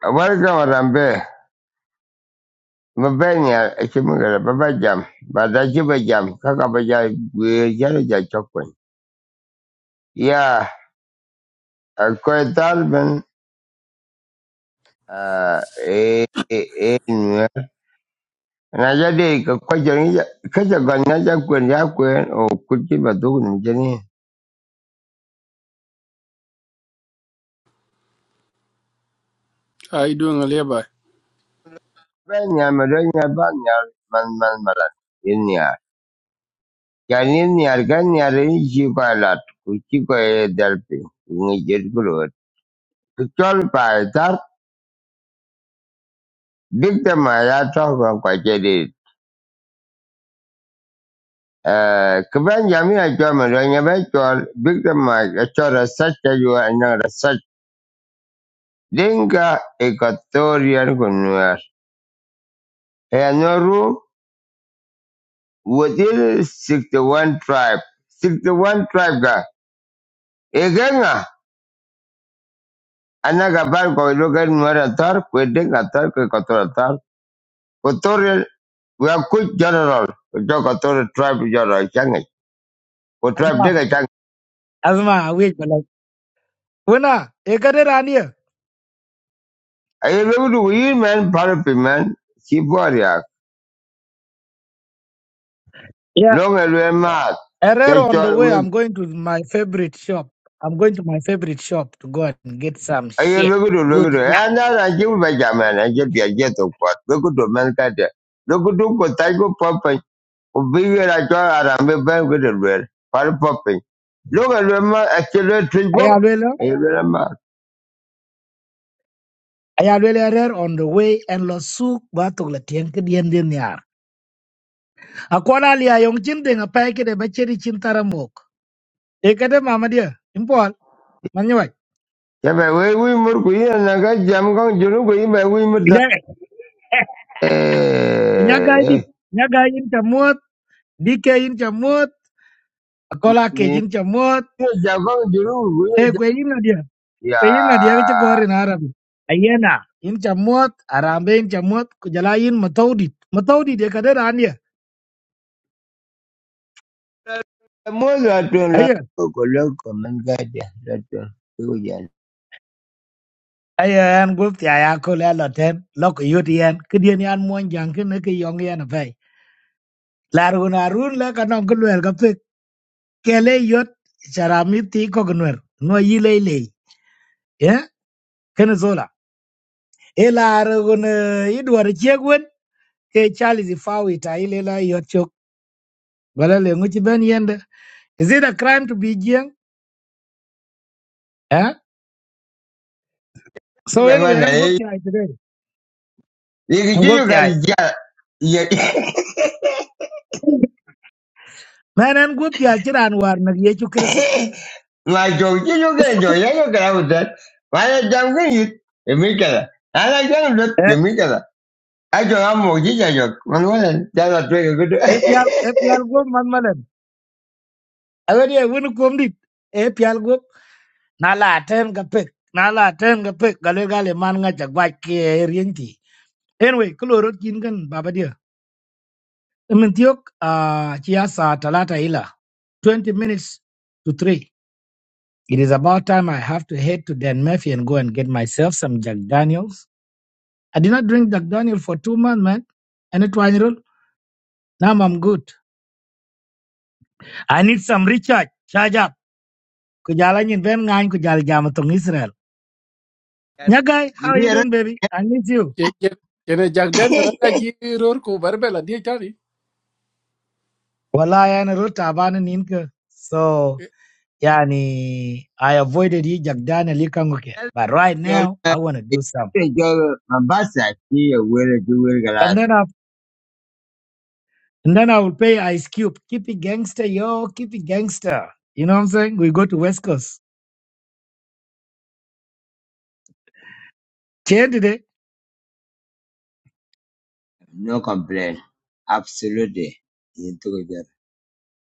Barka Marambe, Mabenya, Chimugara, babajam. Jam, Badajiba Jam, Kakabaja, Gujaja Chokwen. Yeah, a quite Alban, uh, eh, eh, eh, Najadi, Kajan, Kajagan, Najakwen, Yakwen, or Kuchiba Dugan, Jenny. How you doing, Alibi? Benya, Madonna Banya, Man, Man, Malan, Inia. Janini, Argania, Rinchi Palat, Kuchiko Delphi, Nijer Guru. Duk da mara ta ban kwake de. Kiban jami'a jami'a don ya bai tuwal duk da mara ta research ta juwa ina research. Dinga equatorial gunuwar. Ya noru within 61 tribe. 61 tribe ga. Egenga anaga bar ko local nuwar tar ko dinga tar ko equatorial tar. Equatorial we are good general. We Ko equatorial tribe general changi. Ko tribe Asma, dinga Asma, I wait, but like, winner, you got it on here. Aye look du yi men palpi men. Ki boria. Yeah, Long elwe mat. Ke Herrero on the chol way. wik. I'm going to my favorite shop. I'm going to my favorite shop to go and get some Aye shit. look du look Good, du. yeah. E na ji ba jama na ki wu beja men. Aye bia je to kwat. Look du men kate. Look du ko taj ko popen. Ko bigi la chol arambe ben kudu lwer. Pal popen. Long elwe mat. Ache lwe tuj pop. Ayalwela, Aye lwe mat. Ayalwela Herrero on the way, and Losuk Batugla Tienke Dien Dien Yar. Akwana Lia Yong Chinding, a packet, a bacheri chintaramok. You got it, Mamma dear. Impol, Manuai. Kebe we wi mur ku yi na ga jam kong junu ku yi be wi mur da. Yeah, Eh. Nyagai, di, eh. Nyagai in Chamot, DK in Chamot, Akola Ni Cage in Chamot, ni jam kong junu ku yi jam. Equin, dear. Kayin na dia ke Ya. gor in Arabi. Ayena in chamot arambe in chamot kujalayin matawdi. Matawdi dia kada rania. Muy ratón, la Ayen loco, loco, me encanta, ratón, digo ya. ayen gup ti aya ko le loten lok yuti yen kidien yan mon jankin ne ke yong yen fe. Larun arun le kanong kulwel kapse kele yot charamiti ko gnwer. No yilele. Ye ken zola. Ela arun idwar chegwen ke chali zifawi ta ilela Is it a crime to be young? So Loco, anyway, hermana, I'm eh. good ai today. Dije, An yo gup yo ti ai. casi ya. Y yo, Man an gup ti ai chiran war na ye chu kristo. ma yo, yo yo que yo, ya yo que la usted. Vaya, ya un gris, y mi cara. Ahora ya no lo, y Eh, mi cara. Ay, yo amo, yo ya la tuve que eh pial eh yo. pial gup man malen. Awe dia wun kum dit. Eh pial gup na la ten ga pek. Na la ten ga pek gale gale man nga ja gwa ke rienti. Anyway, kloro kin gan baba dia. Min tiok ah chia sa talata ila. 20 minutes to 3. It is about time I have to head to Dan Murphy and go and get myself some Jack Daniels I did not drink Jack Daniel for two months, man. And it was now I'm good. I need some recharge. Charge up. Kujala nyin ben ngain kujala jama tong Israel. Nya guy, how Y are you mira, doing, baby? I miss you. Ye- ye- Yana Jack Daniel ana ji ror ko barbela dia tani. Wallahi ana rota abana ninka. So yani I avoided you Jack Daniel ikanguke. But right yo now la. I wanna do some. Yo, Mombasa, aquí, yo huele, yo And then I and then I will pay Ice Cube. Keep it gangster, yo, keep it gangster. You know what I'm saying? We go to West Coast. Change today. no complain. Absolutely. Y entonces,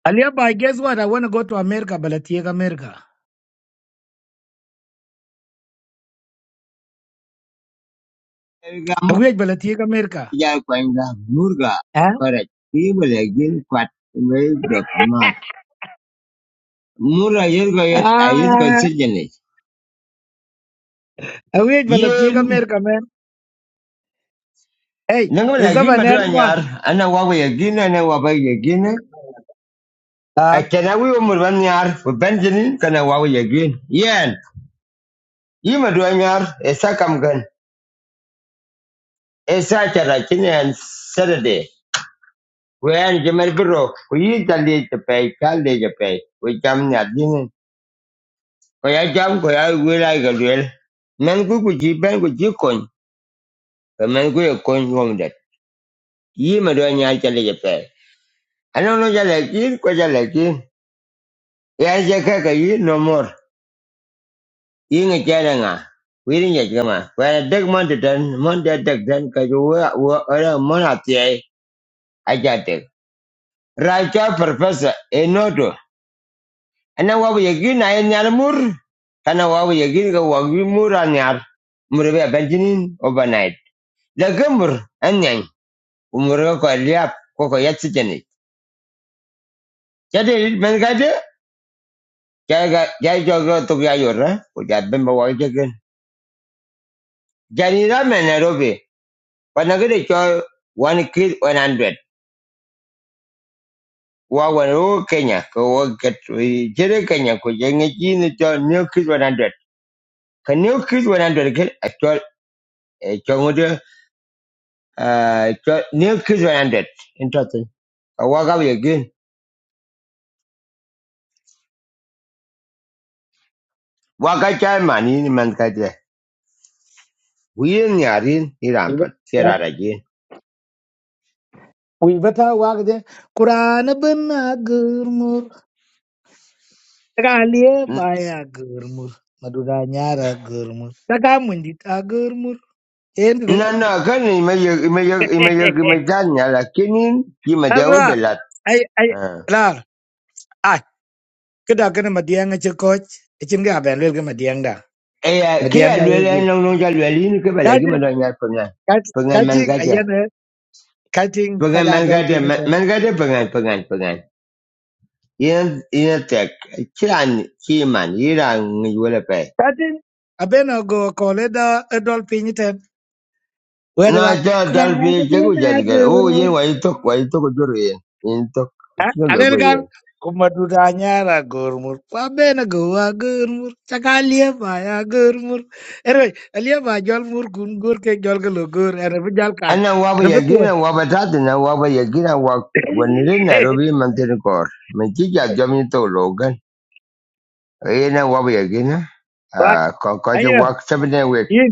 Aliaba, guess what? I want to go to America, but I take America. Awiyaj balatiega America. ja kwenda murga Huh? correct ki balagin kwat me do kamat mura yer go yet ayet go Ah, sejene awiyaj yen balatiega America, man. Hey, nang is that balagin madu an anyar one? ana wawe yagin ana wawe yagin a Huh? kana wi umur ban yar ko benjini kana wawe yagin yen yi madu anyar esa kamgan esa chara kinen saturday wen jemer bro ko yi talle te pe kalle je pe ko jamnya ko ya jam ko ya wela ga wel men ku ku ji ben ku ji kon ko men ku ye kon wong det yi ma do nya cha le je pe ano no ja le ki ko ja le ki ya je ka ka yi no mor yi nge cha na nga wi ri nya ga ma ko ya deg mon de den mon de deg den ka ju wa wa ara mon a ti ai a ja de ra cha professor enodo. no do ana wa ye gi na ye nya mur kana wa ye gi ga wa gi mur a nya mur be ben jinin overnight The gummer, and उम्र को कर लिया आपको कोई accident नहीं क्या daily मैंने कहा दे क्या क्या चौक रहा तो क्या ही हो रहा है वो जात में बवाल चेक जानी रहा मैं नैरोबी पर नगर चौ वन किल one hundred wa wan wo kenya ko wo get jere kenya ko jenge ji ni cho new kid 100 ka new kid 100 ke a cho ngode cho new kid 100 interesting the ka wa ga ye gen wa ga cha mani ni man ka je wi ni arin ni ram pat sera ra je We better work there. Kurana bena gurmur. Kalia baya gurmur. madudanyara nyara gurmur. Taka mundit a gurmur. End the. No, no, kan i me yo i me yo i me yo i ki me dewe Azra. belat. Ay, ay, Ah. la. Ah, kada kana madianga che coach. Ichinga abenrel ga madianga. E ya ki ya Madianga ye lwele good. no no ja lwele ni ke bela ki Kati, pengan. Pengan kati, man gata. kati. cutting Pengan kaja man dol gata piny ten man gata pengan pengan pengan. Yen yen tek kiran ki man yiran ni wala pe. cutting abeno go kole da a dol piny ten wede Na wak ja kuran dal fi je ku ja abena de. O yen gurmur wa yi tok wa yi tok yen. Yen tok. Ha? alel Ki gal kuma duda nyara gurmur abena go wa gurmur chaka lieba ya gurmur ere lieba jol mur kun gur ke jol galo gur ere bi jal kat ana waba ere bi tuon yagina waba tatina waba yagina wa wanire Nairobi mantini kor menchija jomi to logan ena waba yagina wak ah kokoja ayo wak sabine wek in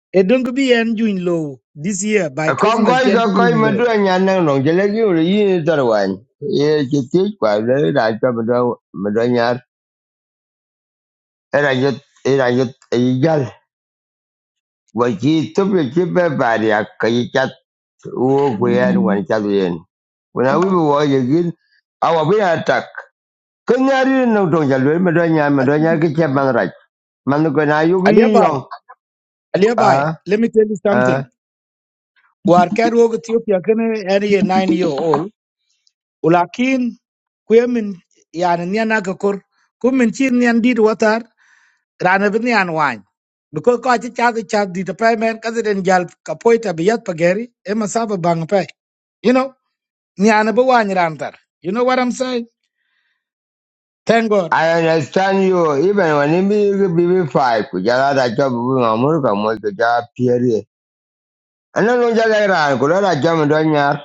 e dong bi en juin low this year by christmas kokoi ken kokoi June low madu anyana no jelegi uri yini tarwan ye chiti kwa le raja madu madu nyar era yut era yut igal wachi tupi chipe bari akayichat uo kuyan wan chat yen kuna wibu wa yagin awa bi atak Kenyari no to jalwe madanya madanya ke chabang raj. Manu ko na yu yong. Alibi, Ah let me tell you something. ah. War kan wo Ethiopia kene any nine year old. Ulakin kwe min yani nian akakor kumin chin nian dit watar rana bin nian wany. Because ko achi chadu chad di tapay men kasi den jal kapoita biyat pageri ema saba bang pay. You know, nian ba wany rantar. You know what I'm saying? Thank God. I understand you even when me you be be five ku jala da job bu ngamur ka mo ko ja pieri. Ana no jaga ra ko la jam madanya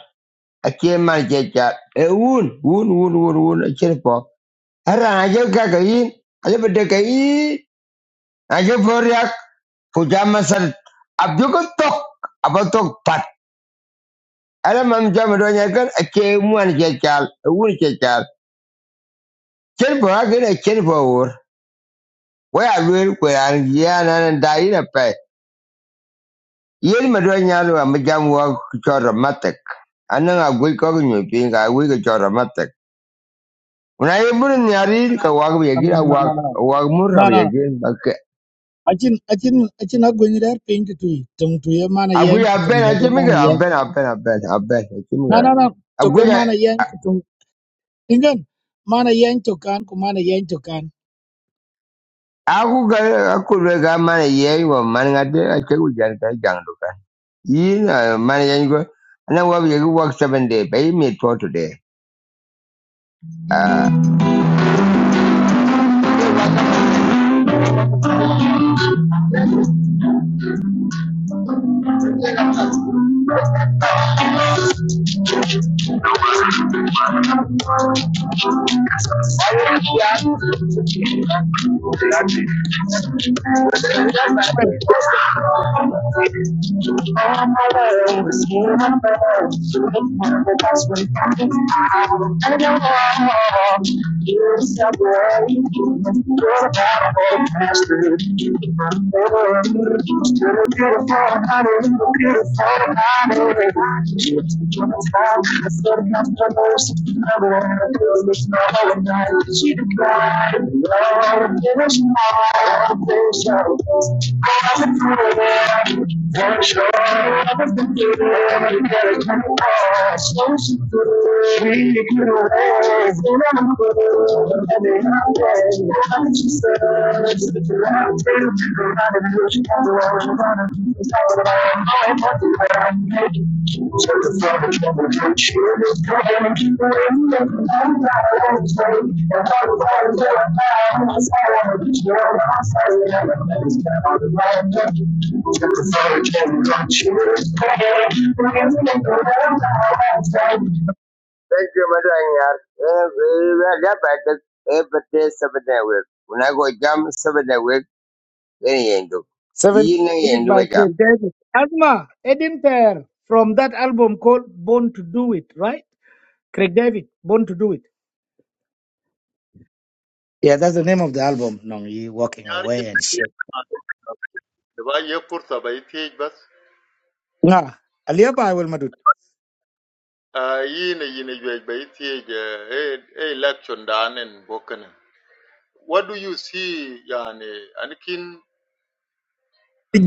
a che man che cha. E un un un un un a che po. Ara na je ka ka yin. Ale bede ka yin. Na je for yak ku jam sar. Abdu ko tok. Abatok Ada mam jami do nya kan a ke muan ke chal, a wun ke chal. Chen po ha a chen po wur. Wa ya wer ko ya an ya na nan da yi pe. Yen ma do nya lo ma jam wa ku chora matek. Anan a gui ko nyu pin ga gui ko chora matek. Una ye bur nya ri No, no, ka wa ga ye gira no, wa no, no. wa mur ra No, no. ye gin ba ke. Achin achin achin agwenyi der pinki tui. Tung tuye mana A gui yeng a kutung ben a chimi ga a gete ben a ben a ben a ben a chimi No, ga. no, no. A Toke gui mana yen kutung. Ingen. Mana yen tokan ku mana yen tokan. a ku ga ku ga ma ye wa man ga de a che u jan ka jang do. Yeah, man, you go. And I work, you work seven day. Pay me for today. Thank you. Thank you. Thank you, Madanyar. Wala ba ta ebate sabada wek. Una go jam sabada wek wen yendo. Seven Yin na minutes yendo ba by jam. Craig David. Asma, Edin Pair from that album called Born to Do It, right? Craig David, Born to Do It. Yeah, that's the name of the album. No, you walking Yarki away and shit. ba ye pursa ba ithiej bas Nah, Aliaba I will madut. uh, yine yine juej ba ithiej uh, e e election danen bokene what do you see yani anikin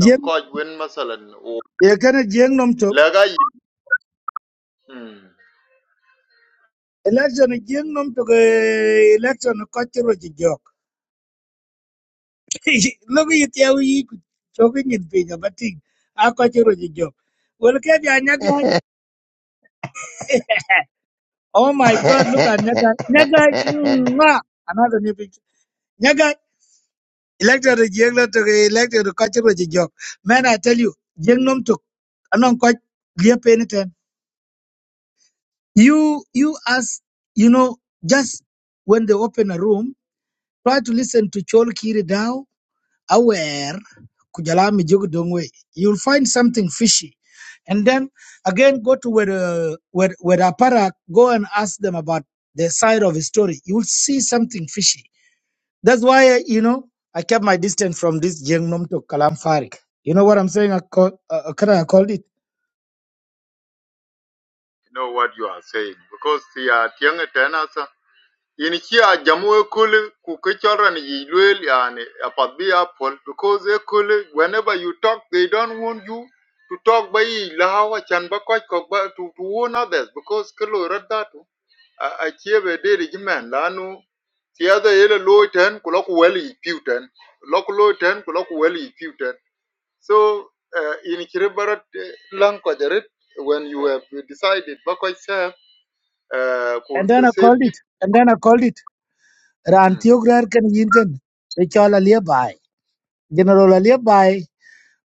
nan koj wen masalan o you can a jeng nom to. you Election a jeng nom to election a culture jog. Lobi iti awi iku choking in pinya bating. Ako chiro job. Well, kebi guy. Oh my God, look at nyagai. Nyagai, mwah. Another new picture. Nyagai. Elected to jeng to elected to kachiro job. Man, I tell you, jeng nom to anong quite clear anytime. You, you as, you know, just when they open a room, try to listen to Chol Kiri Dao aware kujalami jogdongwe you'll find something fishy and then again go to where uh, where where aparak. go and ask them about the side of the story you'll see something fishy that's why uh, you know i kept my distance from this jengnom to kalam farik you know what i'm saying i call uh, uh, kinda i called it know what you are saying because the uh, young in here jamu ekule kuke children yi luel yani apat bi apple because ekule whenever you talk they don't want you to talk by lahawa chan ba koch to, to warn others because kilo I achieve a chieve de regimen lanu tiada yele low ten kulo ku weli piu ten lok low ten kulo ku weli ten so uh, in kire barat eh, lang ko when you have decided ba koch serve uh, and then the i same called it people and then i called it ran Hmm. tiograr kan yin kan Richol Aliabai, General Aliabai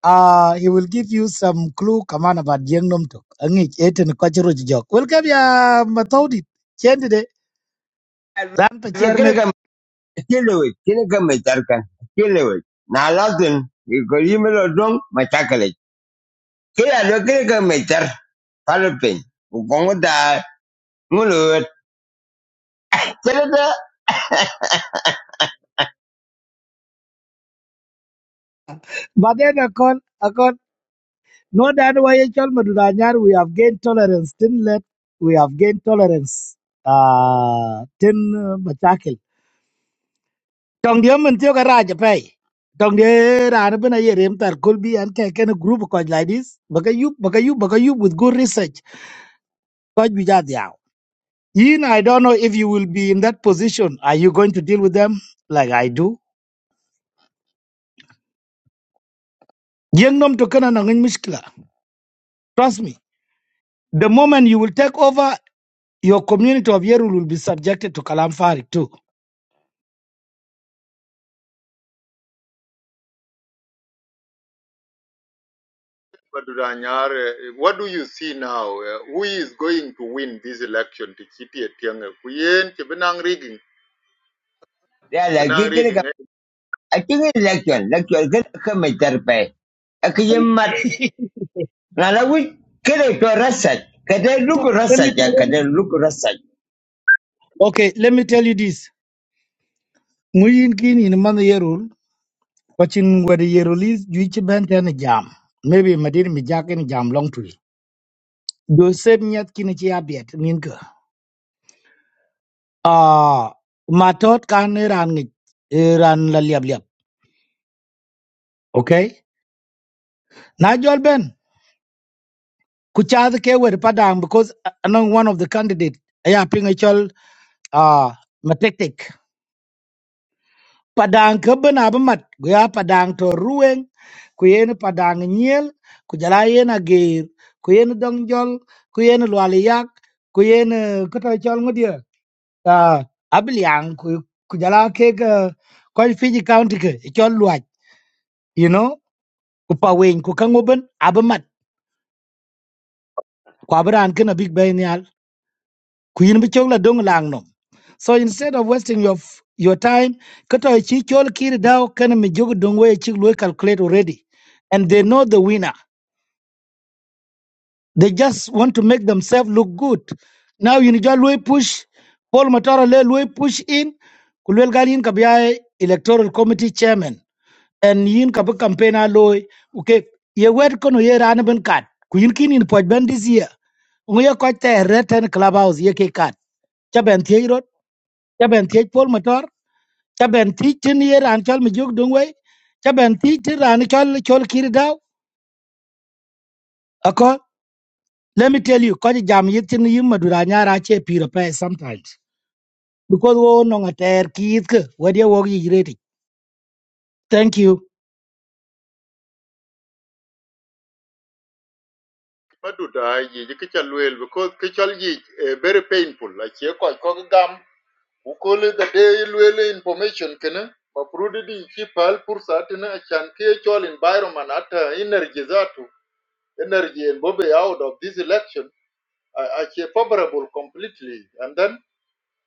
uh, he will give you some clue kaman about Jeng Nom Tok. Angich eten kochiro jok. Welcome ya matodi. Chende de. Ran pa Lo kene chairman. kam kile wek, kene kam me tarkan. Kile wek. Na latin ko yime lo dong ma takale. a lo kene kam me tar palpen. Ko kongo da ngulo. Kile da But then I call, I call. No dan why I call madura We have gained tolerance. Tin let. We have gained tolerance. Uh, tin uh, machakil. Tong diyo man tiyo pay. Tong diyo rana bina ye rem tar kulbi an kaya group koj like this. Baka you, baka you, baka you with good research. Koj bijad Yin, I don't know if you will be in that position. Are you going to deal with them like I do? Yin nom to kana na ngin mishkila. Trust me. The moment you will take over, your community of Yerul will be subjected to Kalam Farik too. Baduranyare, what do you see now? Uh, who is going to win this election? Tichiti etiang kuyen chibenang rigging. ya la Chibenang kile kam. rigging. eh? Akin election, election kene kam me tar pa. Ngala wich kede to rasach. Kede luku Let me rasach tell ya you kede this. luku rasach. Okay, let me tell you this. Muyin kin in man Yerul, watching where the Yerul is, you each bent and a jam. Maybe Madin Mijak and jam long to it. Do same yet kinichi abiat, Ninka. Ah, matot kan ran it, ran la liab liab. Okay? Nigel Ben, kuchad ke we padang because anong one of the candidate aya ping ichol ah matetik. Padang ke ben abamat guya padang to rueng kuyen padang nyel kujala yen agir kuyen dongjol kuyen lualiyak kuyen kota ichol ngodia ah abilyang ku kujala ke ke koi Fiji county ke ichol luaj you know kupawen kukangoben abamat kwabran kena big ben kuin bi chok la dong lang nom so instead of wasting your f- your time kato e chi chol kiri dao kana mi jog dong we e chi lo calculate already and they know the winner they just want to make themselves look good now you need lo push Paul Matara le lo push in kulwel gal yin kabya e electoral committee chairman and yin kabu campaign a lo okay ye wet kono ye ran ben kat ku yin kin in poj ben this year ngoya ko te reten clubhouse ye ke kat chaben cha ben thiech pol motor cha ben thiech tin ye ran chol mi juk dung wei cha ben thiech tin ran chol chol kir daw ako let me tell you ko jam yit tin yim madura nyara che piro pe sometimes because wo no ngater kit ke wadi wo gi reti thank you Maduda ye jikichaluel because kichal ye eh, very painful. Like ye koi kog Ukole the day luel information kena. Maprudi di chipal pursa tina achan kichal environment ata energy zatu. Energy and bobe out of this election. Achie favorable completely. And then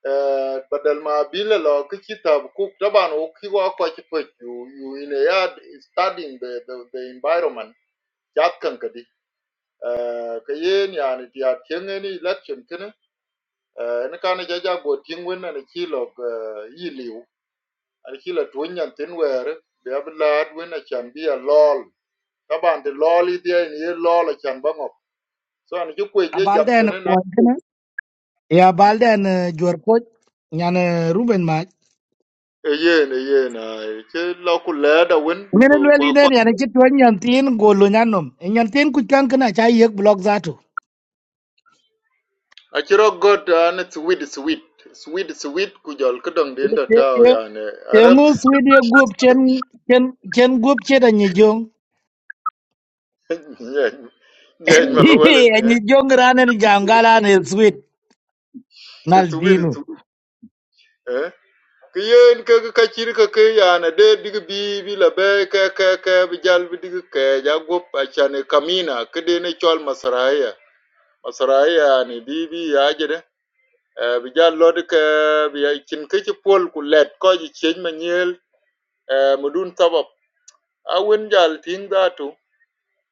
Eh, badal ma bile lo ki kitab cook taban o ki kwa ki you you in a yard studying the the, the environment chat kan kadi ka yen yani ti at election kene eh kana jaja ja ja go tin wen na ki lo eh, yi liu an ki lo tun yan tin wer be ablad wen a chan lol taban de lol i de ni lol a chan so an ju je jam Abalden kene na ko kana ya abalde Mm. na jor ko nyane ruben ma e yen e yen ai ke lo ku da wen ngene lweli ko den yana chitwa nyantin golo nyanom nyantin kuchkan kana cha yek blog zato Achiro got an it's sweet sweet sweet sweet kujol kudong the endo tao yani Arab Yung swidi group chen chen chen group chen da ni jong. yeah nyen malawalen eh Ni jong rana ni jangala ni swid nal It's sweet it's dinu. sweet eh kiyen ka ka ka dead ka ke yani dig bi bi la be ka ka ka bi jal bi dig ke ja kamina kede ne chol masraya masraya yani bi bi ya jere eh bi jal lod ke bi ya chin ke chi pol ku let ko ji chen eh mudun sabab a jal ting datu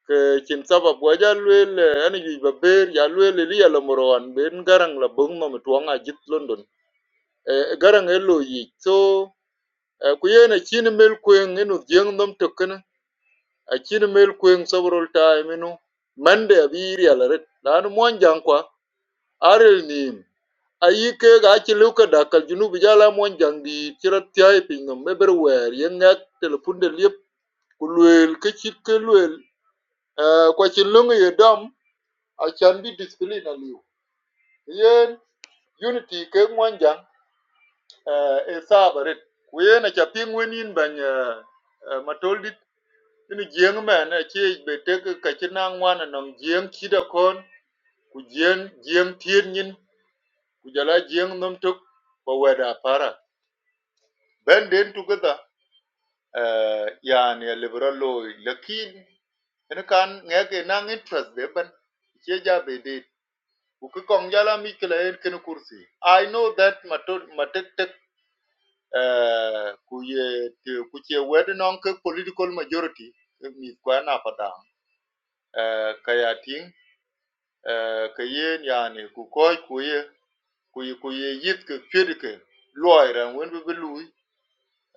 ke chin sabab wa ja luel ani yu ba ber ya luel li ya la moron ben garang la bung ma tuang a jit london Eh, eh, garang e lo yi so eh, ku yen a chin mel kwen enu jeng nom token a chin mel kwen several time enu mande abiri ya la ret lan mon jang kwa arel nim ayi ke ga ci lu ka dakal junu bi jala mon jang di ci rat tay pin nom be ber wer yen ngak telefon de liep ku luel ke chit ke luel Eh, kwa chin lungu ye dam I can acan bi discipline You yen unity ke mwanjang uh, e sabarit We yen aca piŋ wen yin bany uh, uh, matoldit ini jieŋ men acie be tek kaci naŋ wan nɔŋ jieŋ cida kon ku jieŋ jieŋ tiet nyin ku jala jieŋ nom tok ba wɛda para ben den tukitha uh, yani alibira looi lakin ini kan ŋɛke naŋ interest de ben cie ja be did. i know that matot matetek eh kuye te- kuche wed non political majority eh, mi kwa na pata eh kaya ting eh kayen yani ku kuye kuye kuye yit ke pirke loira wen be lui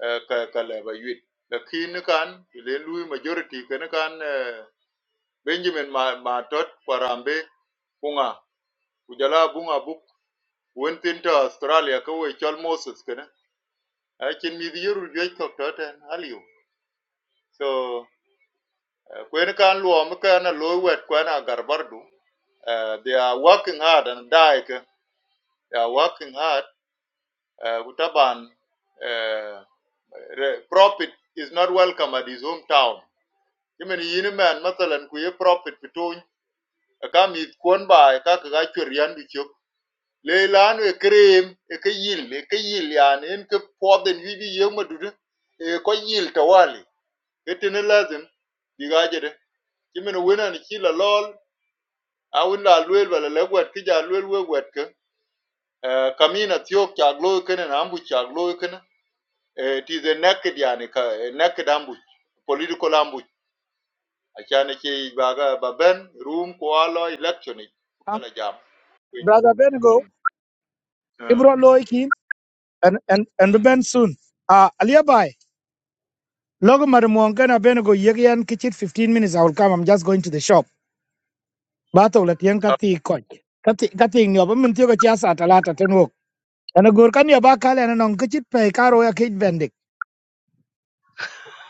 eh ka ka le ba yit lakin kan le lui majority ken kan eh, Benjamin ma, ma tot kwarambe bunga kujala bunga buk went into to Australia ka we chol Moses kana a chin mi you jwe kok to ten aliu so when kwen kan luo mi ka na lo wet kwen a garbardu uh, they are working hard and die they are working hard uh, uh, profit is not welcome at his hometown Even yini man matalan ku ye profit pitun ka mi kwon ba e ka ka chwer yan leilano e krem e ke yil e ke yil yani en ke poden wibi yema dudu e ko yil tawali etene lazim diga jede kimen wena ni kila lol awin la lwel bala la gwat ki ja lwel we gwat ke eh, kamina tiok cha glo kene na ambu cha glo kene it is a naked yani ka a naked ambush political ambush achane ke baga baben room ko alo election Um, kala jam brother Benigo, Mm. Mm. Ibro Loikin, and and and Mm. Ben soon. Uh, Aliabai, Logo Madamuangana Benigo, Yegian Kitchen, 15 minutes. I will come. I'm just going to the shop. Bato, let Yankati coach. Kati, Kati, Nyobamin Tioga Chias at Alata Tenwok. And a Gurkani Abakal and an Kitchen Pay Karo Kate Bendik.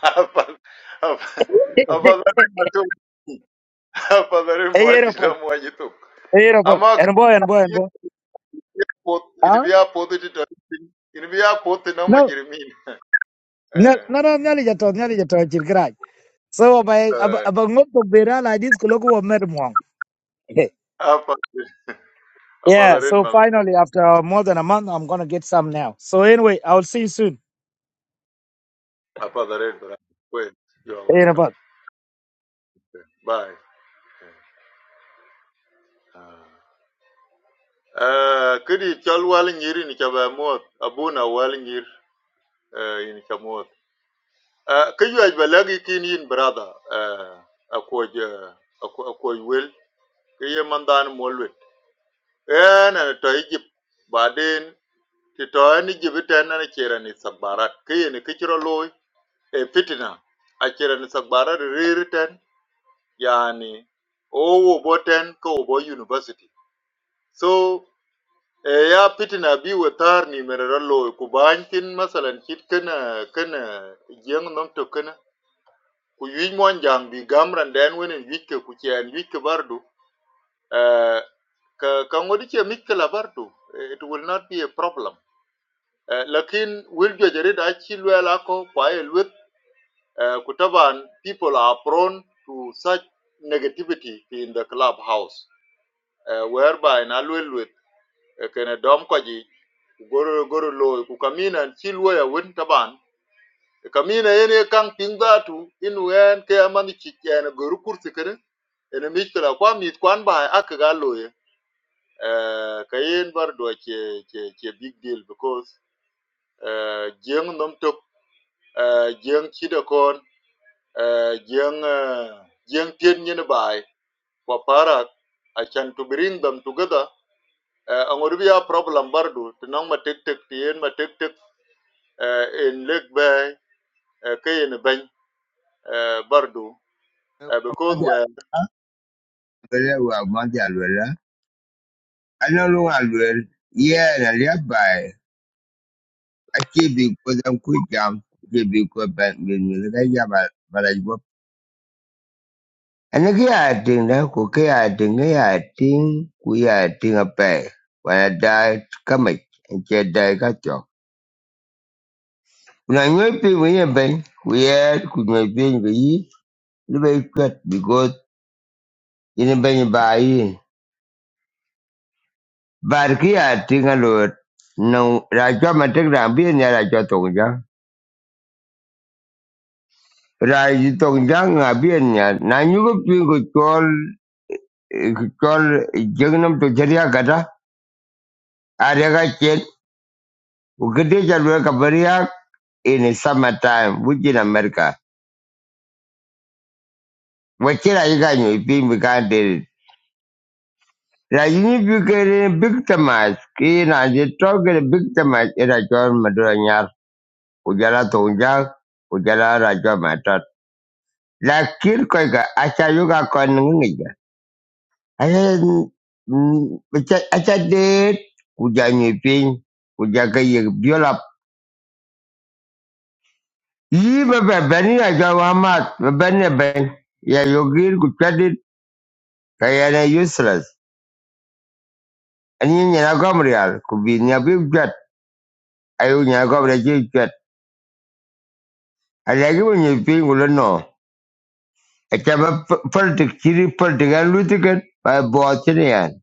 Afa- afadhali machoni afadhali A year of us, muadila muajitu a year of us, ama and a boy and boy and kafir boy. pot ini Huh? biya pot ti taritin na majrimin Nyal- eh Nara nyali jato nyali jato chir So by eh abangop to bera like this kuloku wa mer mwang. apa apa Yeah, darin so mal finally after more than a month I'm gonna get some now. So anyway, I'll see you bra well you are soon. welcome bye eh kidi chal wal nyiri ni chaba mot abuna wal nyir eh ini chamot eh kayu aj balagi kin yin brother eh akoj akoj wel Kiyemandan ye mandan molwet en en to egypt baden ti to en egypt en en chera ni sabarat ke ye ne kichro e fitina a chera ni barat ririten yani o wo boten ko bo university so e ya fitina bi wetar ni merero loy ku bankin masalan kit kana kana jeng nom to kana ku yuj mon jang bi gamran den wenen yuj ke ku chen yuj ke bardu Eh, ka ka ngodi che it will not be a problem Eh, lakin wil jo jare da chi lwela ko kwa kutaban people are prone to such negativity in the clubhouse eh, whereby na lwel wit kana dom ko ji goro goro lo ku kamina chi lwela win taban kamina ene kan pingdatu in ke amani chi ene goro kursi kare ene mit kala kwa mit kwan ba akaga loye uh, kayen bar do che che che big deal because uh, jeng nom tok uh, jeng chida kon uh, jeng uh, jeng tien nyen bai kwa parak I can to bring them together uh, angor bi a problem bar do tinang ma tek tek tien ma tek tek uh, in leg bay uh, kayen bany uh, bar do uh, because Amadi we alwela. Kede wa amadi alwela. Anolu alwela. Yeah, na liabai. Achi ko kodam kujam. Achi bi kodam bin kaya barajwa. Ani kaya ating na ko kaya ating kaya ating kuya ating apa. Wana da kamay. Anche dai kachok. Una nyoi pi mwenye ben. Kuya kunyoi pi nyi. Libai kwet Ini benyi ba yi. Bar ki ya tinga lot. Nung ra cho ma tek ra bien ya ra cho tong jang. Ra ji tong jang nga bien ya. Na nyu ko pin ko chol chol jeng nam to jariya kata. Are ka chen. Ukete cha lue ka bariya in summer time which in America. Wachira yi ka nyu pin bi ka deri. Ra yi ni bi ke ni big tamas. Ki na ji to ke big tamas. Ira chol madura nyar. Ujala tong jang. Ujala ra cho ma lakini koiga achayuga konngiga achadet kujanyi piny kujaga yek biolap yi bebe beni ajo wamat bebeni ben ya yogir kuchadit kayana useless ani nyina gomrial kubi nya bi jwat ayu nyina gomrial ji jwat alagi wonyi piny kulo no achaba politik chiri politik an lutiken by botinian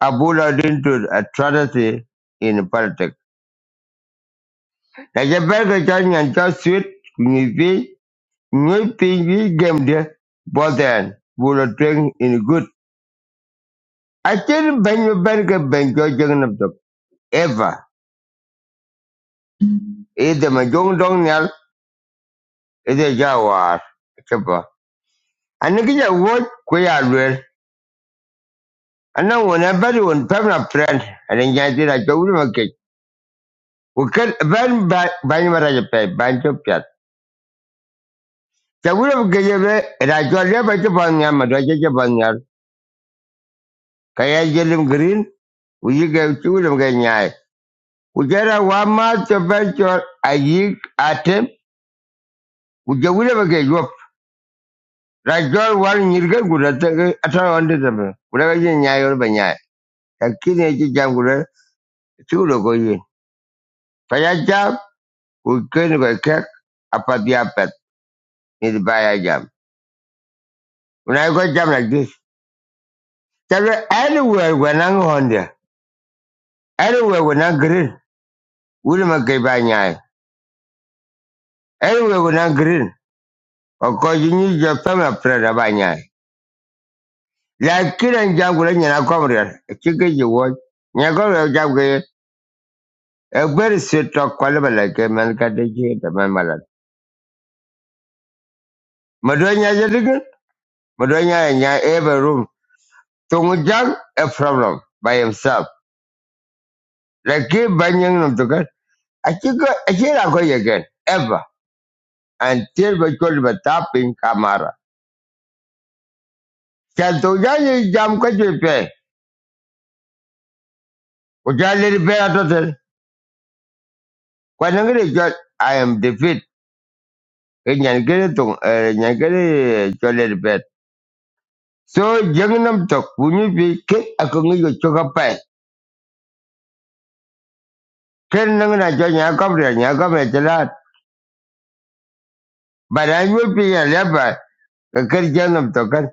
abulo dinto atrocity in politics Là je bel ke cho nyan cho suit nyi pi nyi pi nyi gem de bo den bu lo tweng in good. A chen ben me bel ke ben cho jeng nam tok ever. E de ma jong dong nyal e de ja war. Chepa. Ani ki ja wo ku ya lwer. Ana wona bari won pem na friend. Ani nya ti ra cho wu ma ke. Ku ken ben ban ma ra je pe ban cho pyat. Cha wu ma ke je be ra cho le ba che ban nyal ma do che che ban nyal. Kaya jelim green kuyiga chukula mkenyai kujera wama chabacho ayik atem kujawule bake yop rajol wal nyirga gura tanga atara wande tabe kula kaje nyai ol banyai lakini eji jam kula chukula koyi paya jam kujeni kwa kek apati apat nidi baya jam unai kwa jam like this tabe anywhere wanang honda anywhere wanang green wule makai banyai anywhere wanang green Okoji nyi jopama prada banyai lakini njagula nyina kɔbirɛl chike ji wɔc nyɛ kɔbirɛl jabge ekperi sit tɔ kɔlba la ke mɛn ka de jee tɛ mɛn malat medo nya jedigin medo nya ya nya ebe rum tuŋu jag a problem by himself laki ba nyiŋ nom tukan achike achira ko yegen ever until ba chol ba tapin kamara chanto jaye jam ka je pe ko jale ri pe atotel ko nangre jol i am defeat nyan gere tung nyan gere jol So young nam tok when you be kick a kung you took a pie. Ken nang na join ya cobra ya come at the lad. But I will be a leper, a kid young nam token.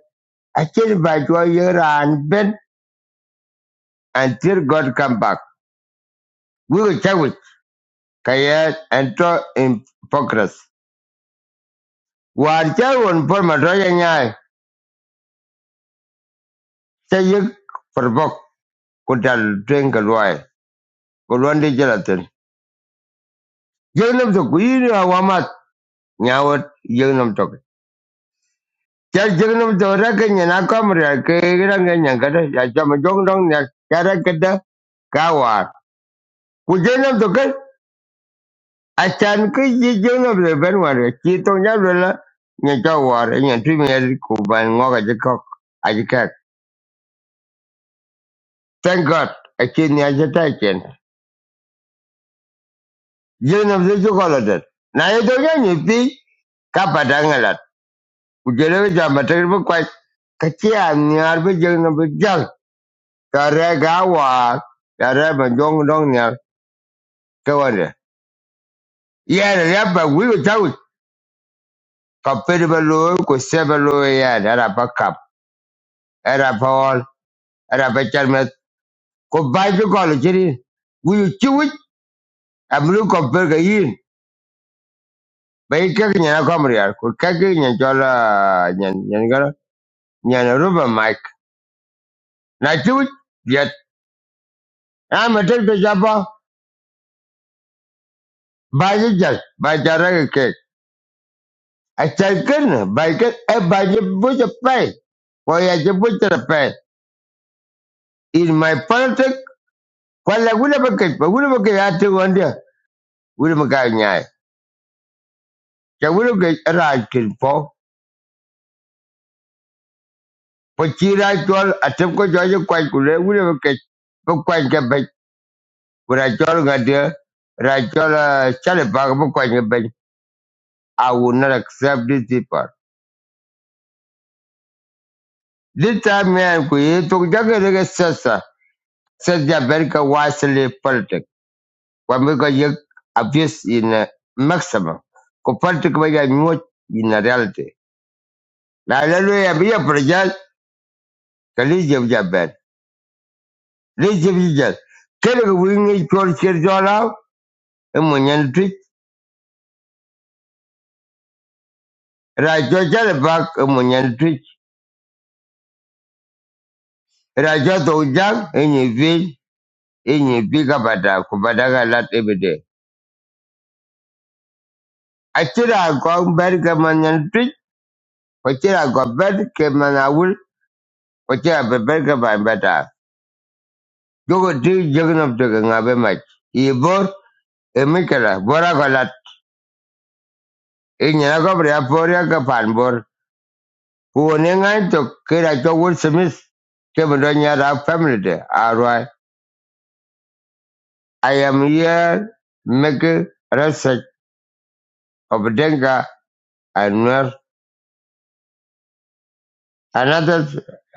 I tell by two year and ben until God come back. We will check with Kayat and in progress. War chow on for my royal eye. Say you for book could I'll drink a roy. Could one day gelatin. Young nam tok, we knew a wamat. Now what young nam tok. Ya jeng to ra ke nyana ke ra nge ya cha ma ya ra ke da to ke a ke ji le ben wa to nya nya cha nya ti me ku ban ngo ka ji Thank God a chi ni a ja le ju Na ye nya ni pi ka pa da nga la. Ku jeng ja be jeng be jang. Ka re ga wa. Ya re Kawaida yana labda wigo tau kapere balo ko sebalo yana era pa kap era pa ol era pa chalme ko bai ko kolo jiri wigo chiwi amlu kapere ga yin bai ka nya na kamri ar ko ka ga nya jola nya nya ngara nya na ruba mic na chiwi yet am tek de jaba bai jal bai jara ke ke a chalken bai ke e bai bu je pai ko ya je bu je pai in my politics Wala wula baka pa wula baka ya wanda wula baka nyai. Cha wula baka ra kin po. Po chi chol atem ko jo kwai kule wula baka po kwai ka ba wala chol ga ra chol chale ba ko kwai ka ba. I will not accept this people. This time man ku ye to jaga de sasa. Sasa America wisely politic. When we got you abuse in uh, maximum. Ko politic ba ya nyot in reality. La la lo ya bi ya kalija jaben leje bija kele ko wingi chol cher jola mo nyen tu ra jo jale bak mo nyen tu ra jo to jang enyi vi enyi vi ka bada ku bada ga lat ebede achira go ber ka mo nyen tu achira go ber ke be ber ka ba bada jogo to ga ngabe mach ibor emikala bora ko lat enyi na ko bra poria ka Kuonengai to kira to Will Smith kebe do nyara family de arwai. I am here making research of Denga and Nuer. Another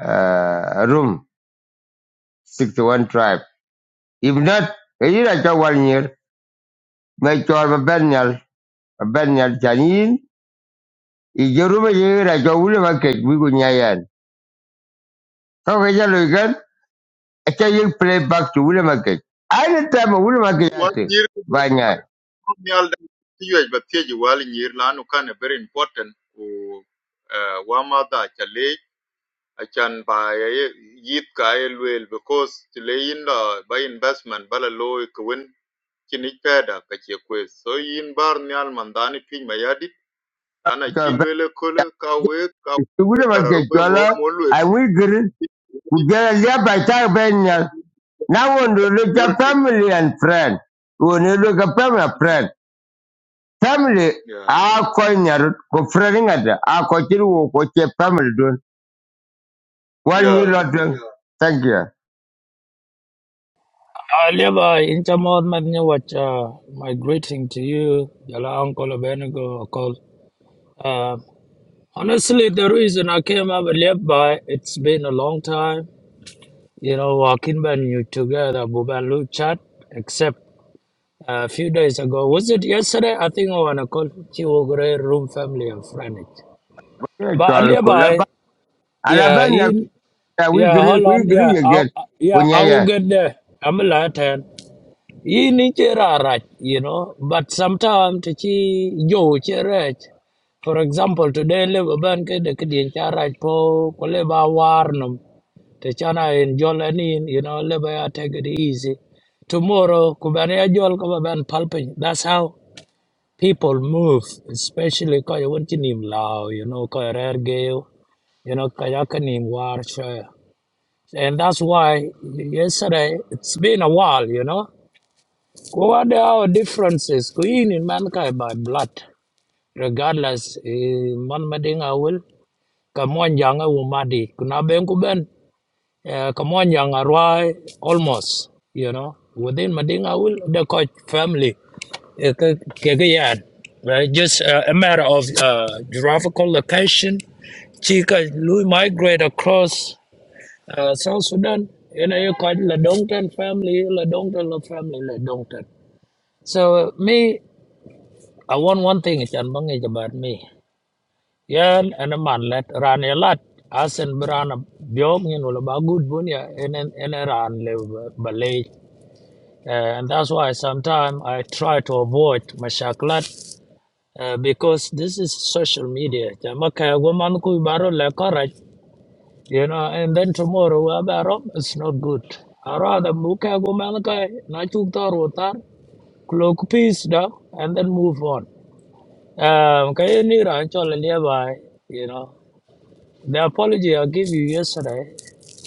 uh, room, 61 tribe. If not, kira cho one year, Make me cho ba benyal, benyal janin. Ijerume yira cho William Akech, wiku nyayan. Kau kaya luikan, acha yik play back to William Akech. Anytime William Akech one ate, year. banyak. ko you alda tiyej ba tiyej wal nyir can kan very important ko uh, wa ma da acan ba ya- yit ka ye luel because ti le yin la ba investment bala lo ke wen kini peda ka che kwes so yin bar ni al mandani piny ma yadit ana chi luele kole ka we ka we Tukule kararu we wo makechola, mo luel awigiri, kujalia baita benya. Now when you look at majority family and friend, when you look at family and friend, family, yeah a koinyar, ko friending at, a kochiru wo koche family dun. One year yeah lot dun. Thank you. Oliver, in Chamot Madnyawacha, my greeting to you, Yala Uncle Abenigo, Uncle. Uh, honestly, the reason I came up with it's been a long time. You know, walking when you together, Bubanlu chat, except uh, a few days ago. Was it yesterday? I think I want to call Chiwogre Room Family and Friends. But Kechola kulaba. Levi, yeah, Alabanya, in, yeah, awigiri, hold on, yeah, kuigiri I, again. yeah, I will Kunyaya. get there. I'm a Latin. yi ni che ra rach, you know but sometimes to chi yo che rach for example today le ban ke de kdien cha rach po ko le ba war num te chana in, jol anin you know le ba ya take it easy tomorrow ku ban ya jol ko ban palpin that's how people move especially ko yo won chinim lao you know ko rer geo you know ko ya kanim war shaya and that's why yesterday it's been a while you know well, What are our differences? Queen in mankind by blood. Regardless, eh, man mading I will. Come on, young umadi. Kuna ben kuben. Eh, Come on, young arwai. Almost, you know. Within mading I will. The coach family. eh, ke- ke- ke yan. Right? Just uh, a matter of uh, geographical location. Chika Louis migrate across uh, South Sudan. You know, you call it Ladongton family, Ladongton La family, Ladongton. So uh, me. I want one thing is an bang about me. Yan and a man let run a lot. As and Brana Biom, you know, about good bunya and and around live ballet. Uh, and that's why sometimes I try to avoid mashaklat uh, because this is social media. Jama makaya woman ku baro le correct, You know, and then tomorrow we have a rob, it's not good. I rather muka woman kaya na chukta rotar, cloak peace da, and then move on. Um, kaya ni ran chola liaba, you know, the apology I gave you yesterday,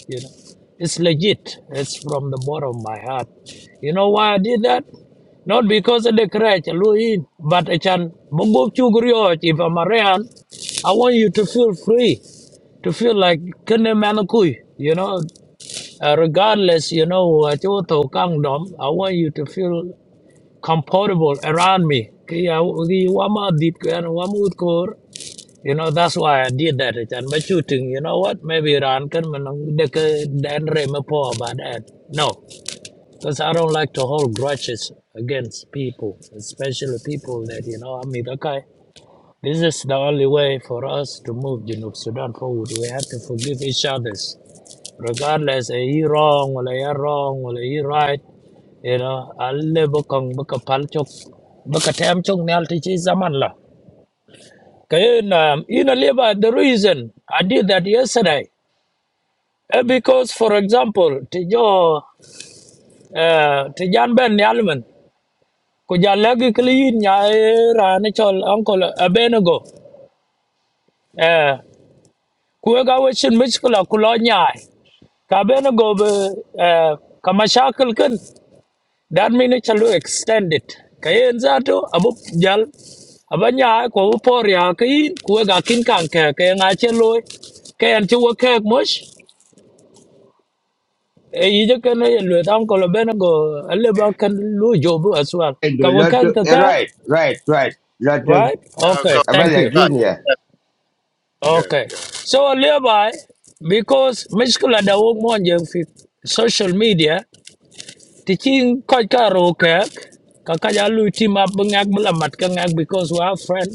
you know, it's legit. It's from the bottom of my heart. You know why I did that? Not because of the crutch, Louis, but I can Bogo Chugriot, if I'm around, I want you to feel free, to feel like kene manakui, you know, uh, regardless, you know, what you to kangdom, I want you to feel comfortable around me. Kaya, wama dit ko yan, wama ut ko you know, that's why I did that. And by shooting, you know what? Maybe Iran can make a report about that. No, because I don't like to hold grudges against people, especially people that, you know, I mean, okay, this is the only way for us to move you know, Sudan forward. We have to forgive each other, regardless, are you wrong, or are you wrong, or are you right? You know, I live a palchok, baka tem chok nyal ti chi zaman Okay, um, in a labor, the reason I did that yesterday, uh, because, for example, Tijo, uh, Tijan Ben Yalman, kuja lagi kli nya era ni chol uncle abenego eh kuega wechin miskula kulo nya ka abenego be eh ka mashakil kin dan mini chalu extended kayen zato abu jal abanya ko por ya kin kuega kin kan ke ke nga cheloy kayan ti wo kek e yije ken ye lwe tam ko lo bene go alle ba ken lu jobu as well ka Endo wo lot, ken ka ken right, right, right. Lot, right ka okay ka thank abala you ka ginia. ka okay yeah so thereby because mishkula da wo mon je fi social media ti chin ko ka ro ke ka ka ya lu ti ma bngak bla mat ka ngak because we have friend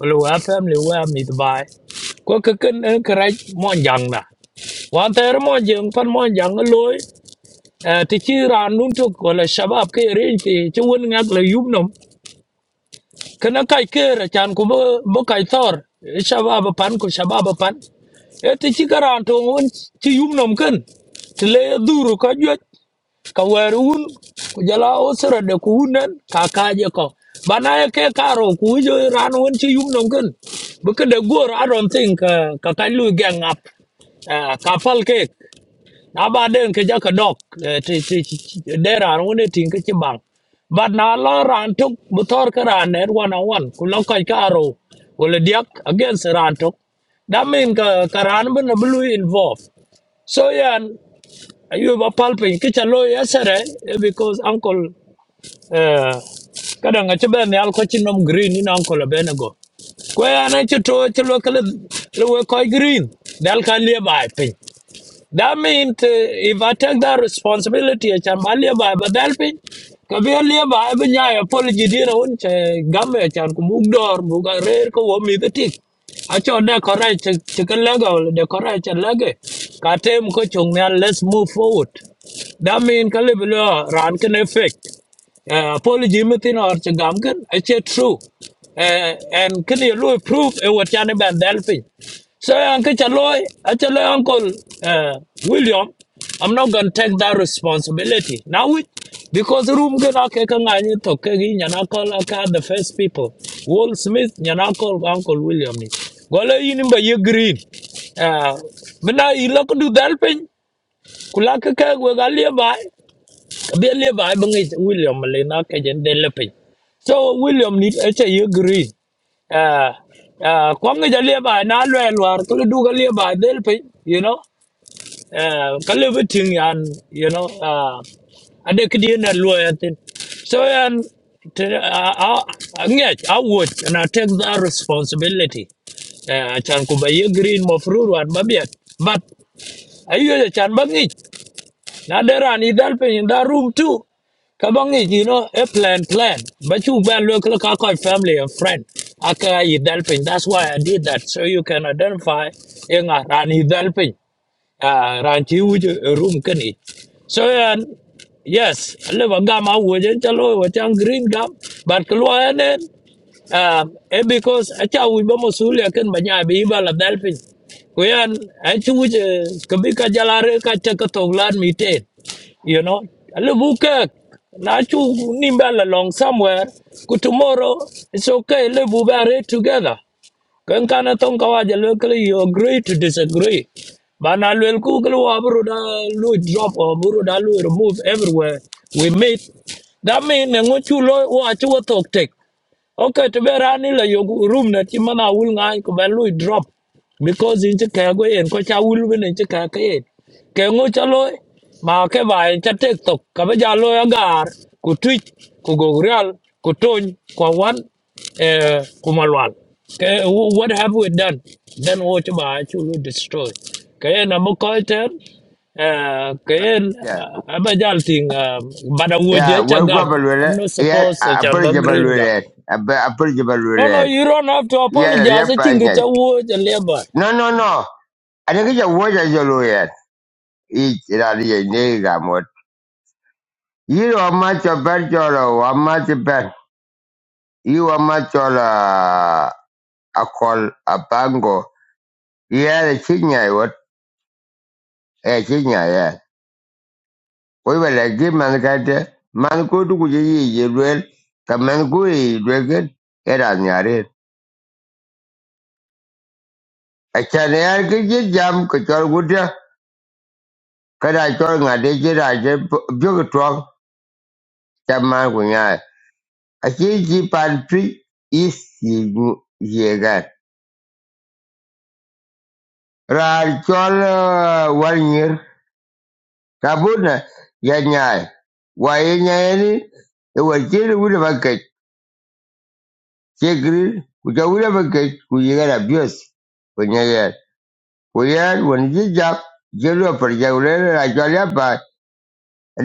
well, we have family we have meet by ko ka ken en kra mon jang na wan ter mon je pan mon jang loy Eh, ti ci ran nun tok wala shabab ke rin ti ci won ngak le yub nom kana kai ke ra chan ku bo bo kai tor Eh, shabab pan ku shabab pan e ti ci garan to won ci yub nom kan ti le duru ka jwe ka wer un jala osra de ku unen ka ka je ko bana ye ke karo ku jo ran won ci yub nom kan bu ka de gor i don't think eh, ka kai lu gang up Ah, ke na ba den ke ja ka dok eh, ti ti de ran woni tin ke ti bang ba na lo ran tok bu tor ka ran ne wan on wan ku lo ka ka ro wala diak against ran tok that mean ka ka ran bu na blue involved so yan ayu ba palpin ke cha lo yesere eh, because uncle eh kada nga ci ben yal ko ci nom green ni uncle ben go ko ya na ci to ci lo kala lo ko green dal ka le ba that means uh, if I take that responsibility, I can value by but helping. Kabi alia ba abi nyaya apology di na un che gamme chan ku bug dor buga rer ko wo mi the tik. Acho de korai che che kan lega wala Katem ko let's move forward. That mean kalibilo ran can effect uh, apology metin or to gamken it's a true uh, and can you lo proof e what can be delphi so uncle chaloy actually uncle uh, william i'm not going to take that responsibility now we because room can okay can i need to okay yana call okay the first people wall smith yana call uncle william ni gole yin ba ye green uh, mina ilo kudu delphi kulaka ka we galie bai they live I believe William Lena Kajan de Lepin. So William need a say you green. Ah, ah, Kwang is a live na lwel war to do a live delpin, you know. Uh calibrating and you know ah, and they could in a lawyer thing. So yan te- ah, I I would and I take that responsibility. Uh, chan kuba ye green mo fruit wan babiat. But ayo chan bangi na dera ni dal pe in that room too kabangi you know a plan plan but you ban look look how called family and friend I can dal pe that's why i did that so you can identify in a rani dal à ran chi u room ken it so and yes le ba gam a wo je chalo wa chang green gam but klo ane um and because a cha u ba mosul ya ken banya bi ba la dalpin ko yan a chu u ka bi ka jala re ka cha ka to lan mi te you know a le bu ka na chu nimba la long somewhere ku tomorrow it's okay le bu ba re together kan kana ton kawa ja you agree to disagree ba na lo ku kle wa bru da lo drop or bru da lo remove everywhere we meet that mean na ngo chu lo wa chu wa tok tek. Okay, to be running la yogu room na chimana will ngang kubalu drop because in chika go Chicago and kocha will win in Chicago. Kengo chalo ma ke ba en cha TikTok kabaja lo agar ku Twitch ku Gogreal ku Tony ku Wan eh ku Malwal. Ke wh- what have we done? Then watch ba chulu destroy. Kaya na mo koiter uh, kayen uh, abajal ting uh, bada Yeah, woje cha well, go gam I'm balwele. not Yeah, supposed to apel chamba je green ga balwele. Apel je no, no, balwele. you don't have to Yeah, the apologize. left I think it's page. a word and labor. No, no, no. I think it's a word as you look at. Each rally a nigga mode. You are much a bad jolo, a much a bad. You are much all a call a bango. Yeah, the senior, what? A senior, yeah. We will like give man cat. Man go to good ye, you will. Come and go, you will get. Get on your head. I can't hear jam, control good. uh, Ka da kyɔr ŋmadi jiragen bugtɔg taman kunyai. A shi ji pan twi i ziegan. Raar kyɔl eh, wal nyir ka bun na ya nyai. Wa ya nyaini ya wa jiri wuni ba gaj. Shi giri ku ta wuni ba gaj ku yi gana bios ku nyayen. Ku yan wani jijak jiri wa farja wuli ra kyɔl ya pa.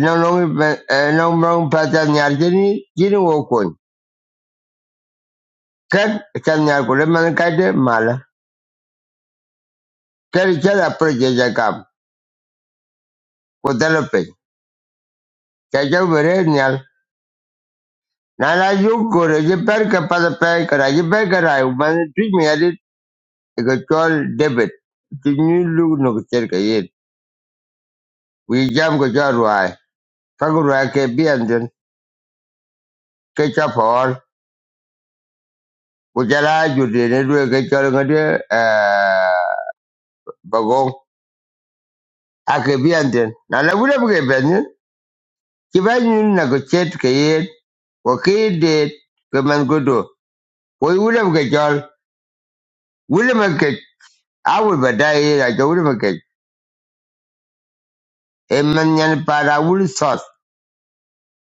Nong nong nong nong pa ta nyar jini jini wo Ker chanyar kulemana kate mala. Ker chada proje kam Kutalo pe. Chacha ubere nyal. Nana juk kore je per kapada pe kara je per kara umana tuj mi adit. Eko chol debit. Tinyu lu nuk cher ka yin. Wi jam ko chol ruai. Faku ke bi anjun. Ke cha paol. Kujala judi ne duwe ke chol ngade bagong. Ake bi anjun. Nana wule buke benjun. Kibanyu na ko chet ka Wakidit. Kemen kudu. Koi wulam ke chol, wulam ke, I will badai I go wulam ke. E man nyan para wul sot.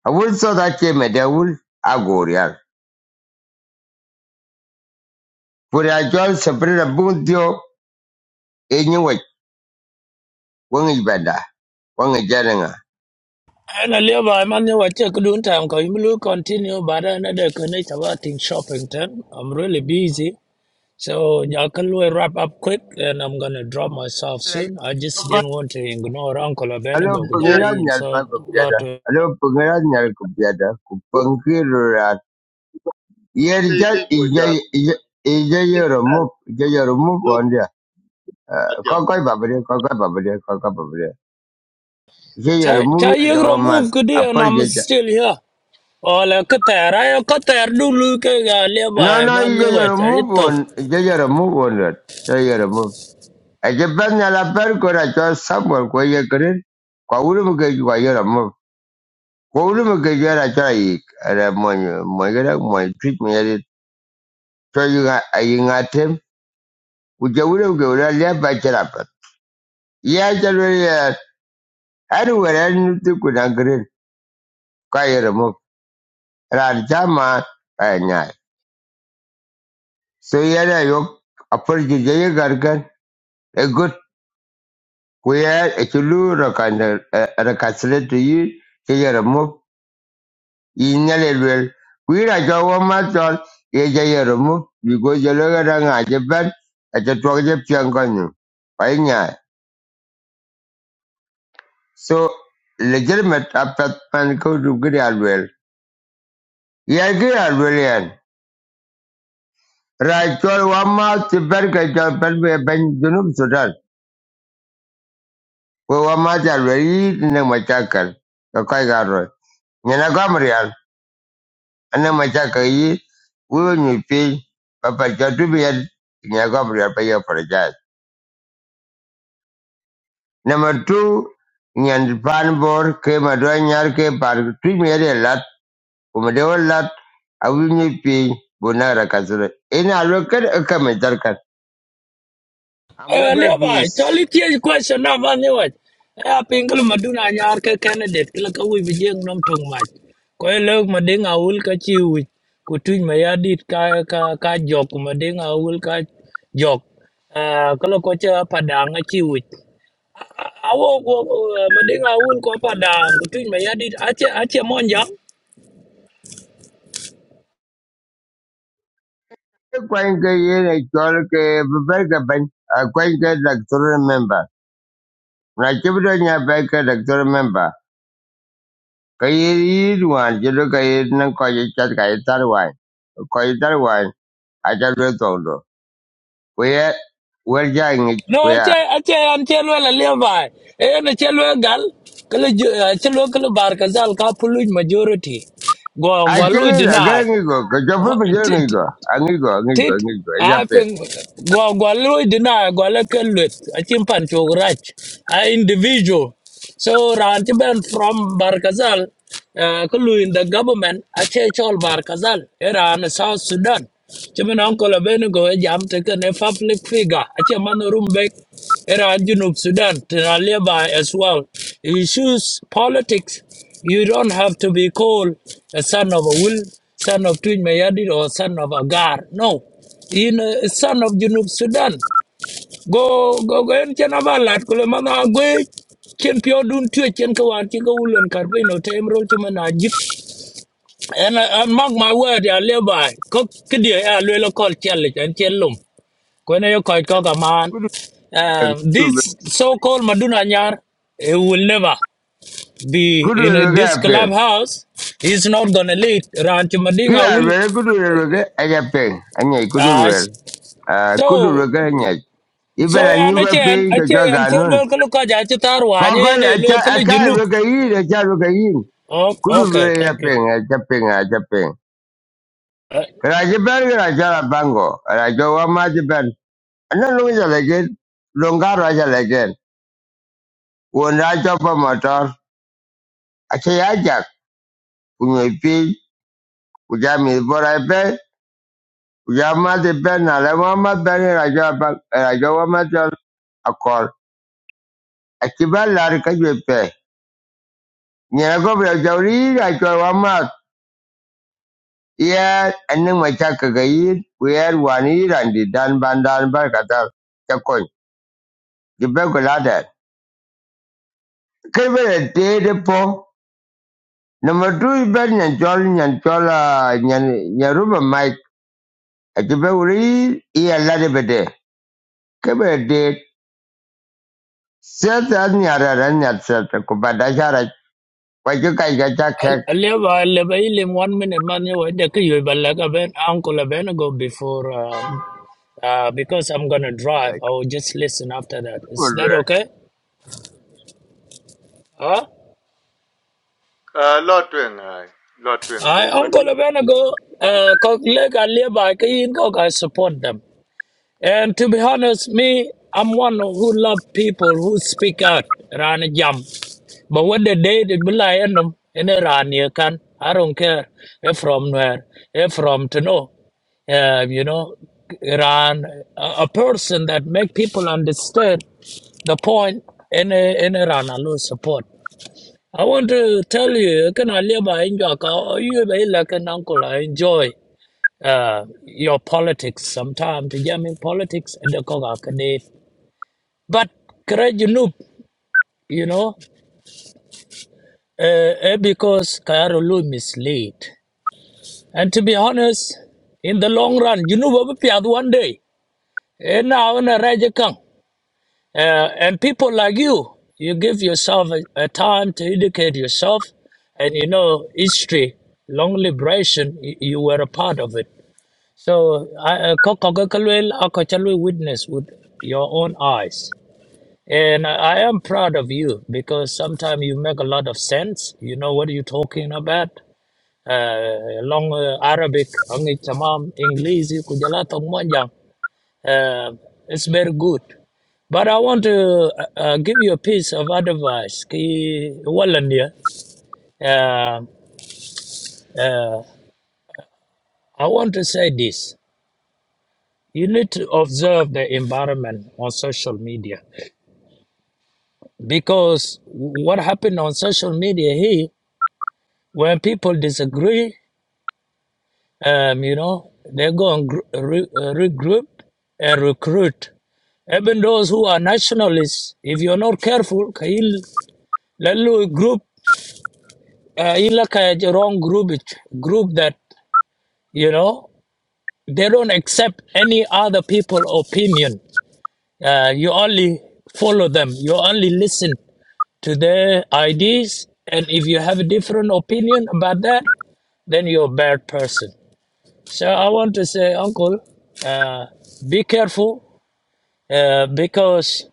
A wul sot a che me de wul a gorial. Kuri a chol sepre na bung tio e nyi wach, wang i bada, wang i jarenga. And a labor, man, you were check doing time because you will continue, but another connect about in shopping. Then I'm really busy. So I can really wrap up quick and I'm going to drop myself soon. I just didn't want to ignore Uncle Alo Abenego. pengiran Kujalain. nyal pa So, kupiada. lot of. Alo pengiran nyal kupiada. Kupangkirurat. Yer ti ke ke jal go ija ja ija ija yoro lan mup, ija yoro mup yo on dia. atiam Kokoi babade, kokoi babade, Get your Cha cha remove it, you your remove mat. kudi and I'm still here. All a cutter, I a cutter do look at a No, labor, no, man, you get you your remove watch. one. Get your remove one. Get your remove. I get back now, I better go to your somewhere where you could. Kaulum get it. Kwa ulu mga kwa yara mo. Kwa ulu mga yara cha yik. Ara mwanyo. Mwagara Treat me at it. So you got a ying at him. Uja ulu mga ura lea pa charapat. Ya chalo ya. Anu wera nutu kuna green. Kwa yara mo. Ra chama. Ay nyay. So yara yok. Apart get A good. We are a chulu recastle to you, Jay remove in Yellow. We are Jawa Matol, Jay remove because you look at Japan at the Twagja Piangonu. Pioneer. So legitimate after Panko to Grialwell. Yeah, Grialwellian. Right, all one mouth to Berka Japan Ben Junum Sudan. We were much already in the Machakal, the Kaigar Road. Ana mataka hii, wewe ni pay, papa chatu bien, nyaga bria pay apologize. Number two, nyan pan bor ke madwa nyar ke par tu mere lat, umedewa lat, awi ni pay, bona rakazure. Ina lokar akamatar kan. I'm Eh, not gonna be Levi, s- Charlie Tier's question now, man, you what? Eh, Pingle Maduna nyar ke candidate kila ka bijeng nom tong mach. Ko e log mading awul ka chi wi ku ka ka ka jok mading awul ka jok. Eh, kala ko padang a chi Awo ko mading awul ko padang ku tuj ache ache monja. kwanke yene chol ke berka ban, kwanke doctor member. Na chibudo nya berka doctor member. Kayiruan jelo kayir nang kwaje chat kayir tarwan. Kwaje tarwan a chat lo tongdo. kaya wer ja ngi No, kwaya. ache ache an chelo la leva. E na chelo gal kala chelo kala bar kazal ka pulu majority. Go A go lu chigi la gara deny ngi go ka jopo ngi go. A go ngi go tit ngi go e I jape. think, go go lo dina go la ken let a chim pan cho grach a individual so ran ti ben from barkazal kullu in the government a che chol barkazal era in south sudan chimen uncle abenego e jam te ken a public figure a che man rumbek era an junub sudan tena leba as well he choose politics you don't have to be called a son of a will, son of Twin Mayadid, or son of Agar. No. In a son of Junub Sudan. Go go go and chanabalat kulemana gwe chen pyo dun tue chen kawan chen kawulan karbino tem ro chumana jip. And I, I mark my word ya leby. Kok kidia ya lwelo call challenge and chellum. Kwene yo koi koka man. Kudu Um, this so-called Maduna Nyar, it will never the kudu you know lo ke this ape. clubhouse is not gonna lead Ranch Kira Madinga lo will ke kudu lo ke e jape. Anyai kudu lo uh, Ah, Kudu lo so ke anyai. so Ibera an a nyuga pe chan a kajaga chan non. chan ganun. local kajachitar wanye Kakoi a and cha local a ka lo junub. ke yin lo ke yin. Oh, Kudu lo okay, e thank jape you. nga Raja Ben Raja la Bango, Raja Wamaji And then Louis again, Longa Raja again. When Raja Motor I say Ajak, when you feel, Ujami Bora Ben, Ujama the Ben, Alawama Ben, Raja Rajawa Raja Wamator, a call. I keep a lot of you pay. Nyanago Rajauri, Raja Yeah, and then my Chakagair, we had one ear and the Dan Bandan Barkatar, Chakon, the Begolada. Kibble a day the Number two is bad nyantol nyantol nyan nyaruba mic ajibe uri i alade bede kebe de seta nyara ran nyat seta ko badajara kwaje kai gaja kek Aleva aleva ilim one minute man you wait the you but like ben uncle a ben go before um, uh, because I'm gonna bala drive. I will just listen after that. Is that kulwe okay? Huh? a lo twen ai lo twen bo I bati Uncle Benego, uh, Koklega Liba, Kayin Kok, I support them. And to be honest, me, I'm one who love people who speak out around a jam. But when the day they be like, you know, in Iran, you can, I don't care if from where, if from to know, uh, you know, Iran, a, a person that make people understand the point in, in Iran, I lose support. I want to tell you, can I live by enjoy? You be like an uncle. I enjoy uh, your politics sometimes. The German politics and the Koga Kanif. But courage you know, you know, uh, eh, because Kayarulu mislead. And to be honest, in the long run, you know, we will be out one day. And now in a Rajakang. Uh, and people like you, you give yourself a, a time to educate yourself, and you know history, long liberation. You, you were a part of it. So I actually witness with your own eyes, and I I am proud of you because sometimes you make a lot of sense. You know what you're talking about. Uh, long uh, Arabic, ang tamam English, kujala tong um it's very good. But I want to uh, uh, give you a piece of advice. Ki- walan dia. Um, uh, I want to say this. You need to observe the environment on social media because what happened on social media here, when people disagree, um, you know, they go and gr- re- uh, regroup and recruit. Even those who are nationalists, if you're not careful, can you uh, you look at the wrong group it- group that you know they don't accept any other people opinion uh, you only follow them you only listen to their ideas and if you have a different opinion about that then you're a bad person so i want to say uncle uh, be careful uh, because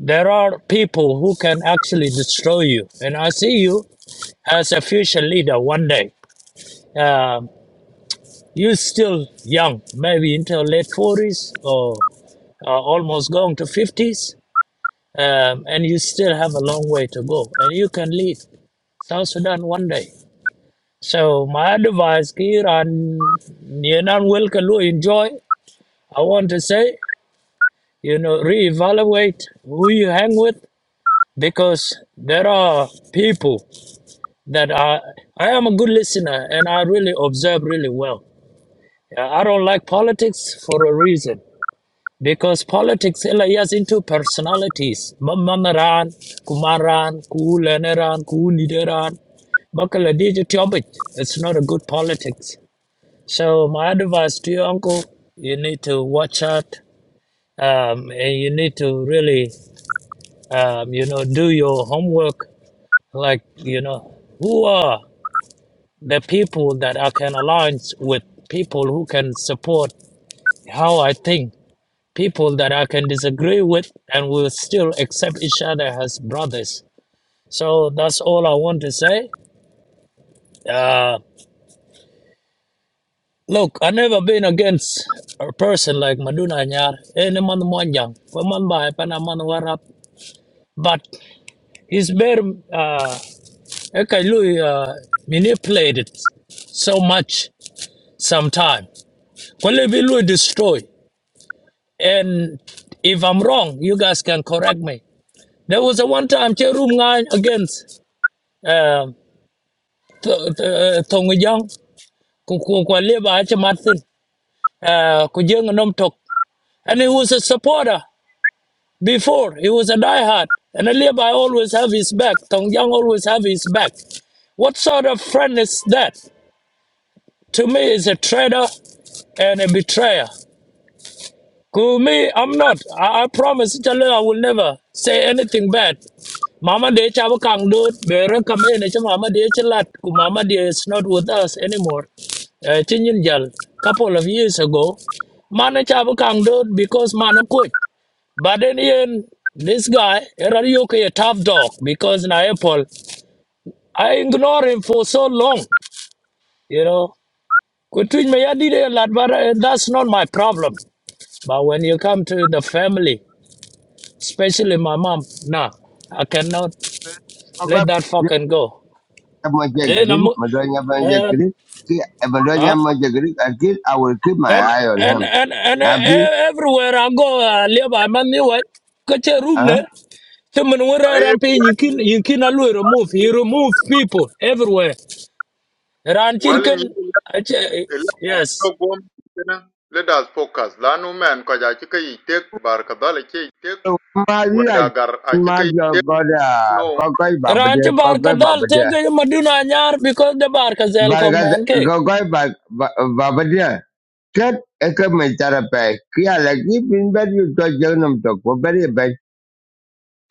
there are people who can actually destroy you and i see you as a future leader one day Um You're still young, maybe into late 40s or uh, almost going to 50s, um, and you still have a long way to go. And you can lead South Sudan one day. So my advice, here and you know, welcome to enjoy. I want to say, you know, reevaluate who you hang with because there are people that are. I am a good listener and I really observe really well. Uh, I don't like politics for a reason. Because politics is into personalities. Mamamaran, Kumaran, Kuleneran, Kunideran. Bakala DJ Tiobit. It's not a good politics. So my advice to your uncle, you need to watch out. Um, and you need to really, um, you know, do your homework. Like, you know, who are the people that I can align with people who can support how I think people that I can disagree with, and we'll still accept each other as brothers. So that's all I want to say. Uh, look, i never been against a person like Maduna Anyar, any man Mwanjang, for man ba, pana man warap. But he's been uh, ekalui, uh, manipulated so much sometime. Kwalebilo destroy. And if I'm wrong, you guys can correct me. There was a one time Cherum against uh, Th- th- uh, Thong Jong, Martin, uh, ku Jung Nom Tok. And he was a supporter before. He was a diehard. And Aliba always have his back. Thong Young always have his back. What sort of friend is that? To me, is a traitor and a betrayer. Ku me, I'm not. I, I promise Chale, I will never say anything bad. Mama de chabu kang do bere kame ne cha mama de chalat ku mama de is not with us anymore. Eh, Chin jal couple of years ago, mana chabu kang do because mana coach. But then in this guy, Erariyoke a tough dog because na apple. I ignore him for so long, you know. Ku tuj me ya di de lat, But eh, that's not my problem. But when you come to the family. especially my mom. Nah, I cannot kwaga let that fucking go. moje And green I'm, madonya moje and green ki madonya huh? moje green again i will keep my And eye on and him and and, eh, nabi eh, everywhere I go, I live. I'm on the way. Get your room huh there. Someone went ai around paying you can you can always remove. He remove people everywhere. Ran wali chicken. ni Yes. Togwom kina, Let us focus. Lanu men ko ja chika yi tek bar ka dala ke yi so ma like gar a ma chika yi jo goda no. kokoi babade Ranch barka dal kokoi tege maduna nyar because the barka zel kong बरगद man ke. गॉगॉय बा- बा- Babariya tet eke me tara pe kia la ki pin ber yu to jegnum to ko ber ye be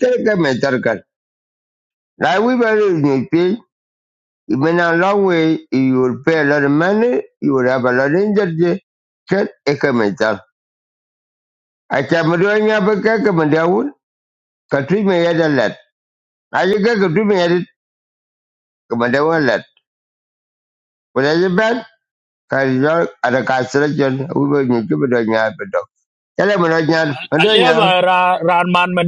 tet eke me tara kar la wi ber ni ti you been a long way you will pay a lot of money you will have a lot of energy tet eke me tara a cha me do nya be ke ke me da wul ka tu me ya da a ye ke ke tu me ya di ke me da wul let ko da ye ben ka yo ada ka sra jon wi be ni ti be do nya be do tele me do nya Aliya ba ra ran man ma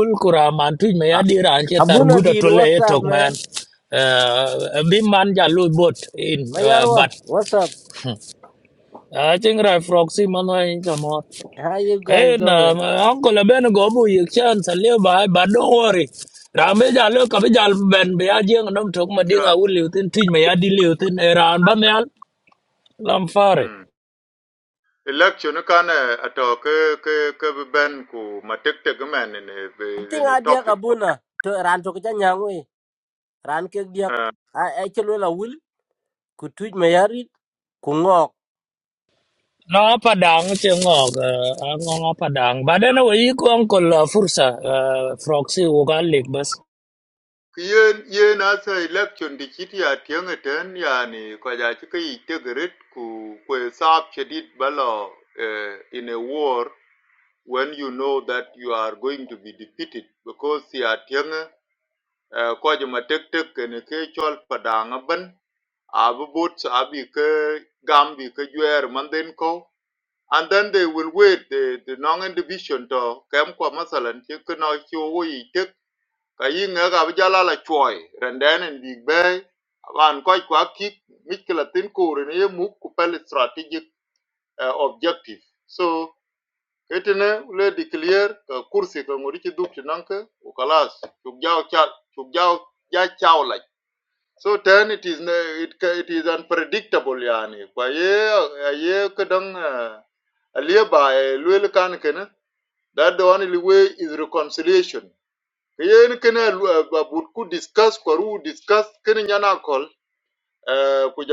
ul kuraman tuj me Uh, yadi ran che Abu tar guda Nadir, tole what's e tok up, man. man? Uh, bi man ja lu bot in uh, but Mayarwa, what's up? I think ra proxy man wa in kamot. How you Eh guys doing? na uncle ben go bu yik chan aliya ba but don't worry. Rambe ja lu ka bi ja ben be ya jeng tok ma Yeah. ul liutin tuj me yadi liu tin e ran ba me al lam fare. Mm. Election kan ato ke ke ke bi ben ku matek tek men in I a, think in a I diak topic. of Abuna to ran to kja nyangwe. Ran ke diak Uh, I I chelo la will ku tuj mayarit ku ngok. No padang ci ngok uh, ngok padang badan we ko angkol uh, fursa uh, proxy wo bas yen yen asa election di chiti ya tiang ten ya ko ja chika yi rit ku ku sap chedid balo uh, in a war when you know that you are going to be defeated because ya tiang ko ma tek tek ne ke chol padang ban abu boots abi ke gambi ke juer manden ko and then they will wait the the non division to kem ko masalan ti ke no chi wo yi tek ka yi nga ga bi jala la choi renden en big bay aban ko kwa ki mikla tin ko re ne mu ku pel strategic uh, objective so ketene le declare ka kursi ka ngori ti duk ti nanka u kalas chuk jaw cha chuk jaw ja chawla so then it is na- it ca- it is unpredictable yani kwa ye a ye kadang uh, aliye ba lwel kan kana that the only way is reconciliation ye ni kana ba ku discuss kwa ru discuss kana nyana kol eh, ku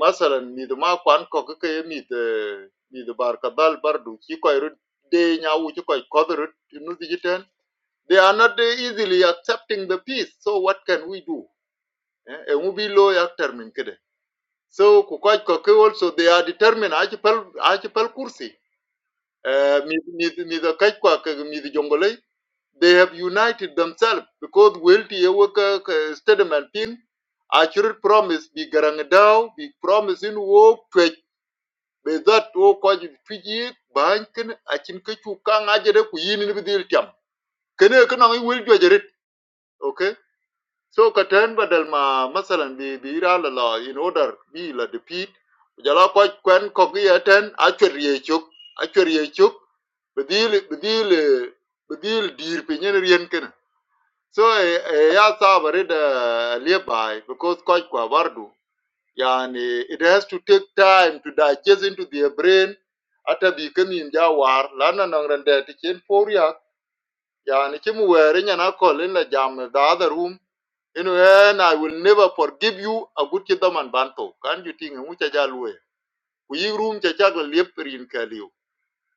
masalan mi ma kwan ko ka ye mi de mi de bar kadal bardu ki ko ru de nyawu ki ko ko ru nu di jiten they are not easily accepting the peace so what can we do eh, ngubi lo yak termin kede so Kukwaj kaj also they are determined achi pal achi pal kursi eh, mi mi mi the kaj ko ke mi the jongole they have united themselves because wealthy ti statement pin accurate promise bi garang daw bi promise in wo twech be that wo kaj twiji ban ken achin ke chu ka ngaje ku yini ni bidil tam kene ke nang will jojerit Okay, So katan badal ma masalan bi bi ira la la in order bi la de pit, jala ko kwen ko gi aten achwer ye chuk achwer ye chuk bedil bedil bedil dir pe nyen rien ken so eh, eh, ya sabare da lebai because ko kwa bardu yani it has to take time to digest into their brain ata bi ken in ja war lana nang rande ti chen poria yani chimu were nyana ko la jam the other room Anyway, I will never forgive you a good kidam and banto. Can you think mucha jalwe? We room chachagla liepri in Kalio.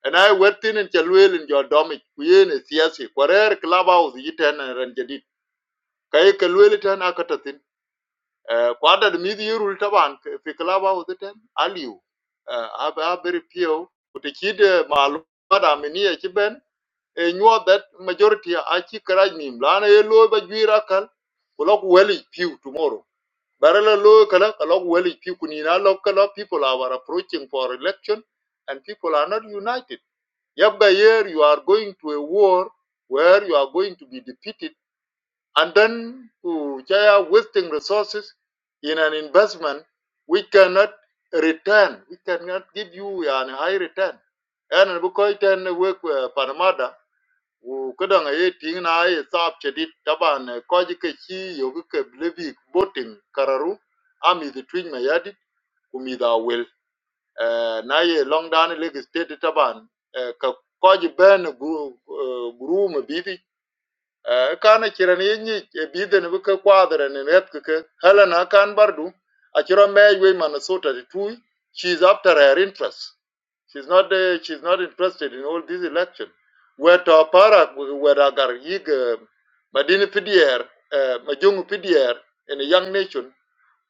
And I went in and chalwell in your domit. We in a siasi. Quarer clubhouse yitan and ranjadit. Kay kalwell tan akatatin. Quarter the midi rultaban. Fi clubhouse tan. Aliu. Abba very few. But the kid malu. But I mean, a chiben. A knew that majority achi karaj nim. Lana yellow by juirakal. Kulok welly few tomorrow. But a lot well people in a lot people are approaching for election and people are not united. Yabga here you are going to a war where you are going to be defeated and then you are wasting resources in an investment we cannot return. We cannot give you a high return. And because we work with Panama we could only think that if we had to vote, we would vote for the party that would be the most likely to win. We could not imagine that the party that would be the most likely to win would be the one that would be the most likely to win. She's not uh, she's not interested in all this election. Where to para where agar yig uh, madini PDR, uh, majung PDR in a young nation,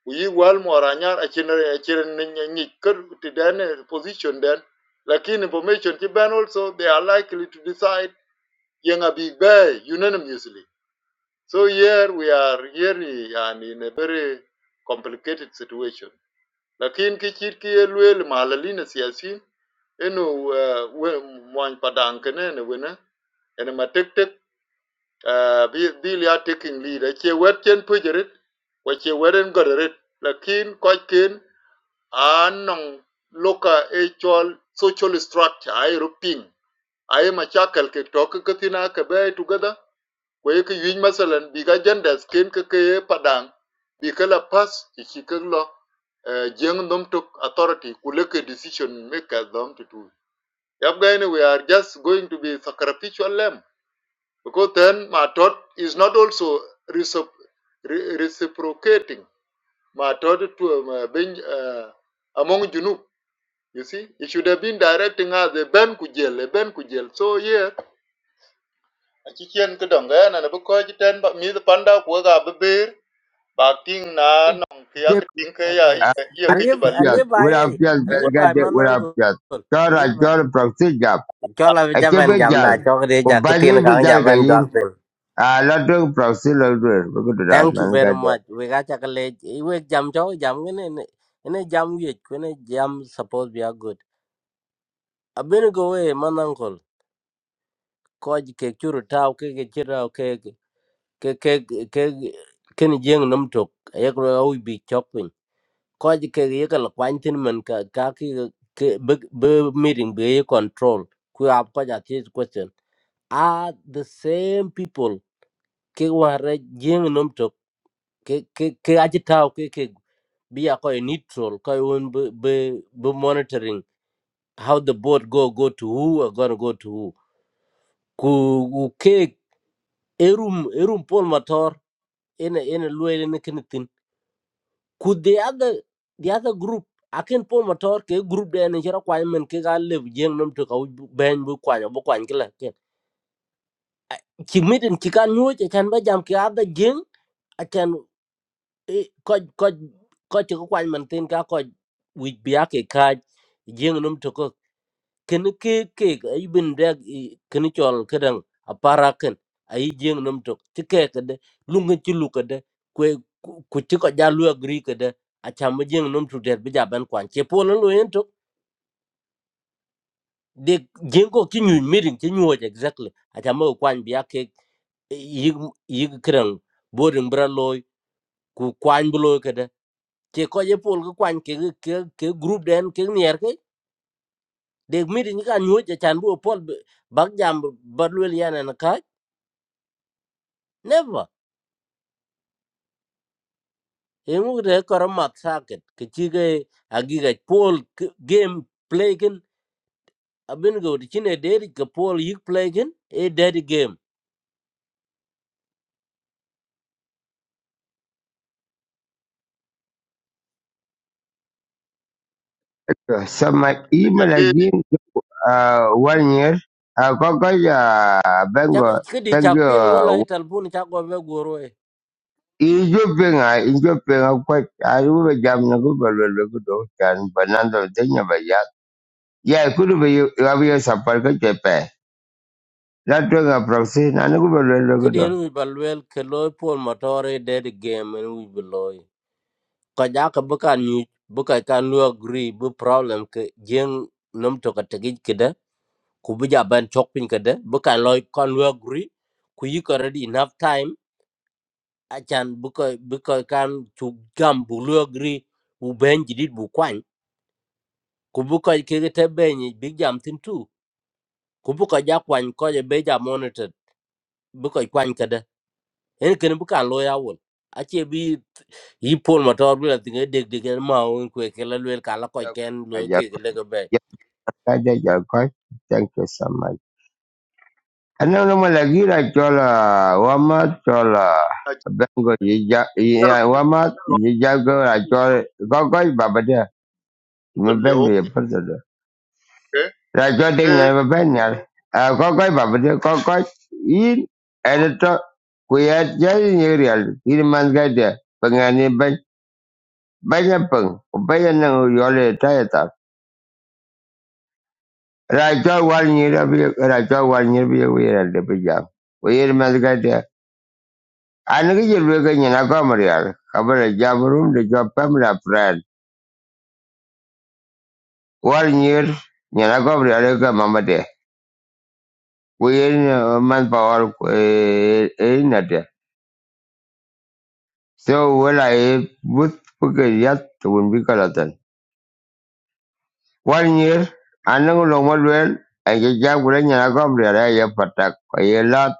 we well more anyar a chinere a to uh, position then. Like in information Japan also they are likely to decide young a big bay unanimously. So here we are here and in a very complicated situation lakin ki chit ki ye luel malalina siasin enu mwany padang kene ne wena ene matek tek tek ah, bi dil ya taking lead che wet chen pujerit wa che weren godorit lakin koch ken anong loka actual social structure ai ruping ai ma chakal ke tok katina ka be together kwa yeke yuic masalan bi ka jandas ken keke padang bi ka la pas ci ci ke eh, tok authority ku leke decision makers dom to do yap we are just going to be sacrificial lamb because then my thought is not also reciprocating my thought to um, uh, uh, among junub you see it should have been directing us a ben kujel a ben kujel so yeah, a ci kien ke dong gayana ne bu ko ci ten ba mi panda ku ga be ba na nong kaya kiting kaya Okay. iya iya ke ti Aliv balu pias, aliv una ay pias, wa aliv ay belgate, una manango. pias. Chora, Aliv ay. chora, proxilla. Chola Aquí jaban me jamda jal. chok de ja Compañía kutin me kang jal jaban gayin. jaben. A la dog proxilla, dur. Bukudu da, Thank you man very much. gade. We ga chakale we jam chok jam ngene ne ne jam yek ne jam suppose we are good. Abin go we manango. ko ke churu taw ke ke chira ke ke ke ke ke- ken jeng nam tok ye ko au bi chok pin ko ke ye ka kwan tin man ka ka ki ke be be meeting be ye control ku ap ko ja ti question are the same people ke wa re jeng nam tok ke ke ke aji taw ke ke bi ya ko neutral ko won be be be monitoring how the boat go go to who are going to go to who ku ku ke erum erum pol motor ene ene luele ne kene tin ku the other the other group akin pol motor ke group de ne jara kwa men ke ga le jeng nom to ka ben bu kwa bu kwa ngila ke ki mitin ki kan nyu che kan ba jam ke other jeng a kan ko ko ko che ko kwa men tin ka ko wi bia ke ka jeng nom to ken ke ke ay bin dag ken chol kedang apara ken ay jeng nam tok ti ke kede lunga ti lu kede kwe ku ti ko jalu agri kede a cham jeng nam tok der bija ban kwan che pon lo yen tok de jeng ko ki nyu mirin ti nyu exactly a cham ko kwan biya ke yig yig kedang bodin bra loy ku kwan bu loy kede che ko ye pol ko kwan ke ke ke group den ke nier ke de mirin ka nyu ja chan bu pol bak jam bad wel yana na never engu re kor mat saket ke chige agiga pol game playing abin go de chine deri ke Paul yik playing e deri game So my ta email de again, uh, one year. Uh, koko ya, chak bengo. kidi Thank chak ping wala e you. talbun chak go be goro e Ijoping, I pinga, ijo pinga kwa. Aru be jam na ku belu good do kan banando denya ba ya. Ya kudu be yu abiyo sapar ka chepe. La dog proxilla na ku belu kidi en wi balwel ke loy Paul motore deri game en wi beloy ka ja ka buka ni buka kan lu agree bu problem ke jeng nom to ka tegi kida ku bu ja ban chok pin kada buka loy kan lu agree ku yik already enough time achan bukoy bukoy kan chu gam bu lu agri u ben jidit bu kwany ku bukoy kege te benyi big jam tin tu ku bukoy ja kwany ko je be ja monitored bukoy kwany kada en ken bu kan lo yawol ache bi yi pol motor bi la tinga deg deg en ma won ku ke la lwel kan la koy Yeah, ken lo ke yeah, le ga be yeah, yeah, yeah, yeah, quite. Thank you so much. Ano naman lagi na chola, wamat chola, ta ti bengo yija, yar yija, wamat yija go na chola, kokoy babade, to le maben mi okin yeperdo. ke Na chola ke ding na maben yar, kokoy babade, kokoy in, edito, kuyat jay ni real, in man gade, pengani ben, banyak peng, upaya nang yole Raja walnyira bi raja one year be aware at the bi We are bija. Wira mas gade. Ani ki jil wika nyina gomriyal. Kabara jamrum de jo pamla pran. Walnyir nyina gomriyal ka mamade. Wira man power e na de. So well, I would put wala e but puke yat tun bi kalatan. Walnyir anang lo malwel. Aje jam gure nyina gomriyal ya patak. Ko yelat.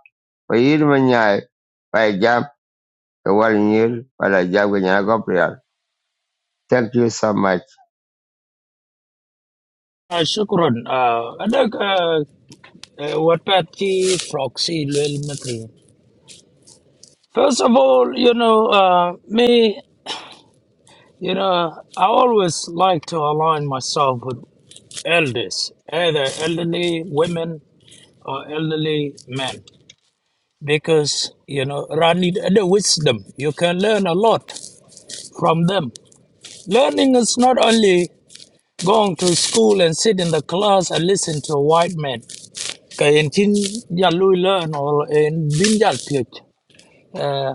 Wira manyai. Kawal Nyil, Wala Jagwe Nyana Gabriel. Thank you so much. uh, shukran uh, ada uh, uh, what pat proxy lel matri first of all you know uh, me you know i always like to align myself with elders either elderly women or elderly men because you know Rani the wisdom you can learn a lot from them Learning is not only going to school and sit in the class and listen to a white man. Ka yen chin ya lui learn or in bin ya piet. Eh,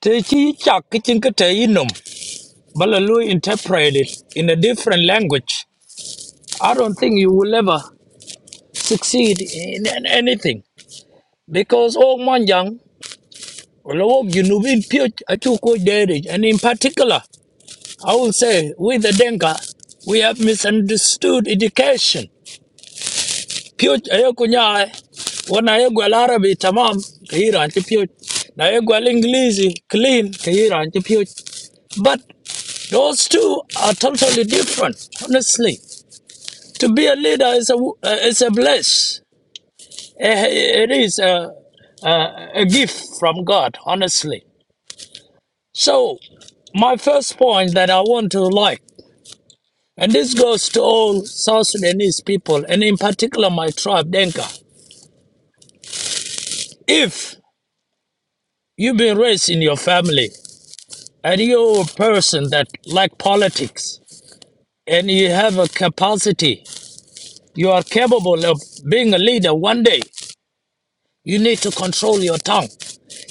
Te chi chak ki chin ka te yin nom. But la lui interpret it in a different language. I don't think you will ever succeed in an- anything because all man young Lord, you know, in Puch, I took good dairy, and in particular, I will say, with the Denka, we have misunderstood education. Piyoj ayo kunya wana ayo gwal Arabi tamam kahira anti piyoj na ayo gwal English clean kahira anti piyoj but those two are totally different honestly to be a leader is a w- uh, is a bless Eh, eh, it is a, a a gift from God honestly so my first point that I want to like and this goes to all South Sudanese people and in particular my tribe Denka If You've been raised in your family, and you're a person that like politics, and you have a capacity. You are capable of being a leader one day. You need to control your tongue.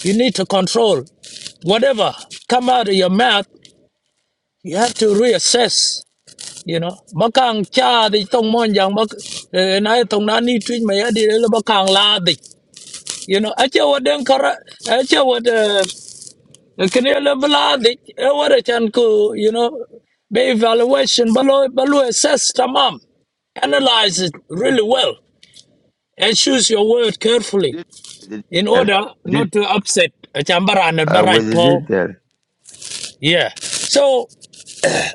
You need to control whatever come out of your mouth. You have to reassess. You know, bakang cha di tong mon yang bak na tong na ni twin ma di le bakang la di. You know, acha wa den kara acha wa Lakini ele baladi, e wara chan ku, you know, be evaluation, balo, balo assess tamam. Analyze it really well and choose your word carefully Did- did- in did- order did- not to upset a chambaran and uh, barrage with the Paul. detail. Yeah. So,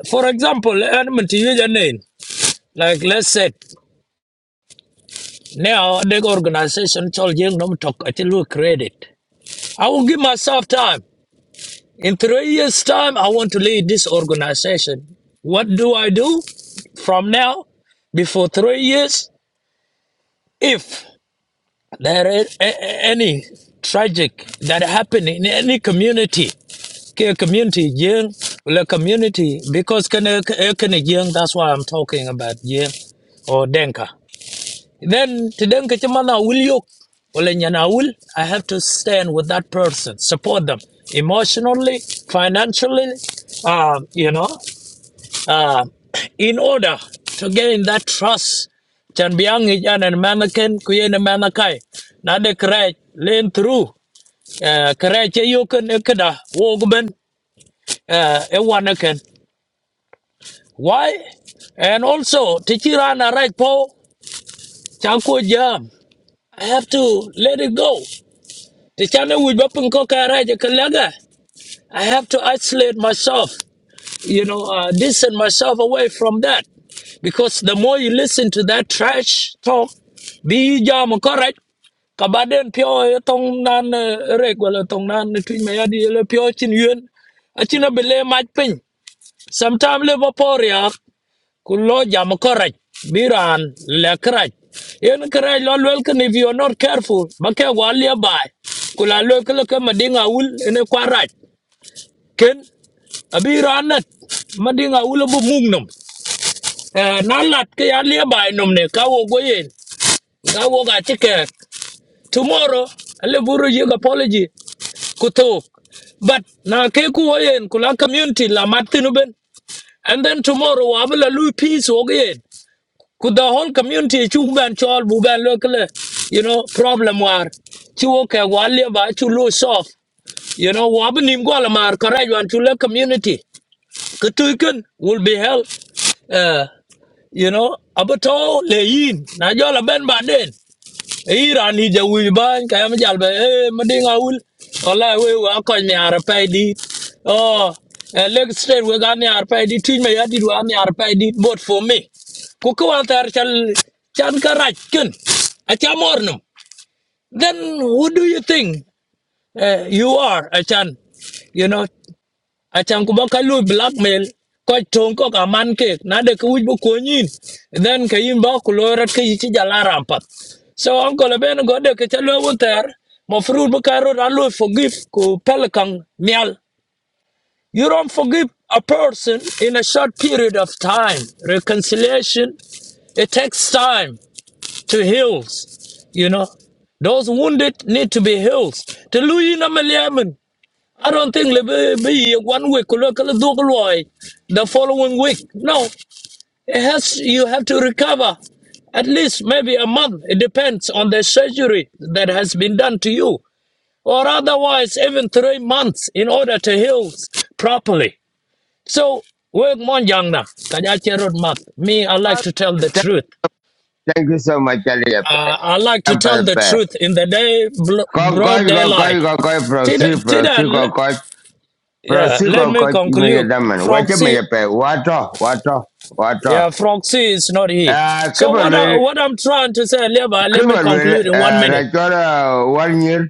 for example, element to use a name, like let's say now the organization told you not talk until we create it. I will give myself time In three years' time, I want to lead this organization. What do I do from now? Before three years, if there is a- a- any tragic that happen in any community, ke- community young, the community because can can young. That's why I'm talking about young or Denka. Then today chimana will yok. Wala nyana will. I have to stand with that person, support them emotionally, financially, uh, you know, uh, in order to gain that trust. Chan biang ijan and manakin kuyen manakai. Nade krej lean through. Uh, krej e yoken ekeda wogben uh, e wanakin. Why? And also, tichirana right po chanko jam. I have to let it go. The channel with Bapun Kokaraja Kalaga. I have to isolate myself, you know, uh, distance myself away from that. Because the more you listen to that trash talk, be jam correct. Kabaden pure tong nan regular tong nan uh, twin mayadi pure chin yun. A china bele might pin. Sometimes Liverpool yeah ku lo jam koraj biran le kraj yen kraj lo lwel if you are not careful ba ke go le bai ku la lo ke madinga ul ene kwaraj ken abiran nat madinga ul bu mugnom na lat ke ya bai nom ne ka wo go yen ka wo ga tike tomorrow ale buru ye apology ku but na keku ku wo community la mat ben and then tomorrow wa will lose peace wo Could the whole community chuban chol buban local, you know, problem war. Chuoke wali ba chulo soft. You know, wabinim gwalamar correct one chula community. Kutuikun will be held uh you know, abato leyin. Na jola ben baden. Iran ni ja wuy ban kaya mi jal be eh madi ngawul wala we wa ko ni arpa di oh eh, leg straight we ga ni arpa di tin me ya di wa ni arpa di bot for me ku ko an tar chal chan ka raj ken a cha then who do you think uh, you are a chan you know achan ku baka lu blackmail ko ton ko ka ke na de bu ko then ke ba ku ke yichi jala rampat so onko le ben go de ke chalo wuter mo fru bu forgive ku pelkan mial you don't forgive a person in a short period of time reconciliation it takes time to heal you know those wounded need to be healed to lu yin I don't think le be be one week lo kala dukloi the following week. No, it has you have to recover at least maybe a month. It depends on the surgery that has been done to you, or otherwise even three months in order to heal properly. So work mon young na kanya cherot mat. Me, I like to tell the Thank truth. thank you so much, Aliape. Uh, I like to tell the Ampape. truth in the day Kokoj, broad kokoj, daylight. kokoj, Tida, prosi, prosi, kokoj, yeah, prosi, let me kokoj, conclude. imeyadaman. Wacha Proxy, meyape, wato, wato, wato. Yeah, Foxy is not here. Uh, So what I, kibalwil, what I'm trying to say, Levi, let me kibalwil, conclude in one uh, minute. rachora one year,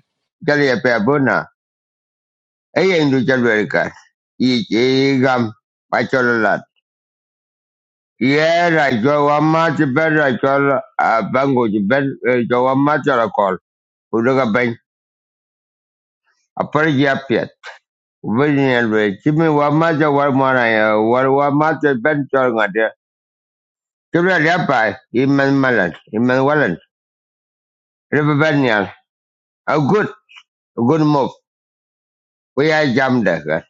jaliape abuna. Eye indu chalwil ka. Ichi gam, Yeah, I go one match better. I call a bango to bed. I go one match or a call. Who look a bank? A pretty up yet. Winning and way. Give me one match or one more. I one one match a bench or Ben Tolga there. Give me a rabbi. Iman Malan. Iman Wallen. River Benial. A good, a good move. We are jammed there.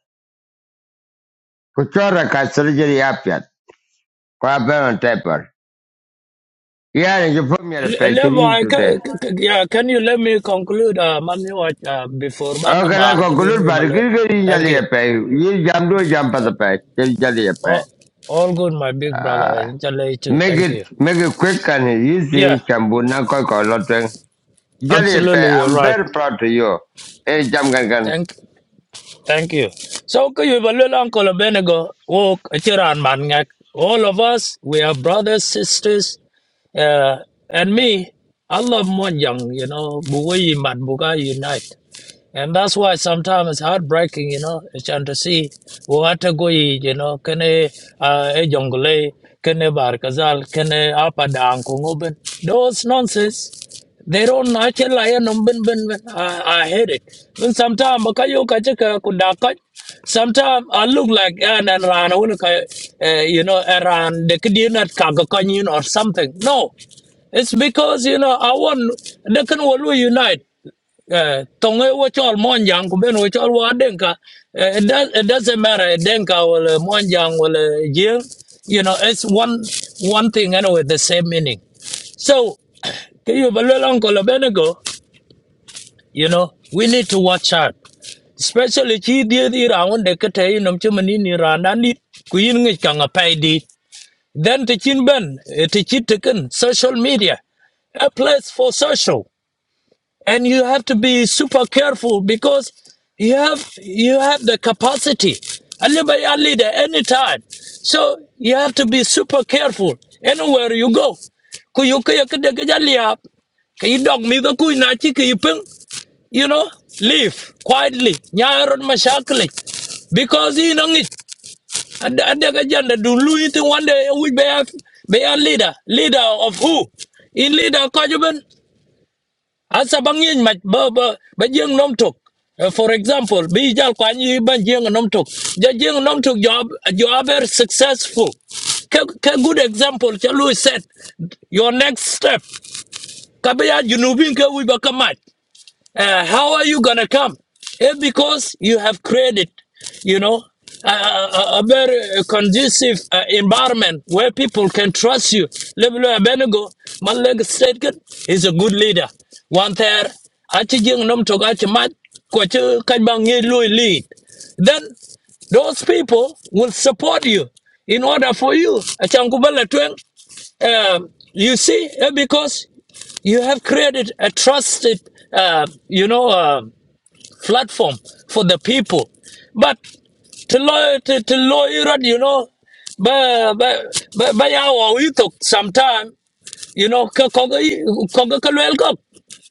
Kuchora ka surgery up yet. Kwa ben on taper. Yeah, and you put me at a Le- patient in Levi, can, today. yeah, can you let me conclude, uh, Manuel, uh, before Oh, kena Banamar? kau kelut bar kiri kiri Thank jali you. apa? Ye jam dua jam pada apa? Kiri jali All, apa? all good, my big brother. Ah, Inshallah, you too. make Thank it you. make it quick and easy. Yeah, Campur nak kau kau lot yang jali apa? absolutely, you're I'm right. very proud to you. Eh, jam kan kan. Thank Thank you. So could you Kuyibalul Uncle Benego walk Chiran Mangak. All of us, we are brothers, sisters, uh, and me, I love one young, you know, Buwayi Mat Buga Unite. And that's why sometimes it's heartbreaking, you know, it's hard to see what Wata Goyi, you know, can a a jungle uh e Jongle, Kene can a Apa Dang Kunguben. Those nonsense. They don't natural I no ben ben ben. I, I hate it. When sometimes makayo kachika kudaka. Sometimes I look like an and ran you know around the kidinat kagakanyin or something. No. It's because you know I want they can all unite. Uh, tonge wo chol monjang ku ben wo chol wa denka Eh, it, does, it doesn't matter denka or monjang or jing you know it's one one thing anyway the same meaning so, kayo balwel Uncle Abednego, you know, we need to watch out. Especially chi dia di raun de kete nom chumani ni randa ni kuyin ngi kanga pay di. Then the chin ben, the chicken, social media, a place for social and you have to be super careful because you have you have the capacity anybody a leader anytime so you have to be super careful anywhere you go Ku yu ka ya ja dog mi ka kui na chi ka you know live quietly Nya ron because you know it and the agenda do Louis one day we be a, be a leader leader of who in leader Benn asa bang yin mach ba ba ba jeng nom tok Eh, for example bi jal kwa nyi ban jeng nom tok ja jeng nom tok job you are very successful ka ka good example chalu set your next step kabya junubin ka wi ba kamat. Uh, how are you gonna come? It's because you have created, you know, a, a, a very conducive uh, environment where people can trust you. Lebulo Abenego, Maleg Stedgen is a good leader. One there, achi jing nom toga achi mat, kwa chi lui lead. Then those people will support you in order for you. Achangubala tweng. Um, you see, eh, because you have created a trusted uh, you know uh, platform for the people but to lawyer to, to lawyer you know by by by by our well, we took some time you know ka ko ga ko ga ka lel ko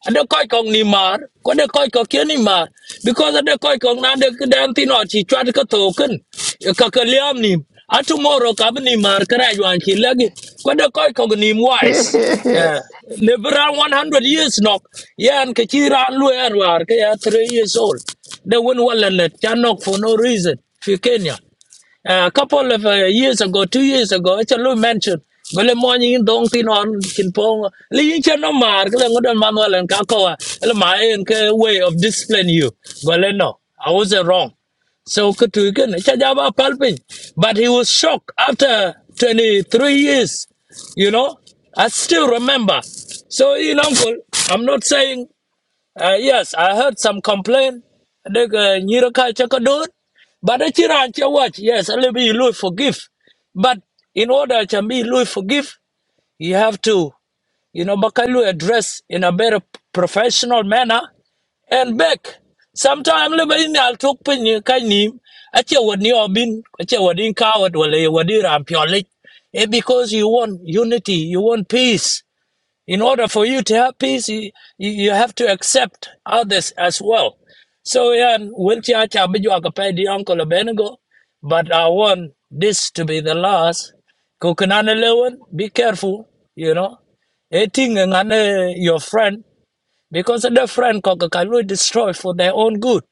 ade ko ko ni mar ko de ko ko ke ni mar because ade ko ko na de dan ti no chi chat ka to ken ka ka liam ni a tomorrow ka bi ni mar kra yuan chi lagi ko de ko ko ni wise yeah live around 100 years no yan ka chi ran lu er war ka ya 3 years old they win wallet chan nok for no reason fi kenya uh, a couple of uh, years ago, two years ago, it's a little mention. Bele morning in dong tin on kin pong. Lee yin chen no mar kle ngodon manuel and kakawa. Ele ma en way of discipline you. Bele no, I was not wrong. So kutu ken chajaba palpin. But he was shocked after 23 years. You know, I still remember. So in uncle, I'm not saying uh, yes, I heard some complaint. The Nyiraka Chakador. But the Chiran watch, yes, a little bit Louis forgive. But in order to be Louis forgive, you have to, you know, Bakalu address in a better professional manner and back. Sometimes le in al tok pin ye kai nim a che wad ni obin a che wad in coward wala ye wad in ram pyolik. Eh, because you want unity, you want peace. In order for you to have peace, you, you, have to accept others as well. So yeah, wilchi acha biju akapedi uncle Abednego, but I want this to be the last. Kukunane lewen, be careful, you know. Eating ngane your friend because the friend kokakalu destroy for their own good.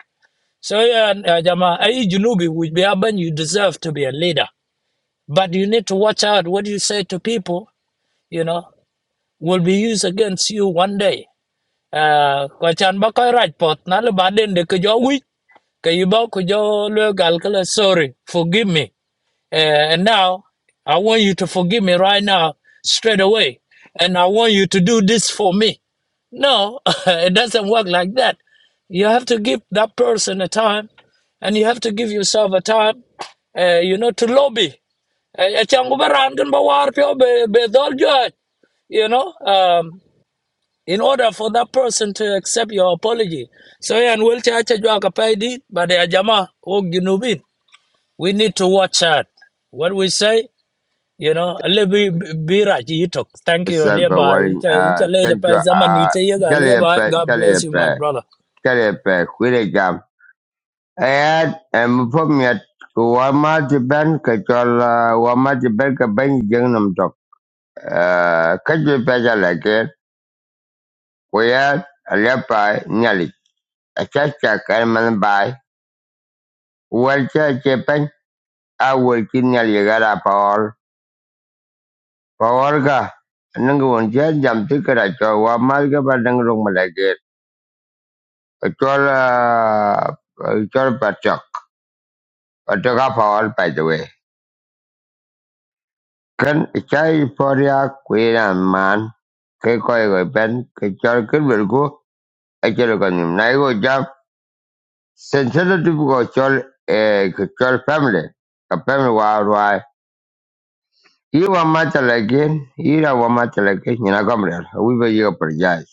So yeah, uh, jama, ai junubi be You deserve to be a leader, but you need to watch out what you say to people. You know, will be used against you one day à qua chan ba coi rạch pot na le ba den de ke jo wi ke yu ba ku jo le gal ke sorry forgive me uh, and now i want you to forgive me right now straight away and i want you to do this for me no it doesn't work like that you have to give that person a time and you have to give yourself a time uh, you know to lobby uh, you know um in order for that person to accept your apology. So yeah, and we'll charge you a paid but the ajama og junubin. We need to watch out. What we say, you know, lebi bira jitok. Thank you, Besar kau leba. waring. Icha icha Ah, leba thank pa you. zaman Ah, ite yega jali leba. apa? God Jali bless you, my apa? brother. Jali apa? Kiri jam. Eh, eh, mufum ya. Wama jiban kecil, wama jiban kebanyakan nampak. Ah, kerja pelajar lagi. Whereas a leopard nyali, ataca el manbai, huelcha chepen, a huelchin al llegar a Paor. Paorga, nunca un chen jam tikara chowa malga pa nang rung malagir. Chola, chola pachok, pachok a Paor by the way. Kan chai poria kuiran man, ke koi goi pen, ke chola kin vilku, a chola kanim. Naigo jam, sensitive ko chol, eh, chol family. A family wa wa Iwa Matalakin, Irawa Matalakin, Yinagamriel, Wiba Yoperjaz,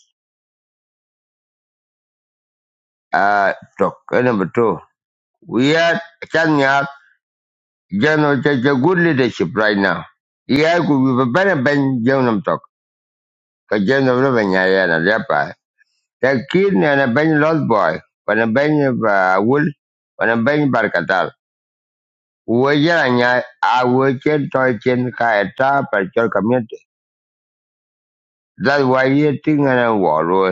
uh, talk. And number two, we are Chanyak, General take a good leadership right now. Yeah, we have better Ben Jonam talk, because General Lavanya and Lepa. The kid and a Ben Lost Boy, when a Ben of Wool, when a Ben Barkatal. Wajanya, I will change to a chain Kaeta per your community. That's why you think and a war.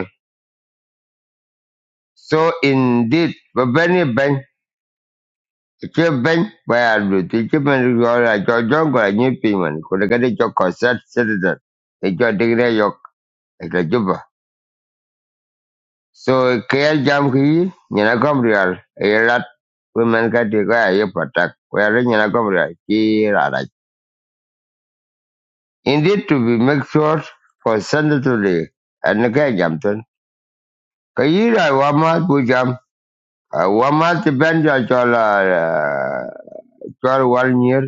So indeed, babani ben, che ben, baya luti, che ben yola, cho jongo la nyipi man, kuna kade cho concert citizen, e cho digre yok, e cho juba. So kaya jam ki, nyana komrial, e rat, women kati kaya ye patak, kaya re nyana komrial, ki rara. Indeed to be make sure for sensitively, and kaya jam ton. Kaya ra wamat bu jam, wamat ben cho cho la, jo one year.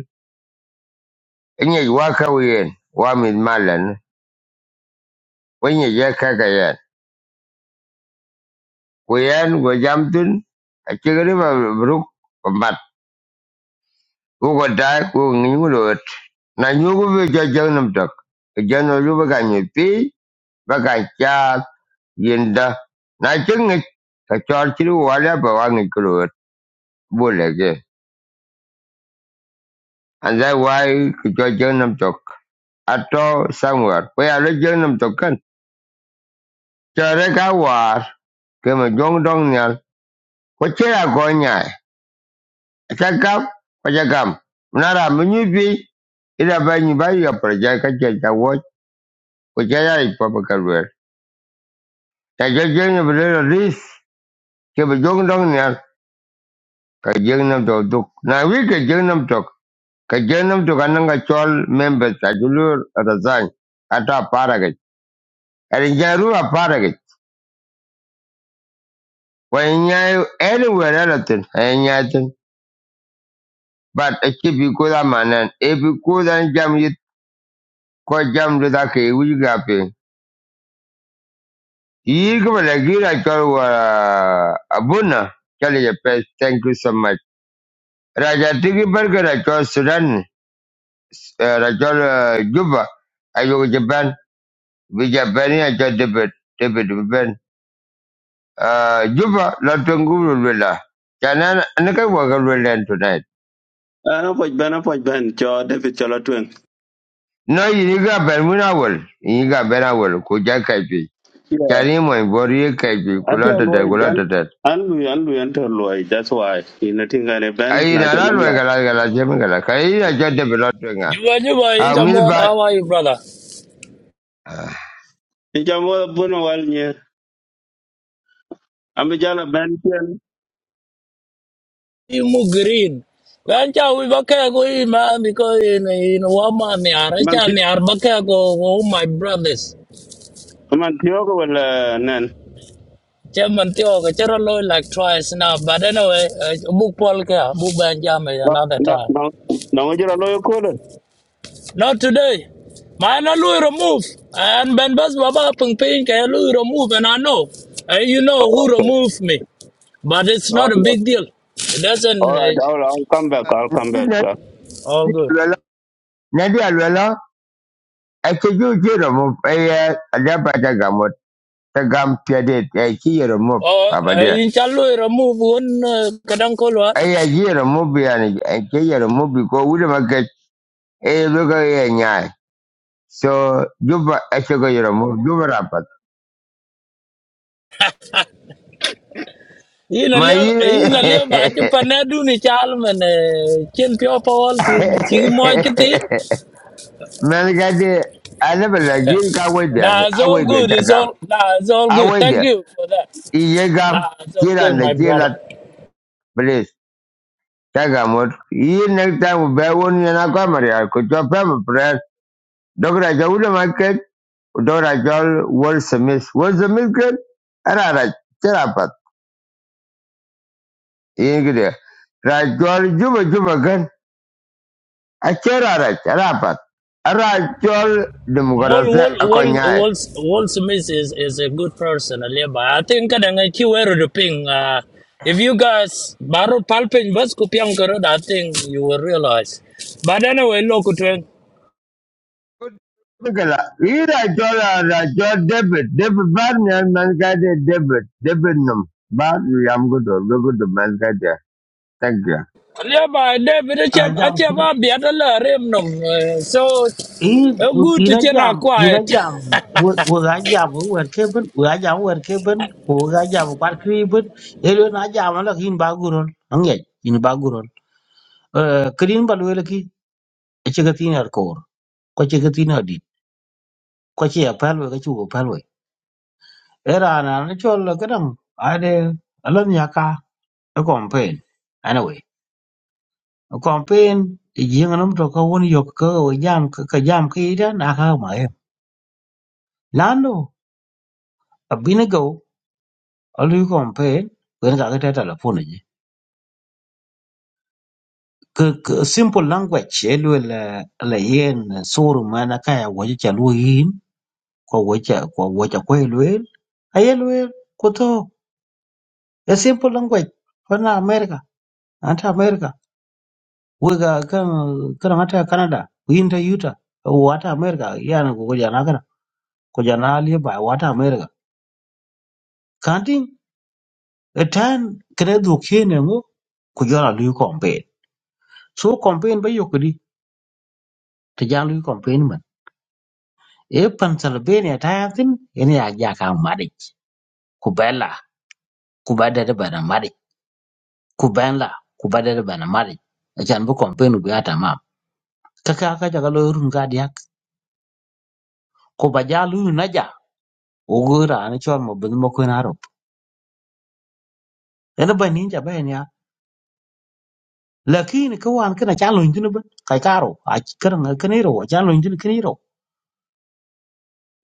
Inye waka wiyen wa mit malan wenye je kaka yen. Wiyen go jamtin a chigri ma bruk ko mat. Ku go dai ku ngi ngu lot. Na nyu ku bi jo jeng nam tok. Ke jeng no lu ba ka nyi pi ba ka cha yinda. Na ching ngi ka chor chiri wa la ba wa ngi ku lot. Bu le ge. And that why ke jo jeng nam tok. Ato somewhere. We are jeng nam tok kan. Chare ka war. Ke ma jong dong nyal. Ko chira ko nyai. Shagam, Pajagam, Nara Munubi, Ida Bani Bayo Projaka Jaja Watch, Pajaya Papakaruel. Tajajang of Little Reef, Kibajong Dongyal, Kajanam to Duk. Now we Kajanam Tok, Kajanam to Kananga Chol members, Ajulur Razan, Ata Paragat, and Jarua Paragat. When you anywhere else, and Yatin, but a chip you could a man, and if you could and jam you, quite jam to the Kay, we got Yii kuma da gira kalwa abuna kali ya pes. Thank you so much. Raja tiki barka da kyau Sudan, eh, da kyau eh, Juba, a yau Japan, bi Japan ya kyau David, David Biben. Ah, Juba, lotun guru lula. Kana na kai wa garu lan tonight. an apuoc ben apuoc ben cho david colo tweng No, yi ni ga ben muna wal, yi ga ben awal ko ja kaifi. Kani mo bori kaifi ate kulata da luoi an kulata da. an lui an lui an to luoi that's why ina tingane ben Ai na na cho la nom ro la ga la ga la je mi ga la. Kai ya kyau David lotun Juba juba incha mot. ga. How are you, brother? in jamo buno wal nye ambi jala ben chen Imu green. Lancha we bakaya go ima because in in wama ni man aracha ti ni arbakaya go. Oh my brothers. man tiogo wala nen Chairman Tio, cái chero loy like twice now, but anyway, uh, book Paul ka, book Ben Jam no another no time. no no jira loyo kolo Not today. My na lui remove and Ben Bas Baba Pung Ping ka lui remove and I know. And you know oh, who okay removed me. But it's oh not a yeah big deal. It all doesn't right uh, I'll, I'll come back I'll come back uh, all good. nadi alwala ake ju ki remove ayya adaba ta gamu ta gam piyade ya ki ya remove Oh, baba uh, dia in chalu remove one uh, kadang kolwa. ayya ki ya remove ya ni ke ya remove ko wuda maka eh zo ya nya so juba ake ko ya juba rapat Ina ma yi liya ne ina liya ba chu panedu ni chal man uh, chin pio Paul chi chi man ga alaba la gir ka wada Nah, it's awai all da good. ta It's all nah, it's all good. Thank you for that. iye gam Nah, it's all good, kiran da my brother. kiran Kaga mot yi nek ta u be won yana kwa maria ku jo pe mo pre dogra jo u ma ke dogra jo wol semis wol semis ke ara ara chera pat yi gide ra jo juba juba gan a chera ara chera pat ara jo Wall demokrasi Wall Wall akonyai Wall Wall Smith is, is a good person, Aliba. I think kadangaki were the ping. Uh, if you guys baru palpin bas kupiang karod, I think you will realize. But anyway, look to it. Bigala, yi ra jo ra jo debit debit bar ne man ka de debit debit num bar yam gudo gudo man ka de thank Aliba, David, achab Ajam I jam achab abi atala remnum. So in uh, good in to a chena jam in a quiet. jam we ga jam we wer keben we ga jam wer keben we ga jam kwat kriben elo na jam la kin ba guron ange in ba guron eh krin ba le ki che ga tin kor ko che ga tin di ko che ya pal we ga chu pal we era na na chol la kadam ade alan ya ka a campaign anyway a campaign yin anum to ka won yok ka jam ka jam ki da na ka ma lando abinago a lu kon pe wen ka ta ta la po ne ke ke simple language e lu la la yen sur mana ka ya wo cha lu yin ko wo cha ko wo cha ko lu a ye lu ko to a simple language fa na america anta america wo ga kan kan anta canada yin ta yuta wo ata america yan ko ja na kana ko ja na li ba wo ata america kan tin a tan kre du ke ne ngo ku jara lu kon pe so kon pe ba yo tijalu i confinement e Pennsylvania ta yatin ina ya ja ka madic ku bella ku badada bana madic ku benla ku badada bana madic acan bi confinement bi ata mam ka ka ka jaga lo run ga diak ku ba jalu na ja ugu ra ni chon mo bin mo ko na rop ina ba nin ja ben ya lakini ka wan kana chalo injini ba kai karo a karan ka ne ro chalo injini kini ro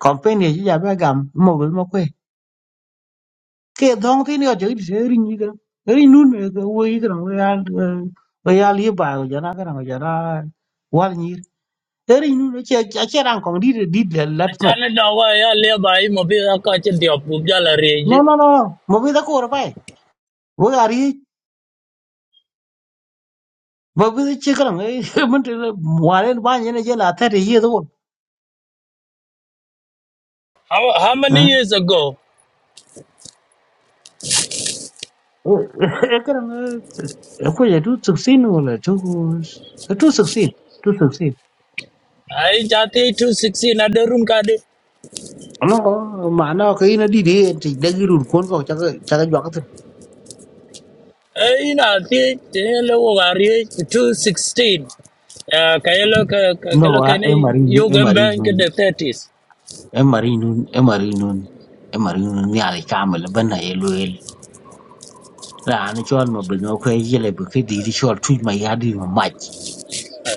confinement ji ja ba gam mo bin mo ke dong tin yo chiri se ri ni gran ri nun wo yi gran wo ya wo ya li ba wo jana gran wo jana wal ni ri nun che che ran kong di di de lat no Chana dawa ya aliba imobi akache diop no bubjala no no mo bi da ko ra pai wo ya ri mo bi da che gran e mun te wa ren ba ni ne je la ta de ye do How, how many years ago? e gran e ko ye tu tsu sin wo la tu tu tsu sin tu tsu sin I jati two sixteen another room kadi. nó có mà nó cái nó đi đi thì đang cái rùn cuốn vào chắc chắc cái giọt Eh, ina ti telo wari two sixteen. Uh, Kayelo kayelo No, ah, e kani marinun, e yugen bank marinun, in the thirties. e marinun, e marinun, e marinun ni ala kamal bana e loel. Ra ni chol ma bin o kwe yele bu ke di di chol tu ma ya di ma mach.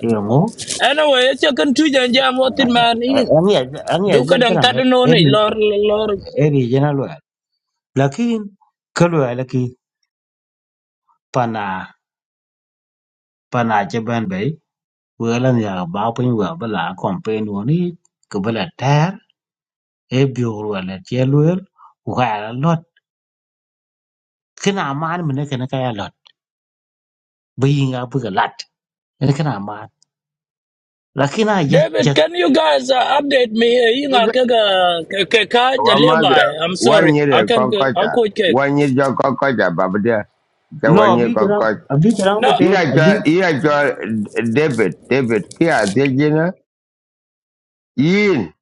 E ngo. Anyway, it's a contusion jam what in man in. Ani ani ani Duka dang kana tado no e ni bi lor lor. e bi jena loel. Lakin ka loel ki pana pana che ban bay. Welan ya ba pin wa bala kompen woni ke bala ter e bi ro la che loel. Wa la lot. Kina man mene kana ka ya bayinga buga lat ina kana ma lakina jak David, jak can you guys uh, update me? Eh, you Inga kega keka One mother, jaliya I'm one sorry. I year can I kokota, could check. one year jo kokota, babadia, the no one year abi garang kokota. abi garang ba No. te Iya jo, abi iya jo David, David, kia tejina, yin,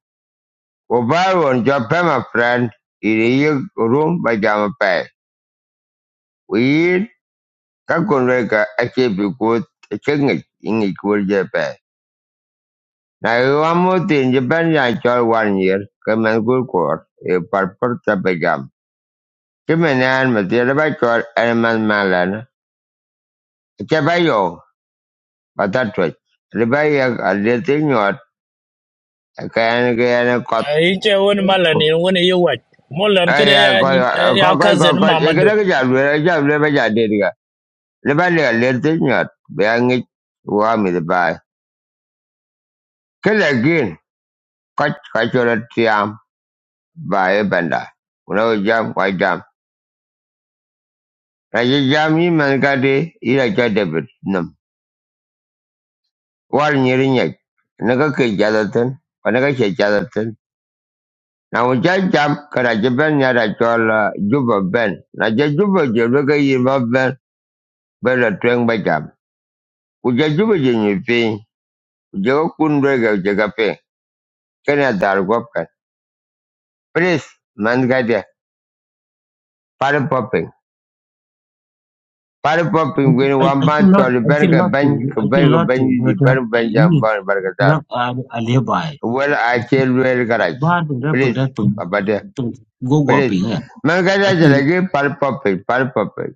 obaron jo pema friend, iri yi room by jama pay. We yin, kakunreka, achi bikut, chingit, ingit kurje pay. Na iwa muti japan ya chol one year, kemen kukor, i parpur tapigam. Kimenan matira bachor, elman Caballo, matatu. Ribaya aliyetinwa akaenda kaenda kwa Iche wani malan in wani yi wach. Molan kede aya ya kwa ya kwa kwa cousin kwa kwa Mamadu. ikenda kijalwe kijalwe bajadiriga. Ribaya aliyetinwa bayangi wami ribaya. Kila gin kwa kwa chola tiam benda. Unao jam kwa jam. Raji jam ni mankade ila cha debit War nyeri Naga ke jadatan. Naga ke na ŋun jam ka Najibɛl nyɛ Dachɔla Juba Ben. Na je Juba Jelibu ka yirima Ben bɛ la Tɔŋba jam. Ku je Juba je nyɛveen, ku je ka kun doli ka je ka Please, man gadiya, pari popping. Pari popping wini wan akin ban lot tɔli i bɛni ka lot to ben ka i ben ka cannot to ben no yi da bɛni bɛn jam ini bɔni barika garang a le bai Well, Wɛli a ce garage. ba da da pung Please, da pung baba de, pung go go please. ping ya Man gadiya akin jalagi pari popping, pari popping,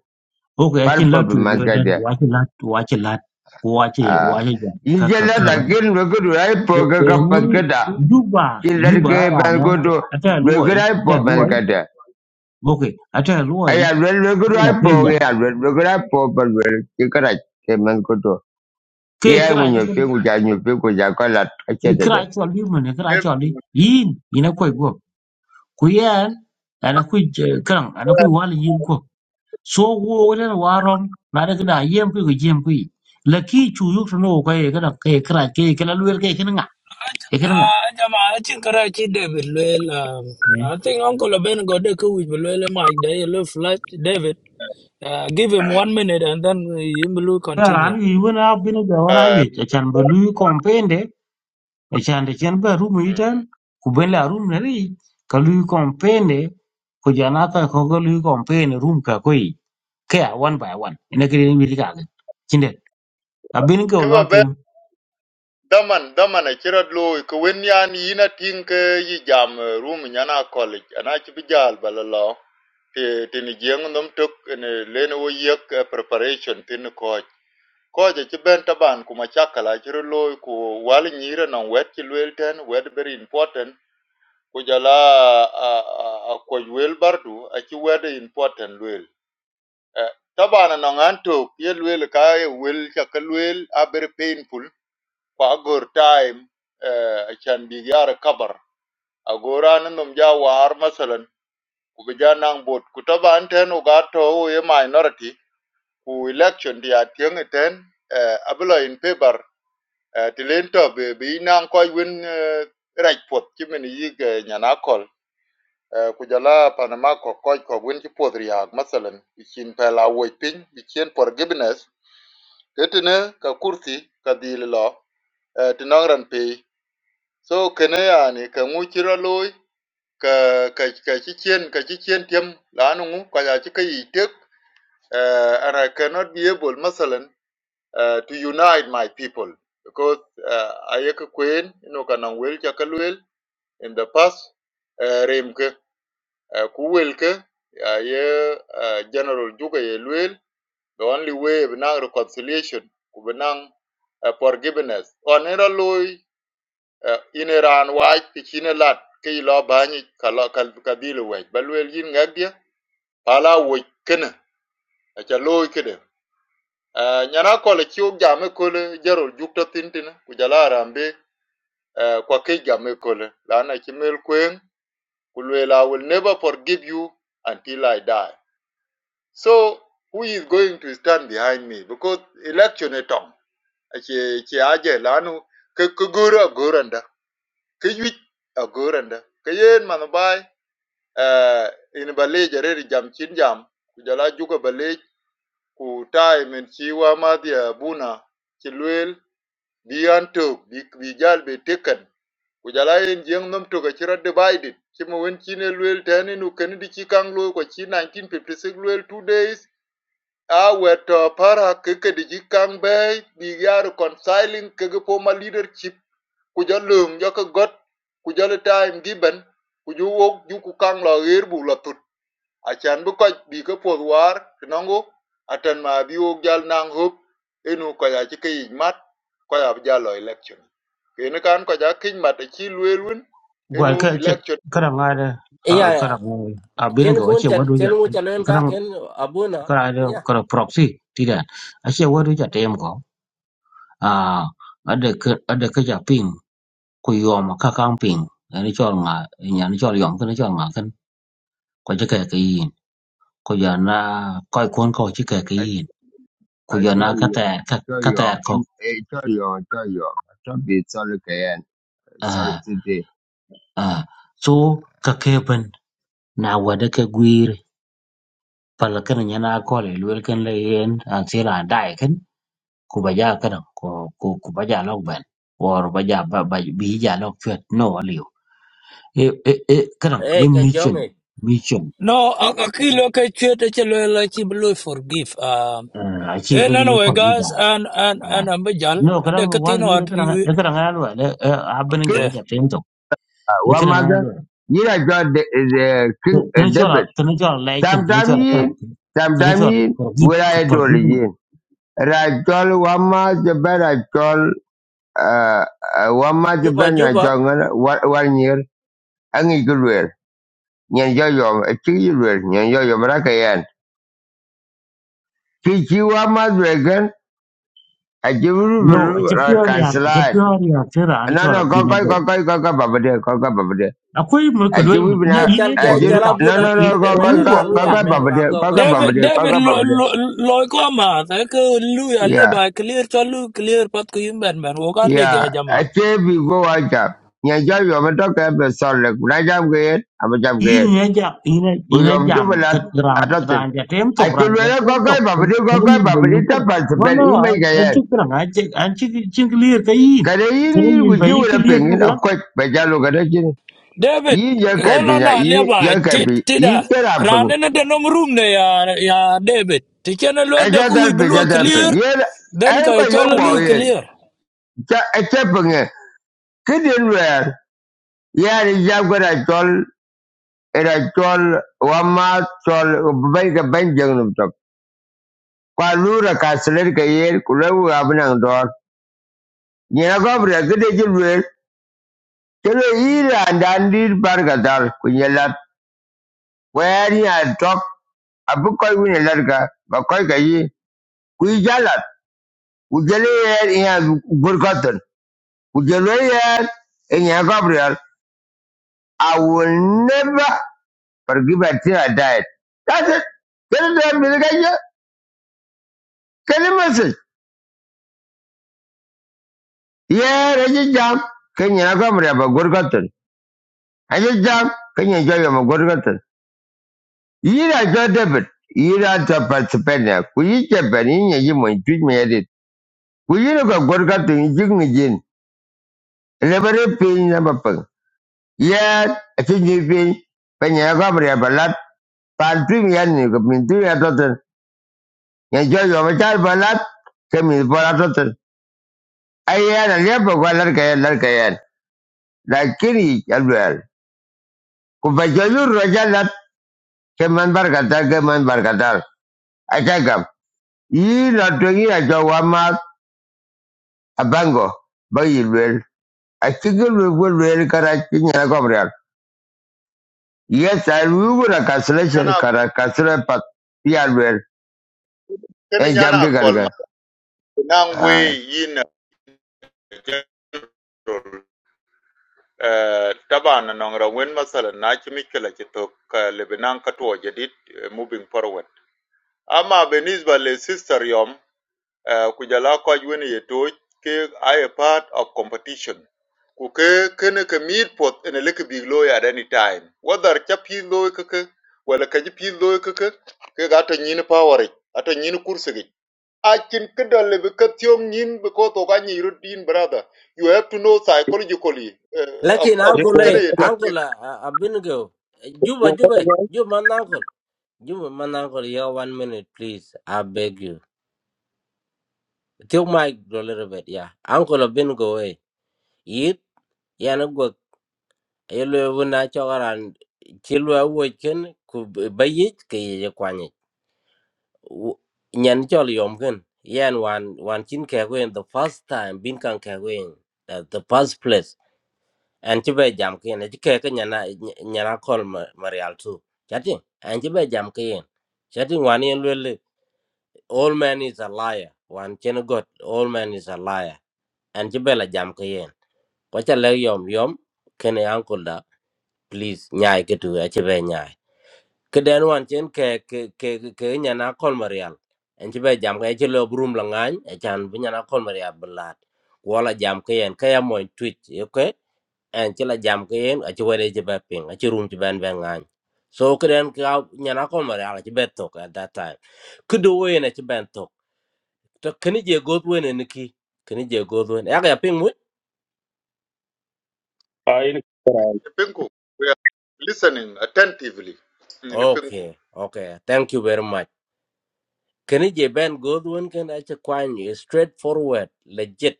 ko ko pari akin lot to popping man no da gadiya. wa akin lat wa akin lat ko wa ce wa ce ja ka ka Ijela ka ba takin lukurai e poka e mu kapat kata. yuba Kilar yuba ke ra na banko tu ata loy lukurai ata po ban loy kata. okay ata loy Ayah luel lukurai po ya luel lukurai po ban luel kikarai ke banko tu. ke Iya kra ne ngunyupi kene kuja nyupi kuja kolat kaca e kra dede. cho li mo ne kra ke cho li yin ina ko go ku yen ana ku kran ana ku wal yin ko so wo ne warom na de na yem ku yem ku la ki chu yu no ko e kana ke kra ke kana lu ke kana nga e kana nga Jama achin kara chi David Lwel. um, I ya think Uncle Ben got the kuwich Lwel Mike. They look flat David. Uh, give him one minute and then you will ran continue. yi wona bin da wona eh yi chan bu lu kompende Ekyandema mm karumitan kubeni la rumirari kalui kompene kujanata kokolui kompene rum ka koi kaya one by one ina kiri ni wili kaga kinde abin ga ke ba lot we daman daman a kira lo ke wen yan yina ting ke yi jam eh, room nyana college ana ti bi jal balalo ti ti ni jeng nom tok ne le no yek eh, preparation tin ko Koje ci ben taban kuma chakala chiro loy ku wal nyire non wet ci luel ten wet very important ku jala a a a ko wel bardu a ci wet important luel Eh, tabana non anto ye luel ka ye wel chaka luel a very painful kwa gor time eh, a chan bi yara kabar a gora nan nom ja war masalan ku bi ja nang bot ku taban ten u ga to ye minority ku election dia tieng ten eh, abula in favor uh, ti len to be be nan ko win uh, raj pot ti men yi ge nyana kol uh, ku jala panama ko ko ko win ti pot riak masalan i chin pa la wo pin i chin forgiveness ketene ka kursi ka dil lo uh, ti nan ran pe so kene yani ka ngu chi ro loy ka ka ka chi chen ka chi chen tiem la nu ngu ka ya chi ka tek uh, ara cannot be able masalan uh, to unite my people because uh, ayeke kwen ino kanang wel chaka in the past uh, remke uh, ku aye uh, general juga ye luel the only way benang reconciliation ku benang uh, forgiveness on era loy uh, in iran waj ti chine lat ke ilo banyi kala kal kadile waj balwel yin ngagdia pala waj kene acha loy kede Uh, nyana kole kiu game kole jaro jukta tintin kujala arambe uh, kwa ke game kole lana kimel kweng kulwela I will never forgive you until I die. So who is going to stand behind me because election etong ache che aje lanu ke kugura goranda ke yit agoranda ke yen manabai uh, in bale jare jam chin jam kujala juga bale ku time en chiwa madhi abuna buna bi anto bi bi jal be taken ku jala en jeng nom to ka chira divided chimo wen chine luel tani nu ken di chi kang lo ko chi 1956 luel two days a weto para ke ke di chi kang be bi ya reconciling ke ge former leadership ku jalo jo ka got ku jalo time given ku ju wok ju ku kang lo er bu la to achan bi kɔc bi ke puoth waar tinɔŋgu atan ma bi wok jal naŋ hop enu kɔc aci ke yic mat kɔc abi ja lɔ election keni kan kɔc akic mat aci lueel wal enu ka che election kara ngada e ya kara mu abin chen ga ko won che chal wadu ja chen wo chal en kara ka ken abuna kara ya kara proxy tida a che wadu ja tem ko a ada ka ada ka ja ping ku yom ka kang ping ni chol nga nya ni chol yom ka ni chol nga kan ko je ka ka yin cô cô na na coi cuốn kia, số Kujana ko'ikkuanko chikekíin, I tell kuyana you, kate'e tell you, kate'etkok I tell you, tell you. Don't be sorry, Kayan. Sorry cái today. aa su kakeepén nawani kewiir palakini nyana akoli lwelkén lo yeen atsíl adaikín kubajaakini ku ku kubaja logben or baja ba ba biija log chwet no aliu i i i kadang e i ke mission jonge mission No, akilo ke chwete che Lwel chi Lwel forgive. Um, aa eh, achiever no ye anyway, kwa gida guys, and and and ambejal. no kadang wal Dekatino nyiri at kadang you. kadang alwa abin Okay, go yeah. cái uh, đó, one kadang mother. alwa You are God, the, the King uh, Kena cuala, David. kena cuala lecin, kena Sometimes, cuala kerang, yin, kena sometime cuala yin, pergi, where ke I pergi adore pun. yin. Rajol wama jeben rajol uh, uh, wama juba jeben juba rajol ngana One year angi gulwer. Nyan yo yom, a chi yulwer, nyan yo yom raka yan. Chi chi wama dwegen, a jiburu No, buru aja ra pior ya, aja kansalat. pior ya, kira ane No, no, cuala go, bina go, go, go. go, go, go, baba de, go, go, baba de. Aku ini A mereka dua jibu lembun, e bina, chal ini ke a dua lu jibu, chal ikan, no, abuna no, lwel ini ke no, de go, go, mena la dua go, lu go, loy ikan go, ini. men baba wa de, go go, ko go, baba David saket de, go, David go, lo baba lo lo ko ma ta ko lu ya de. le ba clear cho lu clear pat ko yim ben ben wo ka le Yeah, ga jama actually we go watch up. Nhà cho dù mà tôi kể về sau lực, nãy giờ cái hết, à mà giờ cái hết. Ini aja, ini Vì ini dù mà chúng mình jam ke là, à ran tôi tin. ranja À temtok, chứ lúc ranja đó có cái temtok, bà mình đi, có kena cái ini bà mình đi, bayu tất kira. bà sẽ No, bên no, ý mấy cái hết. itu kira, anje anje cing clear kain, Cái đấy ý kena ní ini của chú bayu là clear phiền ý, ni nó quách, bà cha luôn cái đó chứ. David Ý giờ cái bị holo nhà, na ý le ba giờ cái tit bị, ý tida chứ là phiền. rane ne de nom room ne ya ya David ti chen lo À de cha ko ta wi bu bị, cha ta bị. clear Ý là, den ấy ka có cho yếu bỏ lu ý, clear cha, ấy cha phiền ý. Cái điện về, ý là đi giao cái này cho Iracol, Wama, Sol, Baker Benjamin, Qualura Castellica, Yale, Kulawu Abnangdor, Yanagobra, Gidigil Will, Tele and Andy Bargadal, Kunyala, i will never forgive until i died that's it Can you kene da Can you message? Yeah, aja jam kenya ka mreba gorgaton. Aja jam kenya jaga ma gorgaton. Ira jo debit. Ira ta participania. Kuyi ke bani ne mo tuj me edit. Kuyi no ka gorgaton jig ni jin. Lebere pin na bapang. Yeah, aja ni pin. Penya ka mreba lat. Pan tu mi yan ni ko min ya toten. Ya jo ma char balat. Kemi bora toten. Aya na lebo ko lar ka lar ka yan. Lakini alwel. Ku ba Ke man barkatal, ke man barkatal. Atakam. Yi na tungi a jo wama a bango. Bayi lwel. A chiki lwel lwel kara chinyi na gomrial. Yes, I will a nyana cancellation kara cancellation pat. Ya lwel. keni En nyana jamdi kɔl ma garga. naŋ wei Aye. yin eh, taban nɔŋerɔ wen masalan na ci mikil aci thok lebi naŋ ka tuɔ jedit eh, moving forward ama benisba le sister yom uh, ku jala ko wen ke I a part of competition ku ke kene ke meet pot in a big loy at any time whether cha pi loy ke ke wala ka ji pi loy ke ke ke ga ta nyin power ik, ata nyin kurse ge a kin ke nyin be ko to brother you have to know psychologically uh, a Lakin a ye uncle, kore eh, kene ye uncle, uh, I've been go. Juba, wo ko Juba, ko Juba, man, uncle. Juba, man, uncle, yeah, one minute, please. I beg you. Take my a little bit, yeah. Uncle, I've been go, eh. Eat, yeah, no good. You live when I talk around. Chill, I waken, could buy it, kay, you quan it. Nyan jolly omkin. Yan one, one chin kagwin, the first time, bin kan kagwin. That's the first place. an ci be jam ke ne ci ke ke nyana ny- nyana kol ma marial tu chati an ci be jam ke yen chati wan yen lele all man is a liar wan chen got all man is a liar an ci be la jam ke yen ko cha le yom yom kene uncle da please nyai ke tu a ci be nyai ke den wan chen ke ke ke ke ke nyana kol marial an ci be jam ke ci lo brum la ngany e chan bi nyana kol marial blat wala jam ke yen ke ya moy twitch okay en ci la jam ke yen a ci wede ci be ping a ci rum ci ben ben ngany so ke den ka nyana ko mare ala ci bet tok at that time ku do we na ci ben tok to keni je god we ne ki keni je god we ya ga ping mu ai ni kran penko we are listening attentively nyin penko okay okay thank you very much keni je ben god we ken a ci kwan you straight forward legit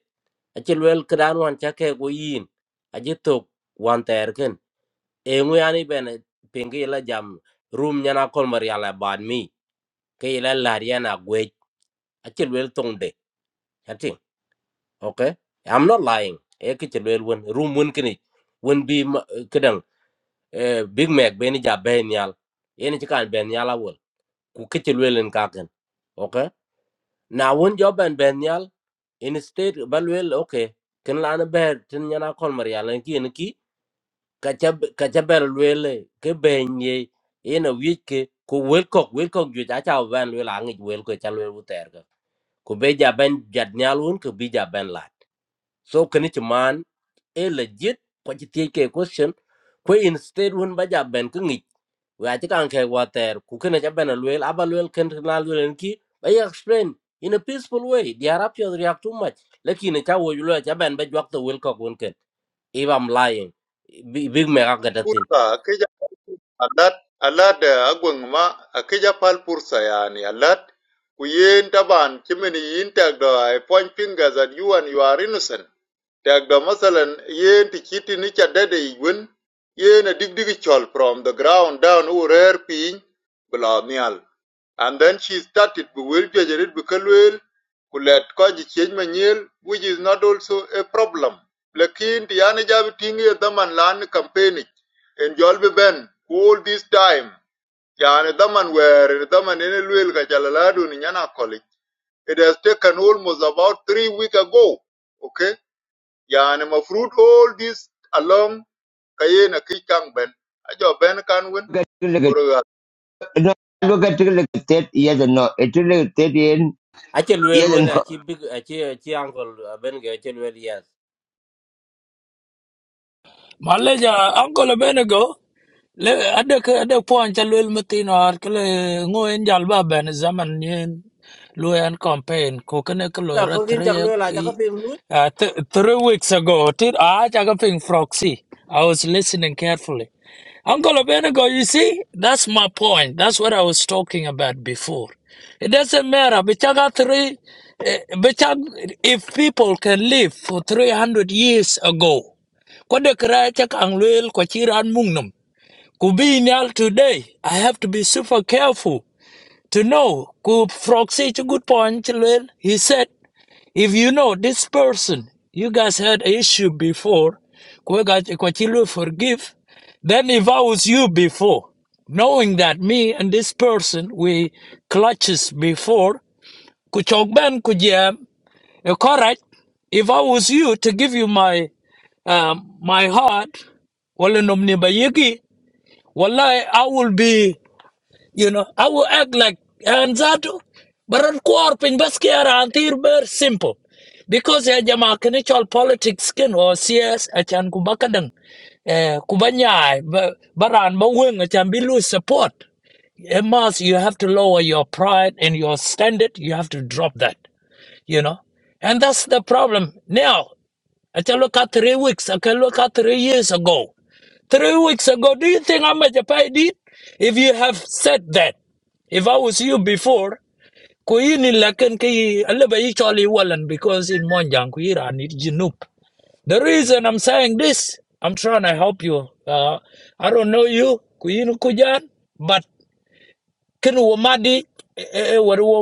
a ci wel ke dan wan cha ke go yin a ji tok wan ter ken e ngu yani ben ping ke la jam rum nyana ko mare ala bad mi ke la la yana achi well tong de chati okay i'm not lying e ke well lwel won room won kini won bi kadang, eh, big mac be ni ja be nyal yen chi kan ku ke well in en kaken okay na won jo ben benyal, nyal in state ba lwel okay ken la na ber tin nyana kol mar yal ki en ki ka well ka e, ke benye, nye yen a wi ku wel kok wel kok ju cha cha ben lwel angi wel ko cha lwel bu ku be ja ben jat nyal won ku bi ja ben la so kani ci man e legit ko ci tie ke question ko instead won ba ja ben ko ngi wa ci kan ke water ku kene ja ben luel aba luel ken na luel ki ba ya explain in a peaceful way the arabia react too much lakini ta wo luel ja ben ba jwak to wel ko won ken if I'm lying, big, big me got that thing. fursa akija alat alat eh, agweng ma akija pal fursa yani alat ku yen taban chimini yintak do I point fingers at you and you are innocent Dagda masalan yen ti chiti ni cha dede igwen yen a dig dig chol from the ground down u rare pin bla nial. And then she started be will jajarit be kalwel kulet koji change manyel which is not also a problem. Lakin ti yani jabi tingi ya daman lan campaign en jol ben all this time yani daman were ni daman ene lwel ka chalaladu ni nyana college. It has taken almost about three weeks ago. Okay? yani ma fruit all this along kayena kikang ben ajo ben kan wen Look at boroga no, look at look Yes and no. It will at that in. I tell well Yes when and I no. chi big I chi a chi uncle uh, ben ge tell well yes. Malaysia, Uncle Benego, le adek adek puan ca luel metin or kele ngoyen jal ben zaman ni, luayan campaign ko kene ke Na ko kin chak three lela chak ka eh, film lu uh, th- three weeks ago tit a ca ke ping proxy I was listening carefully. Uncle Benego, you see, that's my point. That's what I was talking about before. It doesn't matter. Bichaga three, eh, bichag, if people can live for 300 years ago, ko de kra cha kang lwel ko chi ran ku bi nyal today i have to be super careful to know ku proxy to good point chi he said if you know this person you guys had an issue before ko ga ko chi forgive then if i was you before knowing that me and this person we clutches before ku chok ben ku jam, uh, Correct. If I was you to give you my um, my heart, well, nomni bayiki, wallahi, I will be, you know, I will act like anzatu, but on korpin baskiara antir ber simple. Because ya jama kinichol politics skin or CS achan kubakadang, eh, kubanyai, ba- baran baweng achan bilu support. Emas, you have to lower your pride and your standard. You have to drop that you know. And that's the problem. Now, I can look at three weeks, I can look at three years ago. Three weeks ago, do you think how much I Did If you have said that, if I was you before, kuyini lakin ki alaba ichali walan because in Monjang kuyira ni jinup. The reason I'm saying this, I'm trying to help you. Uh, I don't know you, kuyini kujan, but Ken wo madi e e- e wor wo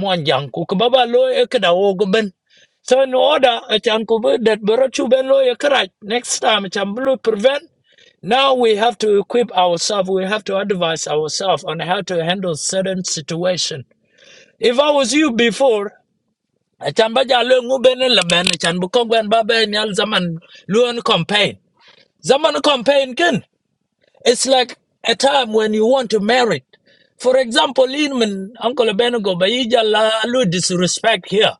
mon jang ku ku baba lo e kada wo go ben so in order a chan ko be that bro chu ben lo e karaj next time e, chan blue prevent now we have to equip ourselves we have to advise ourselves on how to handle certain situation if i was you before a chan ba ja lo ngu ben la ben a chan bu ko ben ba ben al zaman luon campaign zaman campaign ken. It's like a time when you want to marry. For example, Inman, Uncle Benugo, Baija Lalu disrespect here.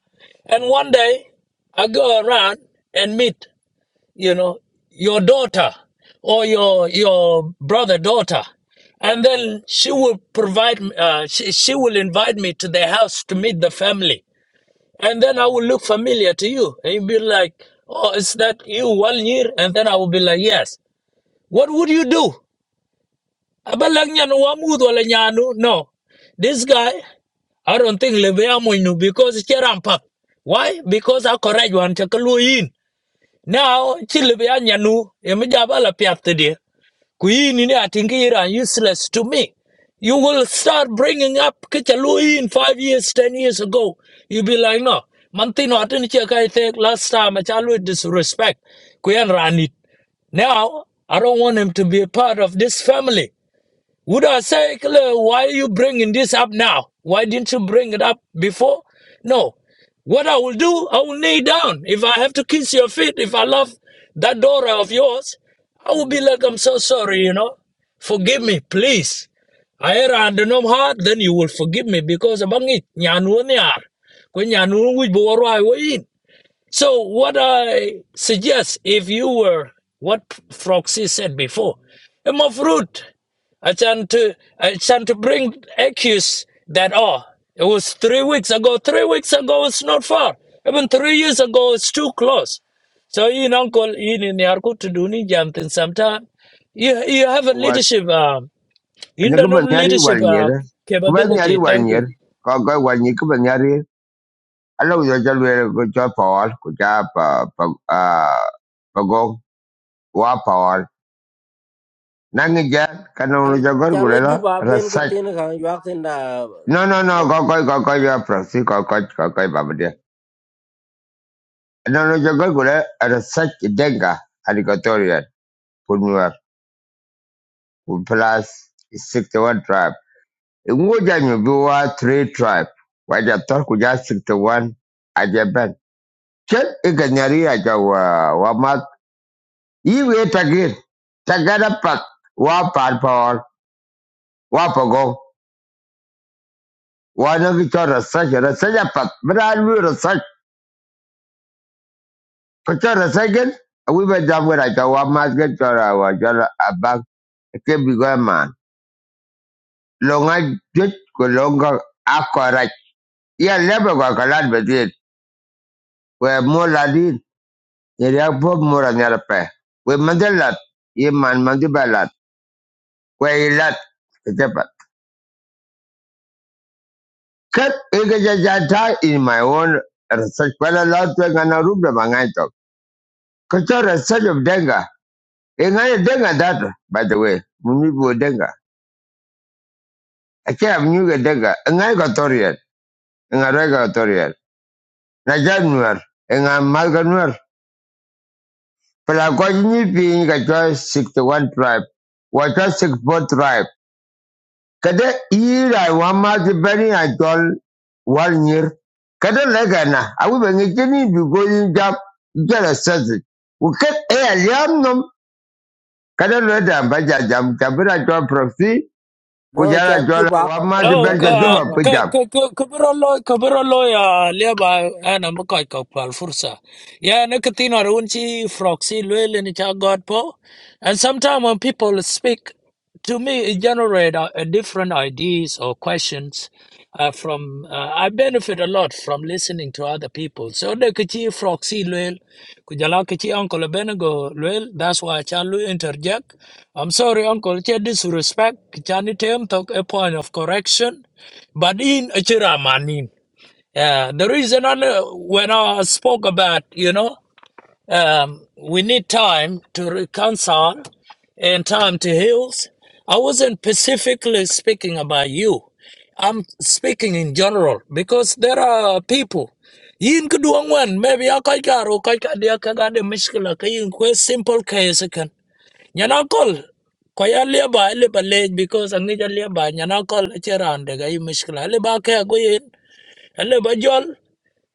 And one day I go around and meet, you know, your daughter or your your brother daughter. And then she will provide, uh, she, she will invite me to their house to meet the family. And then I will look familiar to you. And you'll be like, oh, is that you one year? And then I will be like, yes. What would you do? Abalagnan Wamud Walanyanu. No. This guy, I don't think Lebeamoinu because Cherampa. Why? Because I correct one Chakaluin. Now, Chilebeanyanu, Emijabala Piatide. Queen in Atingira, useless to me. You will start bringing up Kichaluin five years, ten years ago. You'll be like, no. Mantino, I did last time I childhood disrespect. Queen ran it. Now, I don't want him to be a part of this family. Would I say, why are you bringing this up now? Why didn't you bring it up before? No. What I will do, I will kneel down. If I have to kiss your feet, if I love that daughter of yours, I will be like, I'm so sorry, you know. Forgive me, please. I err under no heart, then you will forgive me because abang it, nyan wo nyan wo wich bo waro ai wo so what I suggest, if you were what Froxy said before, I'm of root. I tend to I tend to bring accuse that oh it was three weeks ago. Three weeks ago it's not far. Even three years ago it's too close. So in Uncle in in Yarku to do ni something sometime. You you have a Wal. leadership um Ano ka ba internal nyari leadership wal uh, nyera? Ka ba nyari capability. wal Thank nyer? you. Ka ka wal nyer ka Ala uzo cha lwele kucha pawal kucha pa pa ah, pagong wa pawal. Nangi jan kana unu al cha gor chale ju gulela ba ben ke rasach. tin ka yu ak tin No no no da kokoi kokoi ya proxy kokoi kokoi babadia. Ana unu cha gor gule rasach denga alikotoria kunwa plus 61 tribe. Ingoja nyobiwa 3 tribe. Waja tor kuja 61 ajaban. Chet ikanyari aja wa ma Iwe takir, takana pat, wa pan paul, wa pogo wa no ki cho research, research a pat, bra lu research, ko cho research gen, a wi ba jam wera cho wa mas gen cho ra wa cho ra a bang, ke bi go man. Longa jit ko longa a correct. Ya lebe ko kalan bedin, we mo la din, ye ya po We mandela ye man mandibalat, we ilat, Kep Igajajata in my own research, but a lot of an arubra mangaito. Kato research of denga. Ingaya denga that, by the way. Munibu denga. I can't have new denga. Ingaya gotorian. Ingarega gotorian. Najan nuer. Inga malga nuer. But I got new being a choice sixty one tribe. What a six four tribe. Kada ira wama di bani a jol wal nyir. Kada lega na awi ba ngi jini bi go jala sazi. Uket e a liam nom kada leda ba ja jam tabira jol proxy No, chol kujara jol juba wama di content, Oh, bani chol ja ka juba juma ba. pi ka jam. ka ka kabarolo kabarolo ya leba ana mukay ka pal fursa. Ya na katino runchi froxy lwele ni cha God po. And sometimes when people speak to me, it generate uh, uh, different ideas or questions uh, from uh, I benefit a lot from listening to other people. So the kichi froxy luel, kujala kichi uncle Benego luel. That's why chalu interject. I'm sorry, uncle. Che disrespect. Kichani tem talk a point of correction, but in achira manin. Yeah, the reason I know, when I spoke about you know. Um, we need time to reconcile and time to heal. I wasn't specifically speaking about you. I'm speaking in general because there are people. Yin kuduang wan maybe a kai garo kai ka dia ka ga de mishkila ka yin kwe simple case kan. Nyanakol kol ko ya liya ile ba le because angi ja liya nyanakol nyana kol chera ande ga yin mishkila ile ba ka go yin Hello, Bajol.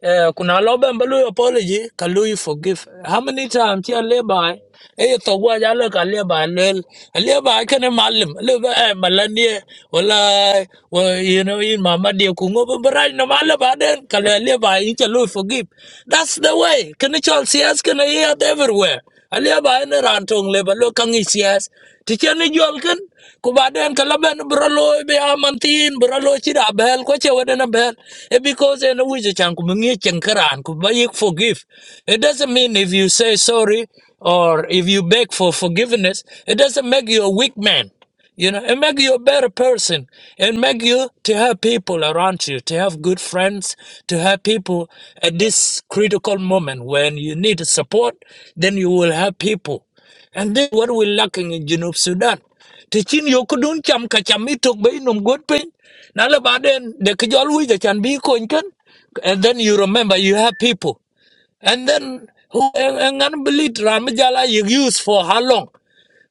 Eh, kuna loba mbalu apology kalu you forgive how many times ya leba eh to gwa ya le ka leba lel leba ka Can malim leba eh malanie wala wa- you know in mama de ku ngo bra no malaba den ka leba in kalu leby, each a forgive that's the way can you all see us can I hear it everywhere A leba eh, ne rantong leba look, Can you see us ti chen ni jol kan ku baden ka laben bro be amantin bro chi da bel ko che wede na bel e because en wije chan ku ngi chen karan ku ba yik forgive it doesn't mean if you say sorry or if you beg for forgiveness it doesn't make you a weak man you know and make you a better person and make you to have people around you to have good friends to have people at this critical moment when you need support then you will have people and then what we lacking in Junub Sudan. Tichin yokudun cham kachamitok bay num good pin. Nala baden the kijolwi the can be koinkan. And then you remember you have people. And then who and unbelieved Ramajala you use for how long?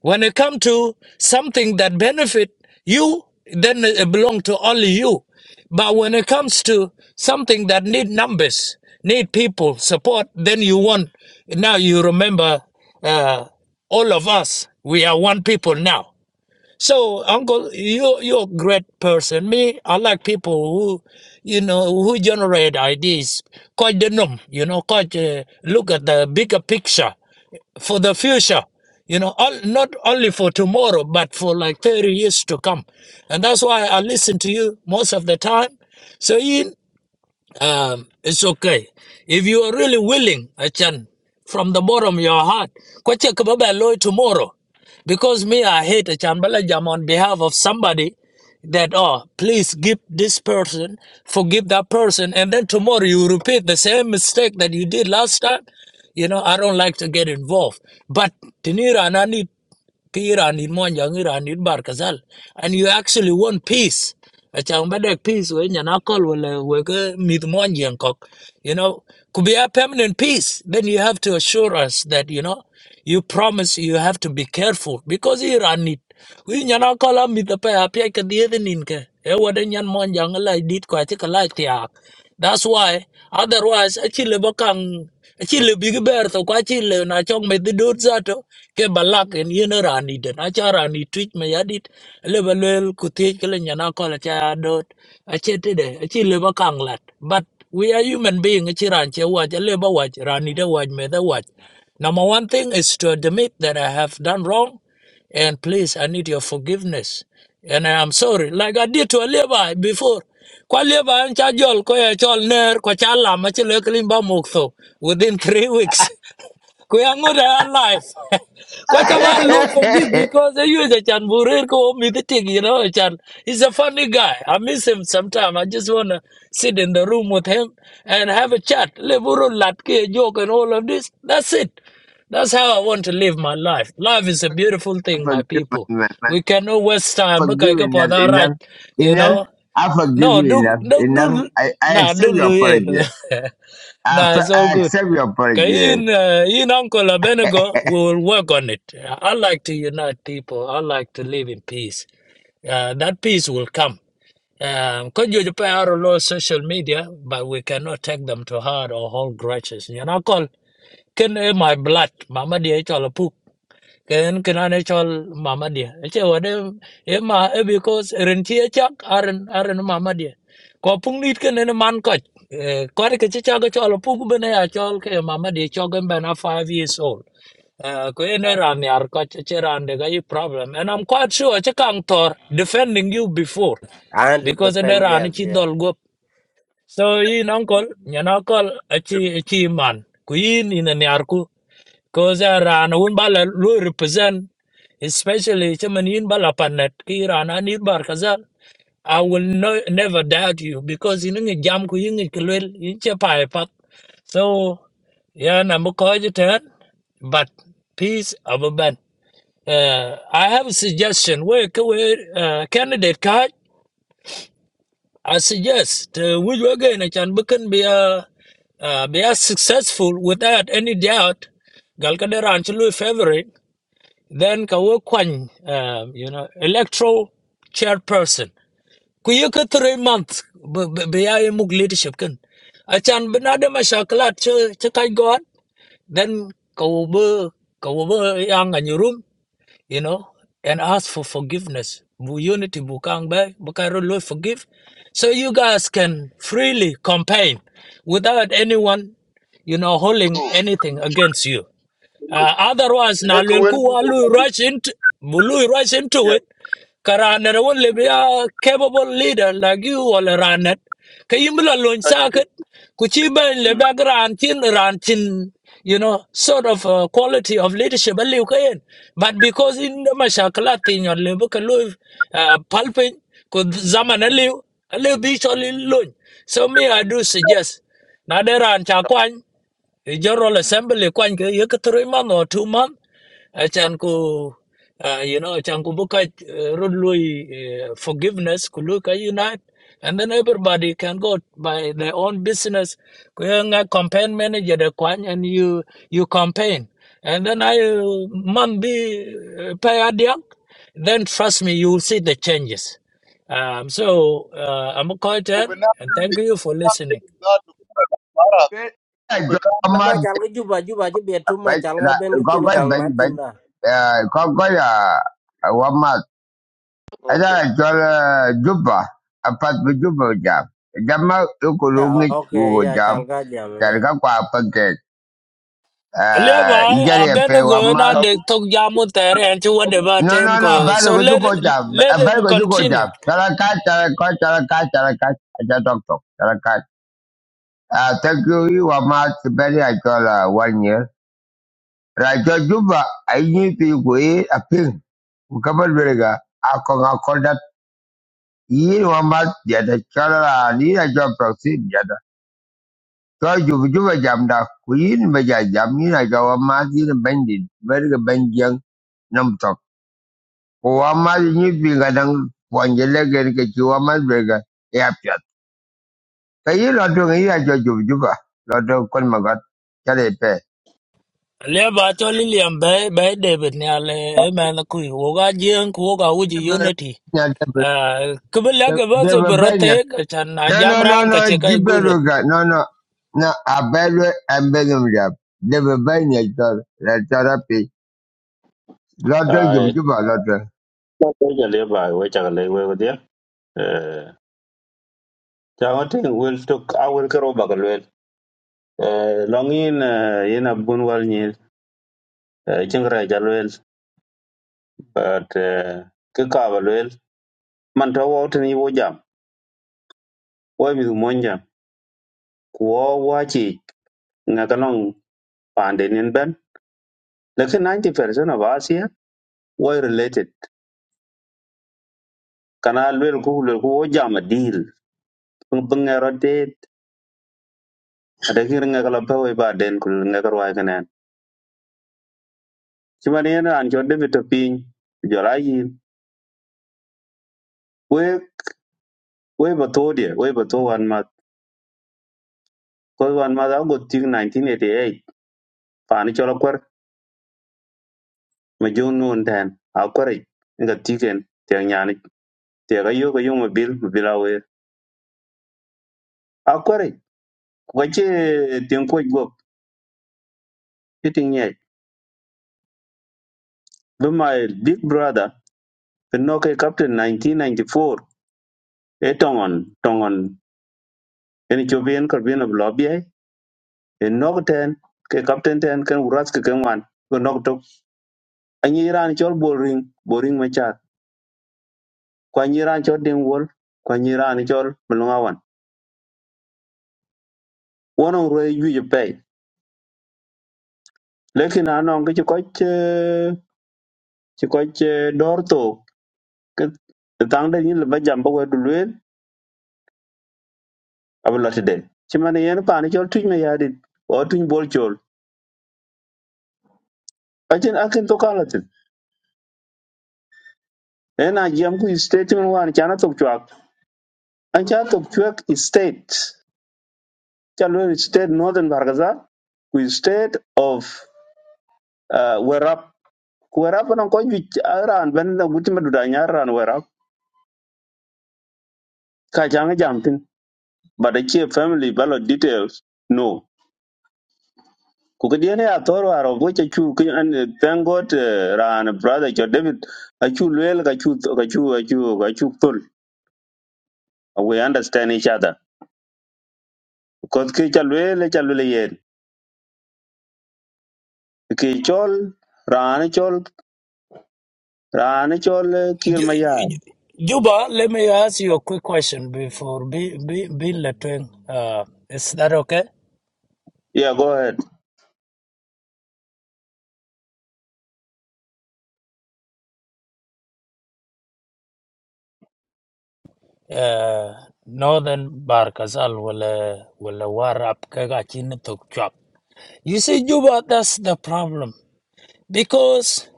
When it comes to something that benefit you, then it belong to only you. But when it comes to something that need numbers, need people support, then you want. Now you remember, uh, all of us. We are one people now. So, Uncle, you you're a great person. Me, I like people who, you know, who generate ideas. Quite the norm, you know. Quite uh, look at the bigger picture for the future. You know, all, not only for tomorrow, but for like thirty years to come. And that's why I listen to you most of the time. So, um, it's okay. If you are really willing, Achan, from the bottom of your heart, kwache kababa loy tomorrow. Because me, I hate Achan Balajam on behalf of somebody that, oh, please give this person, forgive that person, and then tomorrow you repeat the same mistake that you did last time. You know, I don't like to get involved. But Tinira, and I need ki Iran in mon jang Iran in bar kazal and you actually want peace a chang ba dek peace we nyana kol wala we ke mit mon you know could be a permanent peace then you have to assure us that you know you promise you have to be careful because Iran need we nyana kol am with pa apia ke die din ke e wada nyan mon jang la dit kwa ti kala ti that's why otherwise achile bakang achile big bear to kwa chile na chong me the dot zato ke balak en yene rani den achara ni twitch me yadit le balwel kutie kele nyana kola cha dot achete de achile bakang lat but we are human being achiran che waj le ba waj rani de waj me the waj number one thing is to admit that I have done wrong and please, I need your forgiveness. And I am sorry, like I did to a Levi before. Kwa Levi and Chajol, Koya Chol Ner, Kwa Chalam, Machile Kalimba Mukto, within three weeks. Ko ya ngor life ko chama Lord forgive because I use a chan burir ko meeting you know chan he's a funny guy i miss him sometime i just want to sit in the room with him and have a chat le buru latke ke joke and all of this that's it that's how i want to live my life life is a beautiful thing my Forgive my people man. we cannot waste time because I Forgive got for enough, that right enough, you enough. know I forgive no, you do enough, do not enough. do I, I nah accept don't your do apology. not it. I, nah, it's all I good. accept your Okay, in uh, in Uncle Abednego, we will work on it. I like to unite people. I like to live in peace. Uh, that peace will come. Um, could you depend on our law social media, but we cannot take them to heart or hold grudges. You know, call can eh, my blood, mama dear ken ken ane chol mama dia che wade e ma e because ren chi e chak aren aren mama dia ko pung nit ken ne man ko ko re ke chi chak e chol pung ben ya chol ke mama dia chol gen ben a 5 years old Uh, ko ene ran yar ko che che ran de ga i problem and i'm quite sure che kang tor defending you before because the 100% ran e yes, chi yeah. dol go so yin uncle nyan uncle a chi a chi man ku yin ina yar cause Iran un bala lu represent especially chaman in bala panet ki Iran an in bar kazal I will no, never doubt you because in ngi jam ku in ngi kelwel in che pai pat so yeah na mo ko ten but peace of a ban uh, I have a suggestion where ka where uh, candidate card I suggest uh, which we again can be can be a uh, be as successful without any doubt gal ka de favorite then Kawo wo um, you know electoral chairperson ku ye three months be be- be muk leadership kin achan bina de mashakalat che kai god then ka wo be ka wo be yang and your room you know and ask for forgiveness bu unity bu kang ba bu forgive so you guys can freely campaign without anyone you know holding bro anything against you uh, otherwise, ene na ko wen lelku walu rush into bulu rush into ya it. Karaner won mm, be a capable leader like you or Ranet. Kayimbla loin ka ci ben, circuit. Kuchiba lebag mm, rantin rantin. You know, sort of uh, quality of leadership. a liu ka But because in the mashakala thing your lebu kalu uh, palpin could zaman a liu a liu bishol loin. So me I do suggest. Now there are chakwan. I General mm. Assembly quanh cái yếu cái three month or two month achan ku uh, you know achan ku buka uh, run lui uh, forgiveness ku lui ka unite and then everybody can go by their own business ku ya nga campaign manager de kwan and you you campaign and then I uh, man be uh, pay adiang then trust me you will see the changes um, so uh, I'm a ko content, bena and de thank you for bena de listening za to ko mara ko be kan na Ma apology. chal ka juba, juba chứ biệt chúng mà bệnh chal ka là bên cái có tiền cái khang mát bệnh tiền bệnh đó. à, có cái là à, qua mặt ấy okay là cho là giúp à à phát với giúp vào giảm giảm mà yêu cầu luôn Yeah, nghịch okay, của yeah, giảm chal ka jam, chả là yeah. các quả phân kẹt Aliya à ý bhai, giờ là pe abena qua mặt goena agu de tok jamu tere and chuwa no debate no no ko. bắt được So cái chút let cô giảm à, let bắt được him cái chút cô giảm continue. chả là cái chả là có chả là cái chả là cái chả đọc đọc chả là cái à thank you you qua mặt bên này cho là one year rồi cho giúp à ấy như tiêu quỷ à pin Mkabal Berega, Akong Akordat, Yin Wambat, Jada Chala, Nina Jam Proxy, Jada. Kau juba juba jam dah, kuin baca jam ni nak jawab mati ni bandit, mereka banjang nam tok. Kau amat ni kadang puan jelek ni kecil amat mereka, ya piat. Kaya lotong ini aja juba juba, lotong kon magat, cari pe. Aliya bhai cho Liam, bay bay David ni ale man kui woga jeng woga uji unity. Uh, kubila ke Dia bose berbanyak, berotek chan No, no, no, jamran no, kacheka igurut. Gibeluga, no, no, no, Abelwe and Benumja, the Benjamin. They were buying a dollar, a dollar pay. Lotto, ai you give a lotto. ko ko jale ba we chagale we go dia Chào tin wel tok awel kero bagal wel. Eh, Long in eh, in a bun wal nyil eh, chingre jal wel but eh, ke kabal wel man to wo tin wo jam wo mi mon jam ko wa chi nga kalong pande nin ben lekin 90% of asia wo related kana wel ku wel ku wo jam a deal pung pung ngero de ada kir nga kala pa we ba den kul nga karwa kanan chimani an jo de bitopin jo la yin we we batodia we batowan ko wan ma da go tik 1988 pa ni cholo kwar ma jong nun tan a kware nga tiken te nyani te ga yo ga yo ma bil ma bila we a kware ko che ten ko go pitin ye be my big brother the no ke captain 1994 e tongon tongon en chobien kar bien of lobby e no ten ke captain ten ken uras ke ken wan go nok tok anyi ran chol boring boring ma cha kwa nyi ran chol ding wol kwa nyi ran chol mulunga won on rwei juic pɛi lekin a nɔŋ ci kɔc ci kɔc dɔɔr thook ti thaŋ den nyin lebe jam bi wɛt du lueel abi lɔ tiden ci mani yen paani cɔl tuc me yaadit ɔ tuc bol col acin akin thokal atin en a jiɛm ku state men waan can athok cuak an ca thok cuek state ca lueel state northern bargazal ku state of uh, werap ku werap nɔŋ kɔc juic a raan bɛn na guti me duda nyar raan werap ka caŋi jam but achieve family ballot details no kukadiene a thoro aro boche chu ki an thank god eh, ran brother cho david achu lwel ka chu ka chu ka chu ka chu thul we understand each other because ke cha lwel cha lwel yen ke chol ran chol ran chol eh, kir Ju- maya ju- Juba, let me ask you a quick question before be be be letting. Uh, is that okay? yeah go ahead uh, northern barkazal wala wala warab kaga chin you see juba that's the problem because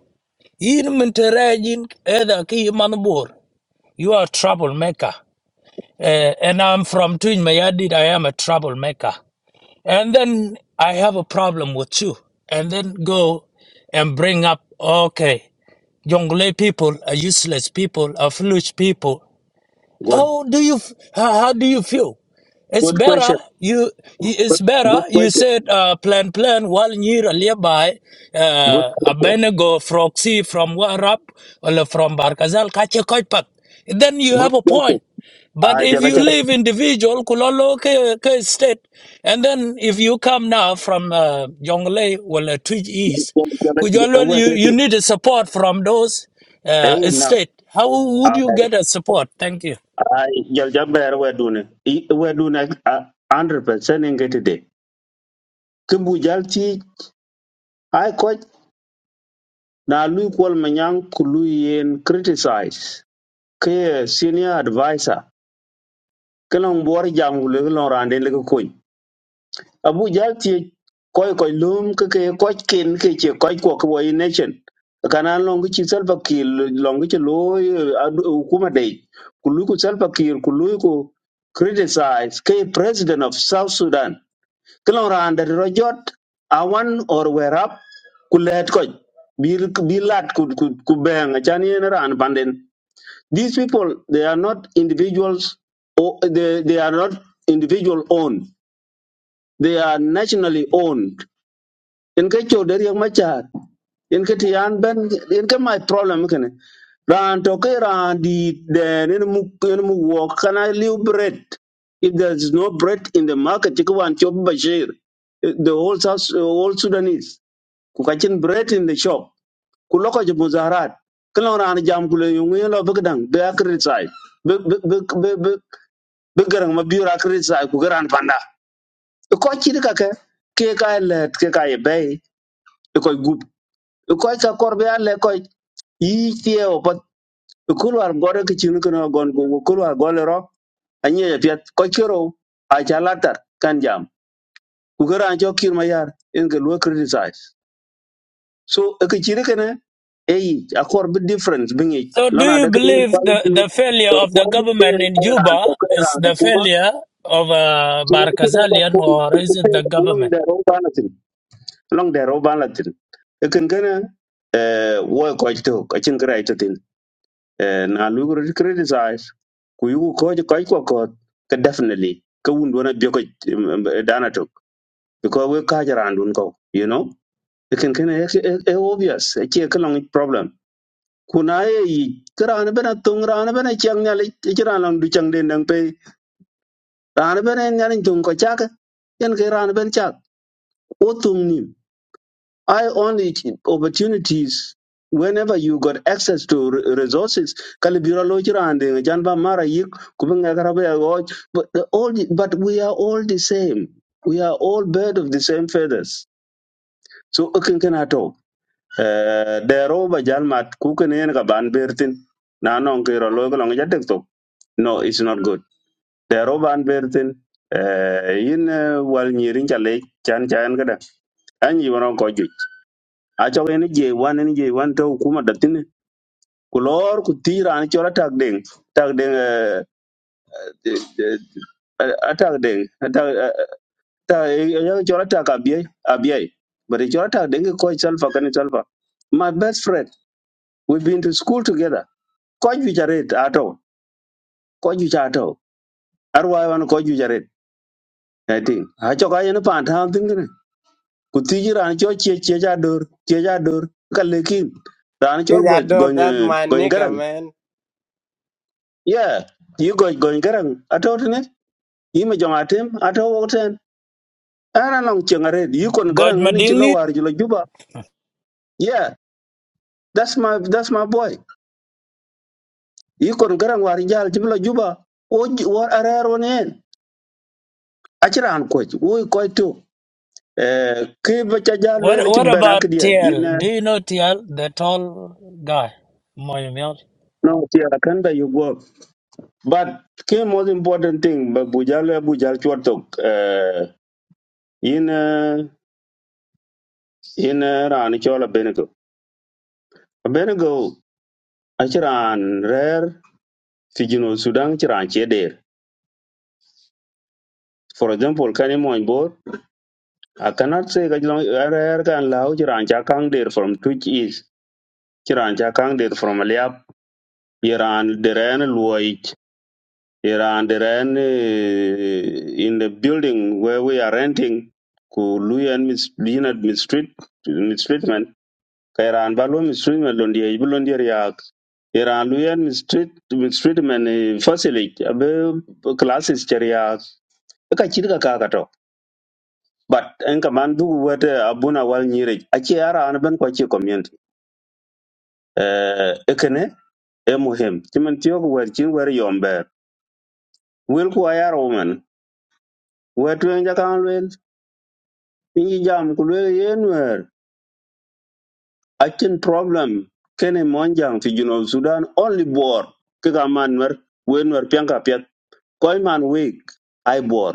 in menterajin either ki manbur you are a troublemaker uh, and i'm from twin mayadid i am a troublemaker and then i have a problem with you and then go and bring up okay Jonglei people are useless people, are foolish people. good How do you how, how do you feel? It's good question better you you- good it's better good you question said uh, plan plan while near nearby good uh, question Abenego Froxy from Warap or from Barkazal Kache Koipat. Then you have good a question point. But ah if jala you jala live individual, kulolo ke, ke state, and then if you come now from uh, Jonglei, well, uh, Twitch East, jala jala kujolo wait you, wait you wait need a support from those uh, hey state. How would you now get a support? Thank you. ay jal jamber wedune I- wedune a- 100% ngetide kimbu jalti ai ko na lui kwal manyang ku lui yen criticize ke senior advisor kelon bor jangu le kelon rande le ko abu jalti koy koy lum ke ke koy ken ke che koy ko ko in nation kana longi chi self kil longi chi loy hukuma dai ku lui ku self kil ku lui ku criticize ke president of south sudan kilora under rojot awan or werap ku let ko bi bi lat ku ku, ku beng chan ran panden these people they are not individuals or they, they are not individual owned they are nationally owned in ka cho der yang machar in ka tiyan ben in ka my problem kene ran to ka ran di den in mu in mu wo kana liu bread if there is no bread in the market you want chop bashir the whole South, whole sudanese ku ka chin bread in the shop ku loko je muzaharat kala ran jam ku le yung yin lo bigdan be akrit sai be be be be be garang ma biura akrit sai ku garan panda E ko chi ka ke ke ka e let ke ka ye bay koy ka kor be alle koy yi tie o pat kulwar gore ke chin kuno gon go kulwar gole ro anye ya piet ko kiro a cha latar kan jam ku gara an chokir ma yar in ga lo criticize so e ke chire kene e yi a kor be difference bi ngi So, do lona you da ke yin believe the, quality the failure e of the quality government en in era to Juba kera is na the kuma failure of uh, chin kuno ba Barkazalian, ko or is it ke the ke long government? de ro banatin long de ro banatin e ken kene e, wo ko to ka chin kra Eh, na lu ko criticize ku yu ko ji ko ko ko ka definitely ka wun dona bi ko dana to because we ka jara andun ko you know it can can it's obvious it's a long problem kuna ye yi kran bena tung ran bena chang nyal kran lang du chang den dang pe ran bena nyal tung ko chak yen ke ran ben chak o tung I only t- opportunities whenever you got access to re- resources kalibira lojira and the janba mara yik kubinga karabe ya woj, but the all but we are all the same we are all bird of the same feathers so akin kana to eh dero ba jalmat ku ken yen ka ban bertin na non ke ro lo ko long jatek to no it's not good dero ban bertin eh yin eh, wal nyirin chale chan chan kada anyi wono aco en je wan en je wan to hukuma da tini ku lor ku tira an cola tag deng tag, deng eh, eh, eh, eh, atak deng atak eh, eh, atak ya cola tag abiai abiai but cola tak deng ko salfa kan salfa my best friend we've been to school together ko ju jaret ato ko ju ato arwa wan ko ju jaret i think aco ka yen pan ta tin ne ku tira an cho che che ja dor che ja dor ka lekin ran chol Cause I go know go that my go garang nigga, man. yeah you go going garang ato tene yi me jong atem ato wo ten ana long chengare you kon God garang eni ci lo Madingit? war lo juba yeah that's my that's my boy you kon garang war jal ci juba o ji- war arar wonen aciran ko wo ko to eh ke ba ca jal What le ci What benak about dia TL? ina Do you know TL, the tall guy? Moyamel? no ti kan da you go but ke most important thing ba bujal jal bu eh ina ina ran ci wala benego benego Achiran rare fijino Sudan chiran cheder. For example, Kani Moinbor, I cannot say Kajilong rare can lao chiran chakang der from Twitch East, chiran chakang der from Aliap, Iran deren Luoich, Iran deren eh, in the building where we are renting, ku Luyan mis being at mistreat mistreatment, Kairan Balo mistreatment Lundia, Bulundia Yak, Iran Luyan mistreat mistreatment eh, facility, abe classes charia ka chit ka kaa ka tɔ but n ka man duk wɛt eh, abun awal nyiri aci ara an ban kɔ ci community Eh, e kene e muhim cimin tiök wɛt cin wɛr yɔm bɛɛr wel ku ayar wumen wɛt wen jakaŋ lueel piny yi jam ku lueel yen nuɛɛr acin problem kene mɔn jaŋ fi junub sudan only boor ki ka man nuɛr wen nuɛr piɛŋ ka piɛth man week ai boor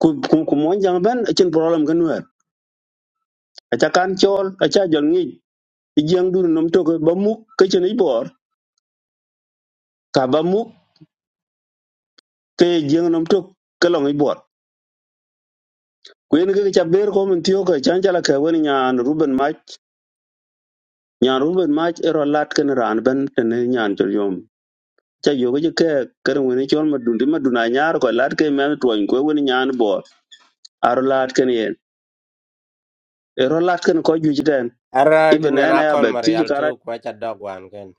ku ku- ku mɔn jaŋ bɛn acin problem ke nuɛɛr aca kan cɔɔl aca jɔl ŋic jeng du nom tok ba muk ke chen ibor ka ba muk ke jeng nom tok ke long ibor kwen ke cha ber ko mun tiyo ke chan chala ke wen nyan ruben mach nyan ruben mach ero lat ken ran ben ten nyan chol yom cha yo ke ke ker wen chol ma dun ma dun a nyar ko lat ke men tuon ko wen nyan bor aro lat ken yen ero lat ken ko ju jiten Ara ibn kinya ena na ya call bet ti Marial kara too, kwa cha dog one ken.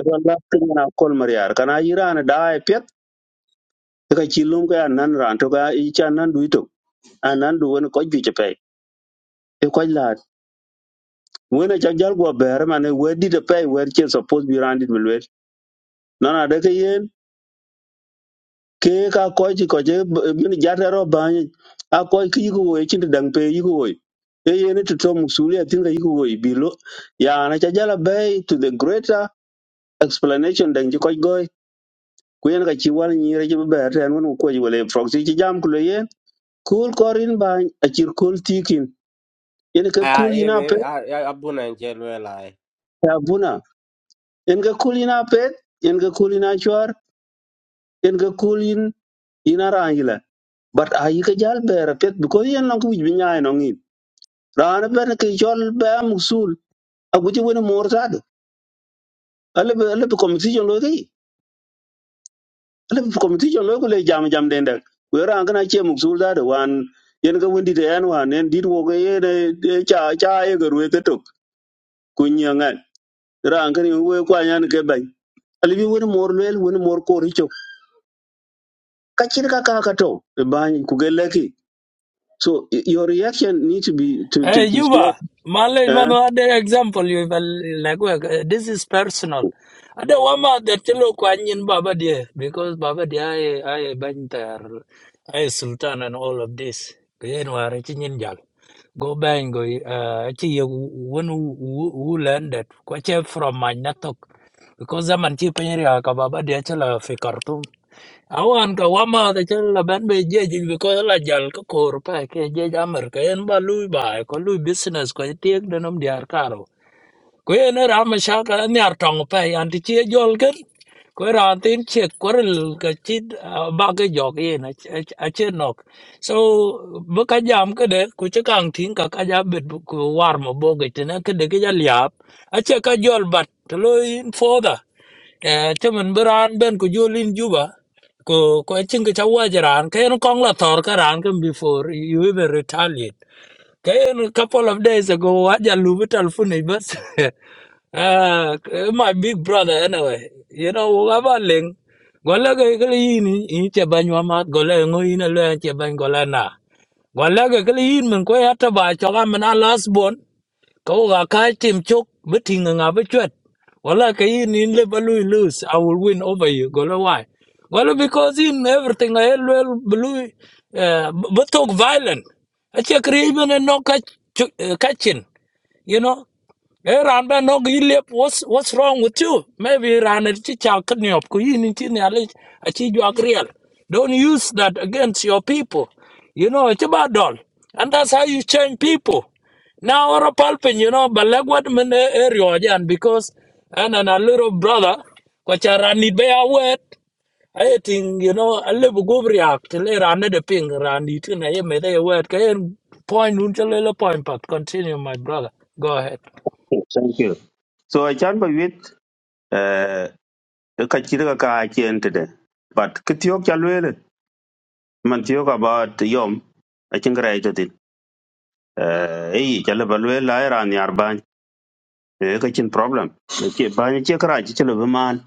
ero lat ken na kol mariar kana iran da e pet ka chi lum ka nan ran to ka i chan nan duito anan du wen ko ju che pe e ko la wona cha jal go ber mane we di te pay we che suppose bi randit mi lwet no na de ke yen ke ka ko ji ko je min jata ro ba ni a ko ki go we chin dang pe yi go e yen to to musuli a tinga yi go e bi lo ya na cha jal bay to the greater explanation dang ji ko go ku yen ka chi wal ni re ji ber ten won ko ji wele proxy ji jam ku le yen kul korin ba a chir kul tikin yen ka kul I ina pe I I abuna nchelu lai. ya buna yen ka kul ina pe yen ka kul ina chwar yen ga kul yin yin ara yila but a yi ka jal bere pet because yen long wij binya no ngin rana ben ke jol ba musul a guji woni mor sadu ale be ale be committee jon lo gi ale be committee jon lo ko le jam jam den dak we ran kana che musul sadu wan yen ga wondi de yan wan yen dit wo ga ye de cha cha ye ga ruwe ka tok kunya ngan ran kan we kwa yan ke ban ale bi woni mor lel woni mor ko richo ka chir ka ka ka to ba ku ga leki so y- your reaction need to be to to, Hey, to slow Juba, Malay, Eh, mama, other example, you will like, work. Eh, this is personal. I don't want the chilo kwanyin Baba dear, because Baba dear, I, I, Bantar, I, Sultan, and all of this. Kuyen war, chinin jal. Go bang, go, uh, chi, one who, who that? kwache from my natok. Because zaman man chi penyeri haka Baba dear, chala fi Khartoum awan ka wama de chen la ben be je ji bi ko la jal ko kor pa ke je ja mer ke en ba lui ba ko lui business ko tiek de nom diar ku yen ra ma sha ka ni ar tong pe an ti che jol ger ra tin che korel ka chi ba ge jo ge na a che nok so bu ka jam ke de ku che kang tin ka ka ja bet bu- war mo bo ge te na ke de ge ja liap a che ka jol bat to lo in further temen beran ben ku julin juba ko ko chin ke chawa jaran ke no kong la thor ka ran kem before you even retaliate Kayen a couple of days ago, Waja Luvital Funi, but uh, my big brother anyway. You know, whoever link. Golaga kali yin in chebany wa mat gola ngo yin a luen chebany gola na. Golaga kali yin min ko yata ba choga min a last born. Kau ga kai tim chok beting nga be chwet. Wala ka in in le balu lose. I will win over you. Golo why? Well, because in everything I will blue uh but talk violent. I check even and no catch catching. You know, Eh, ran ba no gi lep what's what's wrong with you? Maybe ran it chi chal kan yop ku yin in chi ne ale a chi Don't use that against your people. You know, it's about doll. And that's how you change people. Now our palpin, you know, but like what men area again because and and a little brother, which I ran it by a word. I think, you know, a little go react. till I ran the ping rani tin I made a word can point until a point but continue my brother. Go ahead. thank you so I chan ba wit eh ka chi ka ka chen te but ki tiok cha lwe le man tiok about yom a chin gra ito tin eh ei cha le ba lwe la era ni arban e ka chin problem ke ba ni che kra chi le ba man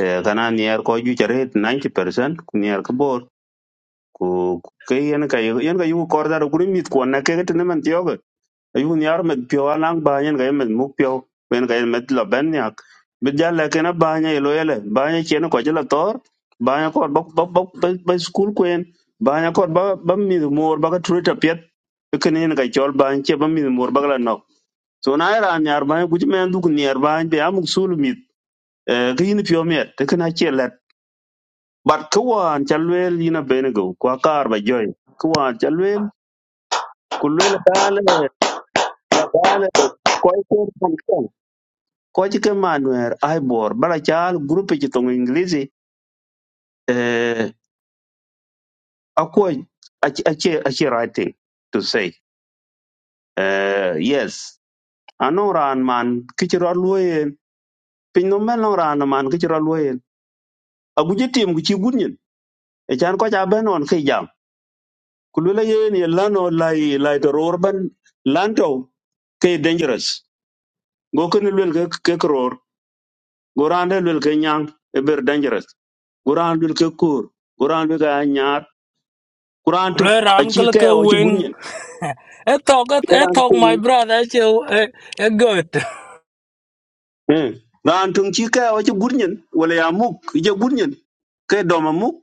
eh kana ni er ko ju chare 90% ku ni er ko bor ku ke yen ka yen ka yu ko da ru mit ko na ke te man tiok ayun yar med pio alang banyen ga med muk pio wen ga med la ben yak bid ja le kena banya ilo yele banya chen ko jela tor banya ko bok bok bok ba school kwen banya ko ba ba mi mor ba ka truta pet kenin ga chol ban che ba mi mor ba la nok so na ra nyar ba ku men du nyar ba be amuk sul mi ga yin pio met te kena che let bat ko wan chalwel yina ben go kwa kar ba joy ko wan chalwel kulwel dale la dale koy ko ko ci ke ma nuer ai bor bala chal group ci tong english eh ako ache ache writing, to say eh yes ano ran man ki ci ro loyen pin no mel no ran man ki ci ro loyen agu je tim gu ci gunyin e chan ko ja ben on ki jam ku le yen ye lano lai lai to ror ban lanto ke dangerous go ken lel ke ke kror go ran lel ke nyang e ber dangerous go guran dul ke kur guran bi ga nyar kuran tok Kulera a ci uncle ke kaya wa ci wing. gurnyen I talk I ran ko talk we my brother che e good. eh ran tong ci kaya wa ci gurnyen wala ya muk je gurnyen kay doma muk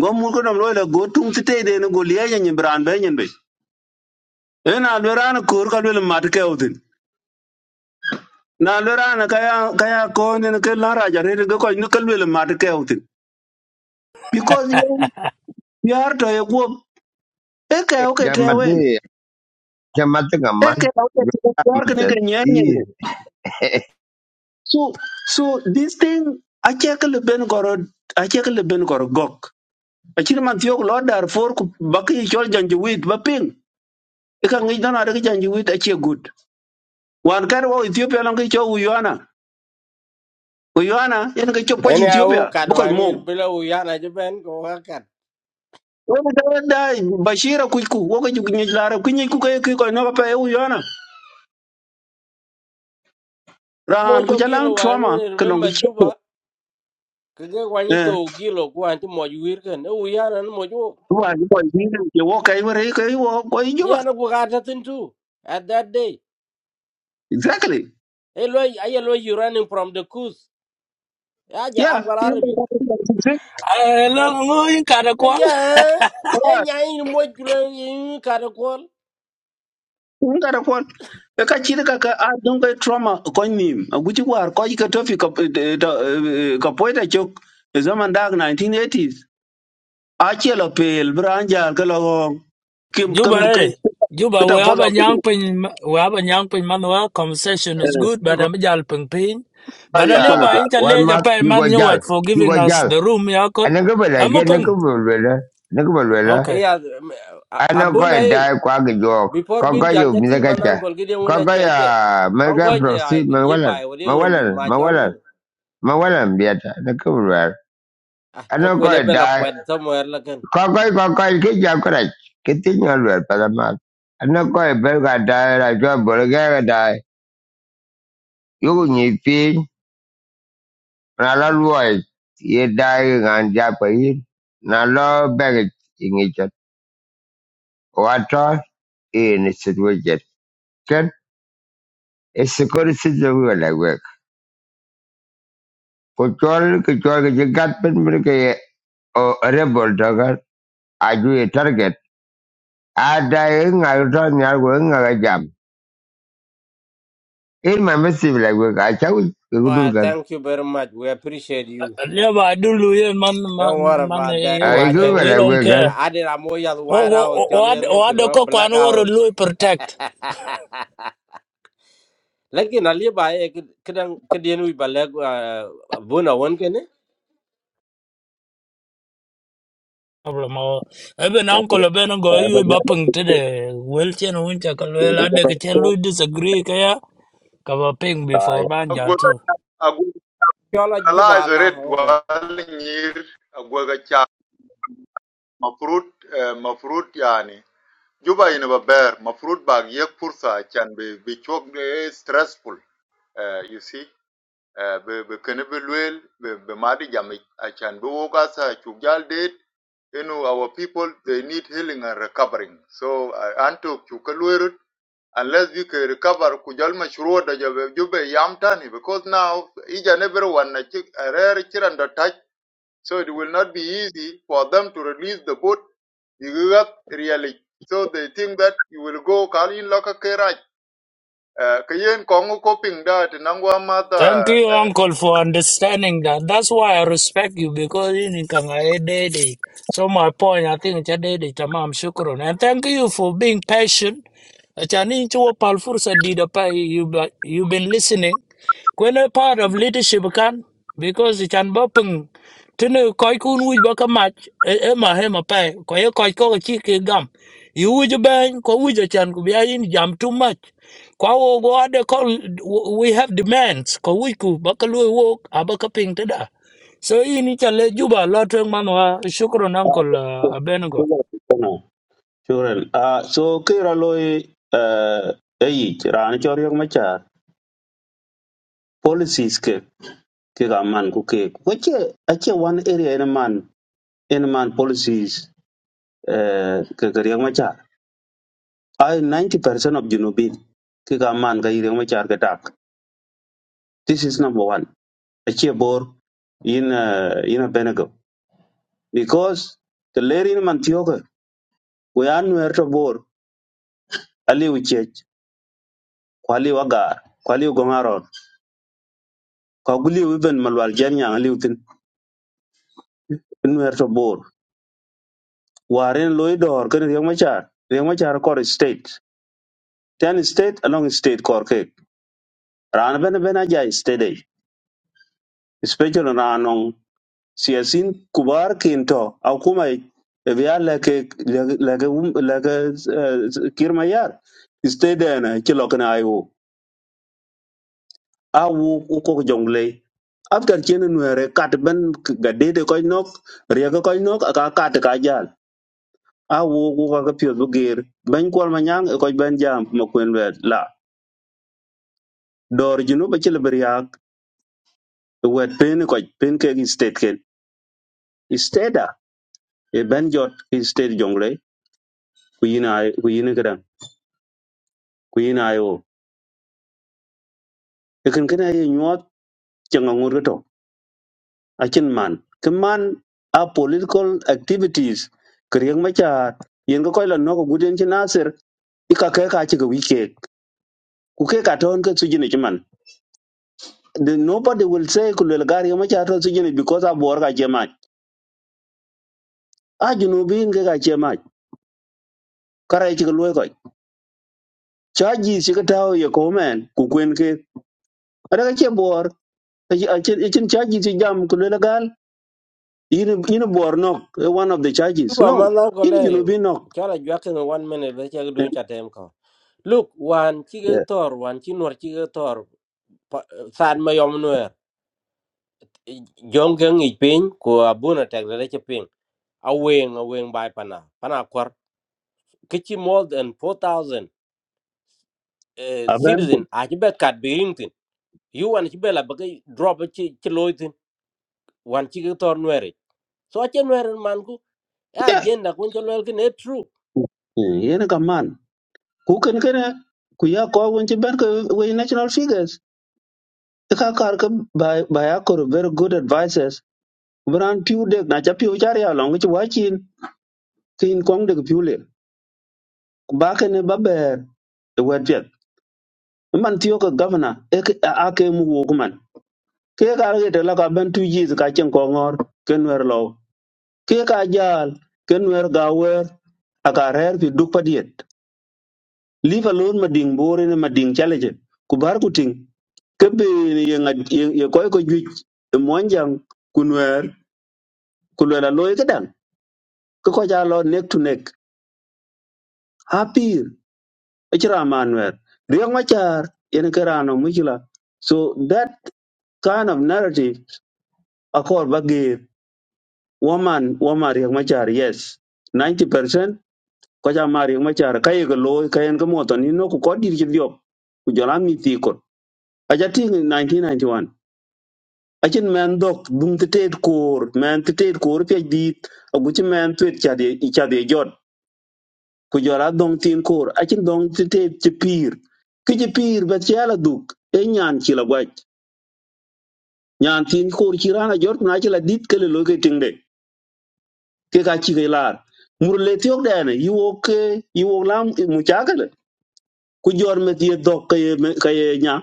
ngom mur ko dom lo la go tung ti tede ne go liya nyen bran be nyen be e na le ran ko ka le mat kaya utin na le ran kaya kaya ko ne ke la raja re go ko ne ke le mat kaya utin because you you are to ye go e kaya o ke te wen Jamati, Jamati, a e man, kaya o ke you te yar ke ne said, ke nyen nyen E. So, so this thing, ache ke leben koro, ache ke leben koro gok. Achir man tiok lo dar for ku baki chol janjuwit baping. Ika ngi don ada ke janjuwit ache good. Wan kar wa Ethiopia lang ke chol Uyana. Uyana, yan ke chol kwachi Any au Ethiopia, bukoy kadwani mo. bila uyana jiben ko wakat. Wani kar da Bashira kuiku, woke juk nyej lara, kunyej ku kaya kiko inoka pa Uyana. Rahan Mojo kuchalang gilo trauma wani ke long ke remember cheko. juba. Kaga wani Eh, to gilo kwa anti mojo wirken. Uyana no mojo wa ni boy ni ke woka iwere ke wo ko Yeah, ijuba. no go got nothing too. At that day, Exactly. hello, hello, you running from the coast. Yeah, yeah, Yeah, Agwal yeah, Arabi. I long in Yeah, eh, yeah. yeah, in mojulo in karakol. Kun ka da kon. Ka ka ci ka ka a dun kai trauma kon nim. A guji war ko ka tofi ka ka poita chok e zaman dag 1980s. A ce la pel bran jar ka la go kim kim Juba, eh, ka Juba, ta we have foza a ku ni. young pin, we have a young pin manual conversation is Eh, good, You but go I'm a jal ping ping. buy But a a little foza by ba. inch a a Walmart, pay you go man you jail, what for you giving go us jail. the room, Yakul. And I go back I'm again, I go open. back, I go back, Okay. Yeah, I know go abuna and eh. die, quack a joke. Before being Kaka, you, jalgating, manan Mizakacha. kolgide una cheche. Kongo mega you proxy, Mawalan, want to undu Mawalan, Mawalan, machol. Mawalan, Beata, I go Ah, ano ko kokone bela da kwed somewhere lakin. ko ko ko ko ki ja ko ra ki ti nyo lwe pa da ma ano ko e be ga da ra jo bo le ga ga da yu ku ni pi na lo lwo e ye da ga ja pa yi na lo be ga i ni ja wa to e ni si lwe je ken e si ko ri si je wu la we ko chol ki chol ki ji gat pen mi ke o re bol da ga a ju e target a da yi nga yu to nya wu nga ga jam in my message la we ka cha u ke gu dur Well, gan thank you very much. We appreciate you. A little by do Luyan man, Don't worry man, man, about eh, that. a you i what, Watch gu uh, it. ba we la don't we care. I I did a more white house, Oh, jolly what, as what the cock black one or house. Louis protect. lakin ali ba e kidan kidien wi baleg buna won kene Problem or even uncle Ben go Ba you ja. bumping to the Wilson winter, Kalwell, I decay Louis disagree, Kaya, cover ping before Ai. agu Banjal too. agu chola juba analyze la red oke wal nyir agu ga cha ma fruit eh, ma fruit yani juba ina ba ber ma fruit bag yek fursa chan be be chok de stressful eh, you see Eh, be be kene be luel be be madi jami achan be woka sa chugjal det you know our people they need healing and recovering so uh, anto chukalwerut unless we can recover kujal mashruwa da jabe jube yamtani because now each and everyone na chik- a rare chiranda touch so it will not be easy for them to release the boat you got really so they think that you will go call in loka kerach kayen kongo coping that nangwa mata Thank you, Uncle, for understanding that. That's why I respect you because you think I'm a daddy. So my point, I think it's a daddy. Tamam, shukron. And thank you for being patient. Achani chuo palfursa dida pa you you've been listening. When a part of leadership can because it can bopeng tinu koi kun wuj baka match e e ma he ma pa ko ye koi ko chi ke gam. You wuj ban ko wuj chan ku jam too much kwa wo wo ada call we have demands ko wiku bakalu wo abaka ping tada so ini chale juba lotweng manwa shukron uncle uh, abenego Sure. Ah, so kira loy eh ayi, rani chor yok policies ke ke ga man ku ke wache ache one area in man in man policies eh ke ke riang machar ai 90% of junubin ke ga man ga riang machar ke tak this is number one ache bor in uh, in a benego because the lerin man tioga we are nowhere to bor ali we chech kwali wagar kwali gomaron ka guli we ben malwal janya ali utin nowhere to bor waren loy dor ke riang machar riang machar core state ten state along state kor ke ran ben ben aja state ai especially ran on siasin kubar kinto au kuma biya leke leke um leke kirma yar state na kilok na ayo awu ko jongle after chen nwere kat ben gadede ko nok riega ko nok aka kat ka jal awu ko ka pio bugir ben kwal manyang ko ben jam makwen wet la dor jinu ba chile beriak wet pen ko pen ke gi state ken Istada e ben jot ki state jongle ku yina ku yina kadan ku yina yo. Ikin kana ye nyuat janga ngurgato akin man. Kaman a political activities kriyang macha yen ko koy la noko guden ci nasir ika kay ka ci ga wike ku ke ka ton ka sujine ci man. The- Nobody will say ku le gar yo macha ton sujine because a bor ka jema. A junu bin ga ka jema. Kara ci ga loy ko. Chaji ci ga tawo ye ko men ku kwen ke. Ada ka ci Echin charges ci jam ku le gal yini yini bor eh, one of the charges. juba No, mana gole yini junubi nok. chola jwa kene one minute be chek Eh, dun chatem ko look wan eh, chige tor wan chinwar chige tor san mayom nuer jongeng ipin ko abuna tek de che pin aweng aweng bai pana pana kwar kichi more than 4000 eh, Aben citizen ku. a chibe kat biringtin you wan chibe la bagi drop chi chi loitin wan chige tor nuer so achen weren man ku ya Yeah. agenda kun cho lel kin e true Eh, Yini kaman. Ku kan kana ku ya ko won ci ben ko we national figures. Ka kar ka ba ba ya ko very good advisors. Bran piu de na cha piu char ya long ci wachin tin kong de piu le. Ku Ba ka ne ba ber the word yet. Man tiyo ka governor ake mu wo ke kar ke tela ka ben tu jis ka chen ko ngor ken wer lo ke ka jal ken wer ga wer aka rer fi duk padiet leave alone ma ding bore ne ma ding challenge ku bar ku ting ke be ne ye ngad ye ko ko juj e monjang kun wer ku le la loy ke dan ke ko ja lo neck to neck hapir e chira man wer riyo ma char yen ke rano mujila so that kind of narrative akor bagir woman woman riyo ma char yes ninety percent. ko ja mari ma char kay ga lo kayen ga moto ni no ko ko dir ji diop ku jola mi ti ko aja ti 1991 akin men dok dum te tet kor men te tet kor pe dit agu ti men tuet cha de cha de jot ku jola dong tin kor akin dong te tet ti pir ki ji pir ba cha la duk e nyan ci la gwaj nyan tin kor ci rana jot na ci la dit kele lo ke tingde ke ka ci ke lar mur le ti ok dane yi wo ke yi wo lam mu cha kele ku jor me ti dok ke ye- me- ke ye nya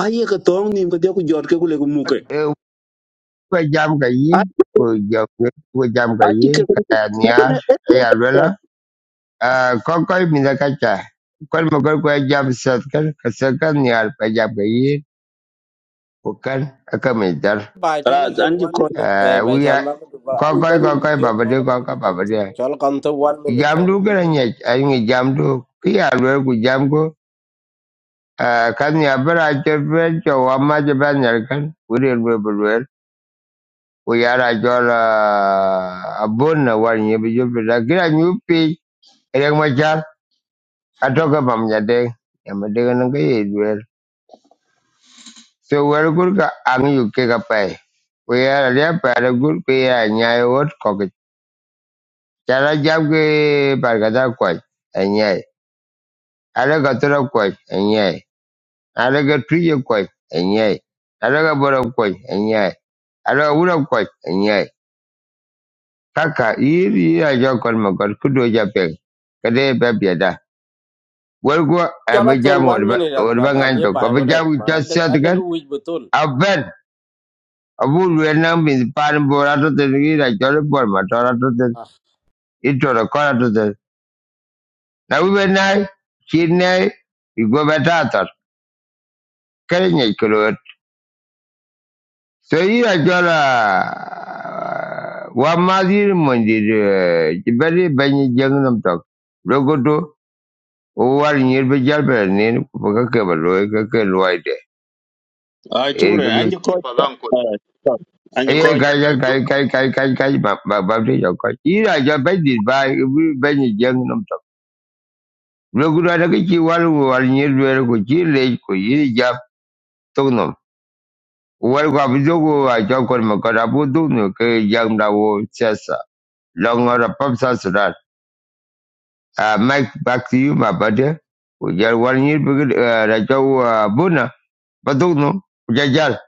aye ka tong nim ka dia ku jot ke ku le ku muke e ko jam ka yi a jam ko jam ka a ti ke yi ku ka ya ku nyar ne e ti o ya lwe la ka a ko ko mi da ka cha jam sat kan ka sa jam ka yi ko kan aka mi dar ba cho ra la zor an ji one ko a minute be be wi chan ya ma ku ba ko u ko barum ko du ko tio ba ko la ba ku du tio so cho la kan to 1 minute to jam du ga nya a jam du Kaya ya ku jam ko kan ya bara ce fe ce wa ma ce ban yar kan wuri lwe we yara jol uh, abun na war nyibi jupi da kira nyupi erek machar atoka pam nyadeng yama dega nanga ye duel so wer gur ka ang yu ke ka pai we yara lia para gur pe ya nyai wot koki chara jam ke par ka da kwaj anyai ala ka tura kwaj anyai ala ka tuye kwaj anyai ala ka bora kwaj anyai ala ka wura kwaj anyai kaka iri ira jokon makot kudo japeng kade pe Walgo cho la to abijam 1 wadba minute as ba ba le nganto ba e ngore abijam ma ad chasiat ad kan ku wich betul aben abu wenang min pan borato ten gira chole bor matorato ten itoro korato ten na wenai chinai igo betator kerenye kulot so ira chola wa mondir jibari banyi jengnam tok logoto o nyir be jalbe nen ko ka ke baloy ka ke a ti ku re loyde an ji ko padanko an ji ye ko kai ya kai kai kai kai kai ba ba ba de yo kai ira ja pe di ba bi be ni jeng nom tok lo gu da ke chi wal wo wal ni de ro ko chi le ko yi ja to nom wal ga bi jo go a ja ko ma ka da bu du no ke jang da wo cha sa lo ngo ra pap sa su da a mike back to you ba, brother ko ja wal ni bi ge da ja wo bu na ba du no ja ja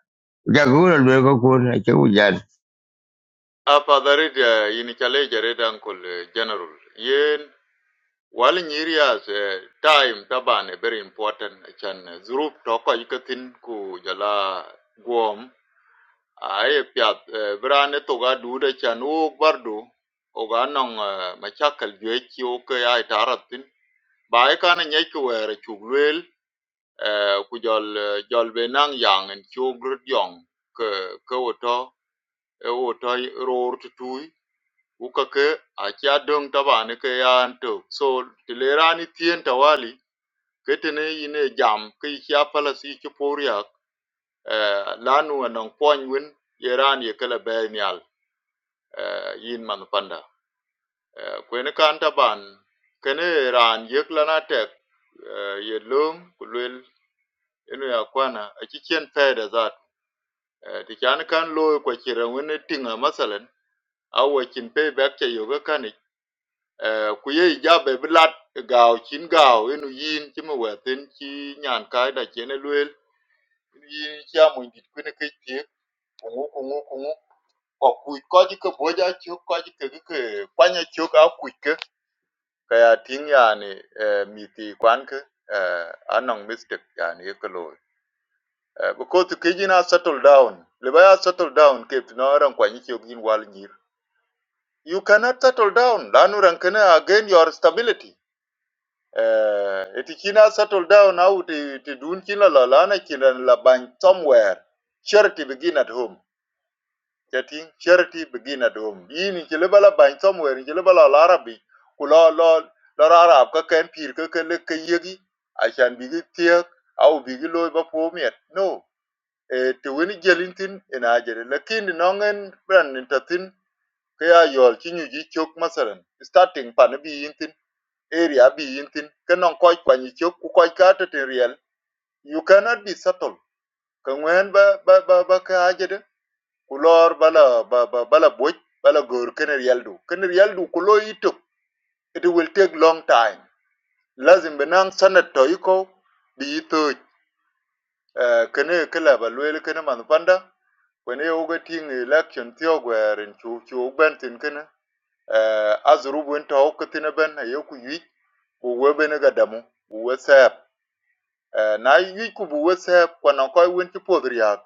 ja gu ra le ko ko na che wo ja Uh, Father, it, uh, in Chale, Uncle uh, General, yen while in areas uh, time taban uh, very important eh, chan zrup toko ikatin ku jala Guam. ay piat uh, brane toga duda chan o bardu oga nong uh, machakal jechi o ay taratin ba kana nyeki were chuglwel uh, ku jol uh, jol benang yang en chugrut yong ke ke woto e woto ror tutui ukake aci adöŋ tabani ke ya anto so ti lerani tien tawali ketene yine jam ke ici apalasi ici puriak eh, lanu anong kwany wen yeran ye kele be eh, yin man panda eh, kweni kan taban kene ran yek lana tek eh, ye lom ku inu ya kwana aci cien pede zat eh, ti kan looi kwa cira tinga masalan awa cin pe bɛk ca yoke Eh, ku ye ijabe bi lat gaw cin gaw enu yin ci mi wɛtin ci nyan kai da cien lueel enu yin ci amuny dit kueni kec thiek kuŋu kuŋu kuŋu akuc kɔc ke boj acök kɔc ke ki ke kuany acök akuc ke ka ya tiŋ yani eh, mithi kuan ke eh, a nɔŋ mistek yani ye ke looi Eh, because kec yin a settle down liba ya settle down kep tɔ nɔ reŋ kuany icök yin wal nyir You cannot settle down. Lanu rankene again your stability. uh, it kina settle down how to to do kina la lana kina la bank somewhere charity begin at home getting charity begin at home yin kile bala bank somewhere kile bala la arabi kula la la arab ka kan pir ka ka le ka yegi a shan bigi tiek au bigi loy ba po miet no eh to win jelintin in ajere lakin nongen brand in tatin ka ya yol kinyu ji chok masalan starting pan bi yintin area bi yintin kenong koi kwa ni chok ku koi ka te real you cannot be subtle ka ngwen ba ba ba ba ka ajede ku bala ba ba bala boj bala gor ken real du ken real du ku lo itok it will take long time lazim benang sanat to iko bi to kene kala ba lwel kene man panda kwene yoga ting election tiyo gwerin chu chu ben tin kene azuru bun to ben ayoku yi ku webe gadamu ku Eh, na yuc ku bu wese kwanan ko win ti podri ya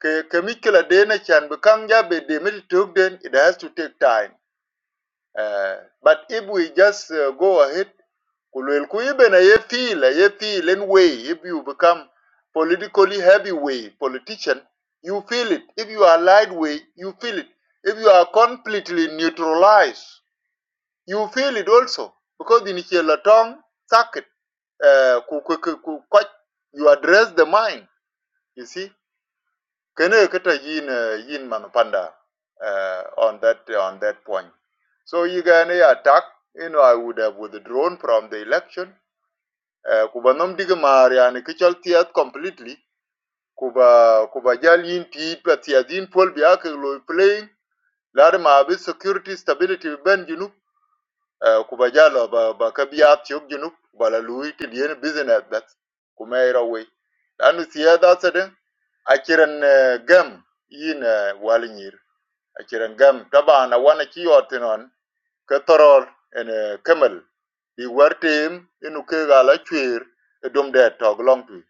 ke ke mi kila de na chan bu kang ja be de mi tuk den it has to take time Eh, but if we just uh, go ahead kulwel ku ibe na ye feel ye feel in way if you become politically heavyweight politician you feel it if you are lightweight you feel it if you are completely neutralized you feel it also because in chela tong circuit uh, ku ku ku ku- you address the mind you see, kene kata yin uh, yin manupanda uh, on that on that point. So you can attack. You know, I would have withdrawn from the election. Uh, kuba nom diga maria ni kichal tiat completely. Kuba kuba jal yin tiit pa tiat yin pol biya lo playing. Lade ma security stability ben junub. Eh, ku ba jalo ba ba ka biya tiyok junub bala lui ti dien business that ku me ira we lanu siya da sadin a eh, gam yin eh, wal nyir gam taba na wana ki yotinon ka toror en eh, kemal bi wartem inu ke gala chwer e dum de tog long tu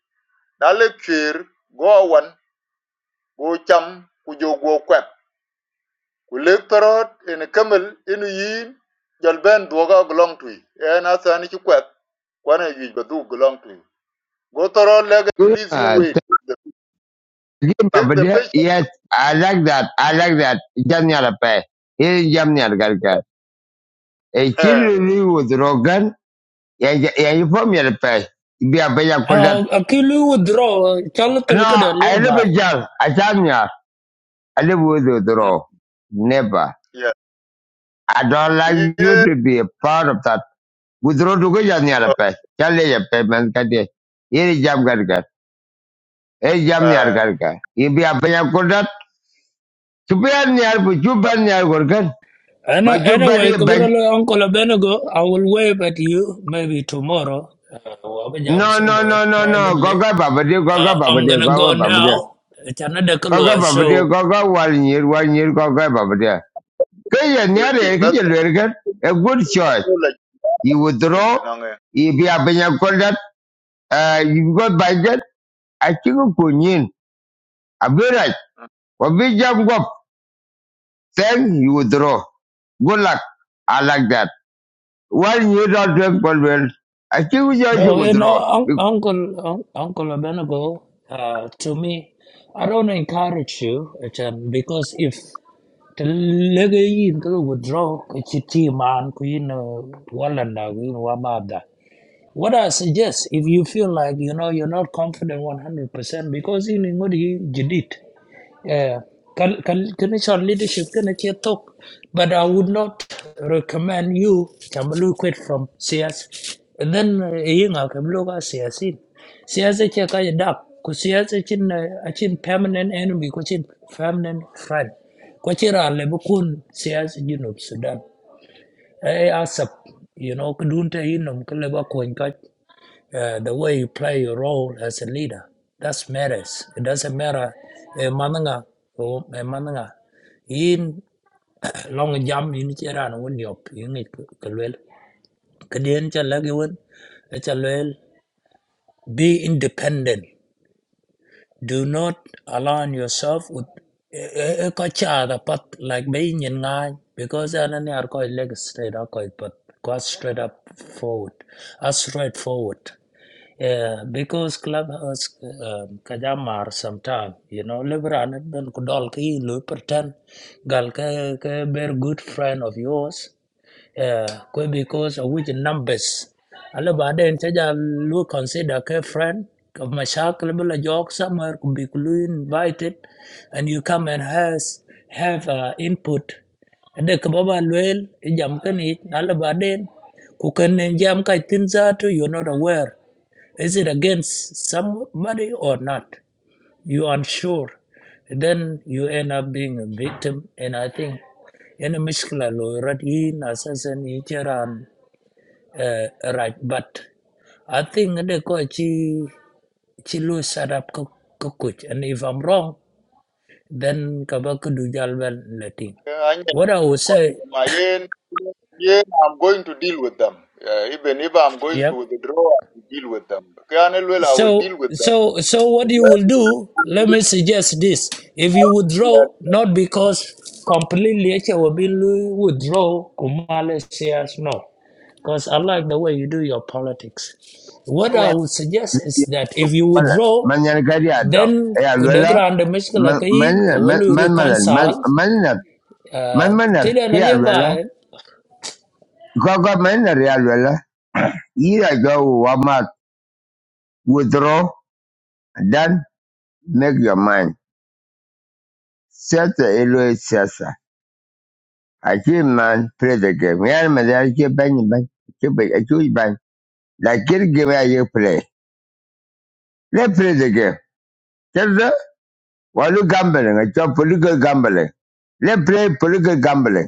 na le chwer go wan go cham ku jo go kwep Kulik parot in Camel in yin jal ben duoga glong twi. E En asan ichi kwet kwana yuj ba du glong twi. Go toro lege please you wait. Limba, Take but the yeah, patient. yes, I like that. I like that. Jamnia Pay. Here is Jamnia Garka. A Eh, children live with Rogan. Yeah, yeah, yeah, you from your pay. Be a better uh, that. akilu withdraw chalo tulka No, de I live leba with Jal. I Jamnia. I live with mm, Withdraw. Never. yeah. I don't Kiye like you to be a part of that. Withdraw to go Jamnia oh, Pay. Tell your payment. Here is Jam Garka. Hey, Jamnia ai. Garka. You be a better that. To be a near, but you Ah, ban near Gorgon. But Ano- you bury anyway a bank. kabrolo uncle abenego i will wave at you maybe tomorrow uh, wabaja, I'm No, no, somewhere no, no, no. privately Goga babadia, goga uh, i'm babadia, gonna goga go babadia. now it's another Goga color babadia, so goga wal nyir, wal nyir, goga babadia. Kaya Ping ping nyare, bat kaya lwergan. A good choice. ko la You cheating withdraw, tinange. if you be a benya uh, you got budget. I think you could yin. A very. right. Wabi jam gop. Then you withdraw. Good luck. I like that. One year not drink but well. I think you just No, you know, withdraw. un- Because Uncle un- Uncle Abenago, uh, to me, I don't encourage you, Ethan, because if the legacy withdraw, it's a team man, Queen Wallanda, Queen Wabada. What I suggest, if you feel like you know you're not confident 100%, because in Ingudi, you did. Yeah, yeah. can can can it's on leadership can it talk, but I would not recommend you can look quit from CS. And then uh, you know can look at CS in CS is a kind of because CS is in a chin permanent enemy, which in permanent friend. Which are lebukun CS in Sudan. I accept you know kudunta in um kaleba uh, the way you play your role as a leader. That matters. It doesn't matter a mananga or mananga. In long jam in Chiran when you in it Kalwell. Kadian Chalagiwan, Chalwell. Be independent. Do not align yourself with a kocha the like being in line because i are not are quite legs straight up, quite but quite straight up forward. As straightforward. Yeah, because clubhouse um, kajamar sometime, you know, liberal ben kudol ki lu pretend gal ke ke very good friend of yours. Yeah, kwe because of which numbers. Ala baden chaja lu consider ke friend of mashakal bila jog somewhere could be lu invited and you come and has have uh, input. Ade kababa luel e jam kanit ala baden kukan jam kai tin zatu you're not aware is it against somebody or not? You unsure. Then you end up being a victim. And I think any mishkila lawyer in assassin ichiran right. But I think the coach chi chi lu set up coach. And if I'm wrong, then kabaka do jalbel letting. Anya What I would kwa say, ma yen I'm going to deal with them. Uh, even if I'm going to yep. withdraw, I will deal with them. Kiane I will deal So, with them. so, so what you will do, let me suggest this. If you withdraw, not because completely it will be lu- withdraw, Kumale says no. Because I like the way you do your politics. What I what? would suggest is that if you withdraw, Manyan kari adok. then Eh, kudegra and the Mishkala Man man Kayin, man Kawelu man man reconcile, man uh, manner ke alwala Tidan gaga manner ya alwala ira go wamat withdraw then make your mind set the elo sasa achi man play the game ya man ya ke ban ban ke ban achi ban la kir game ya you play let play the game tell walu gambling it's a political gambling let play political gambling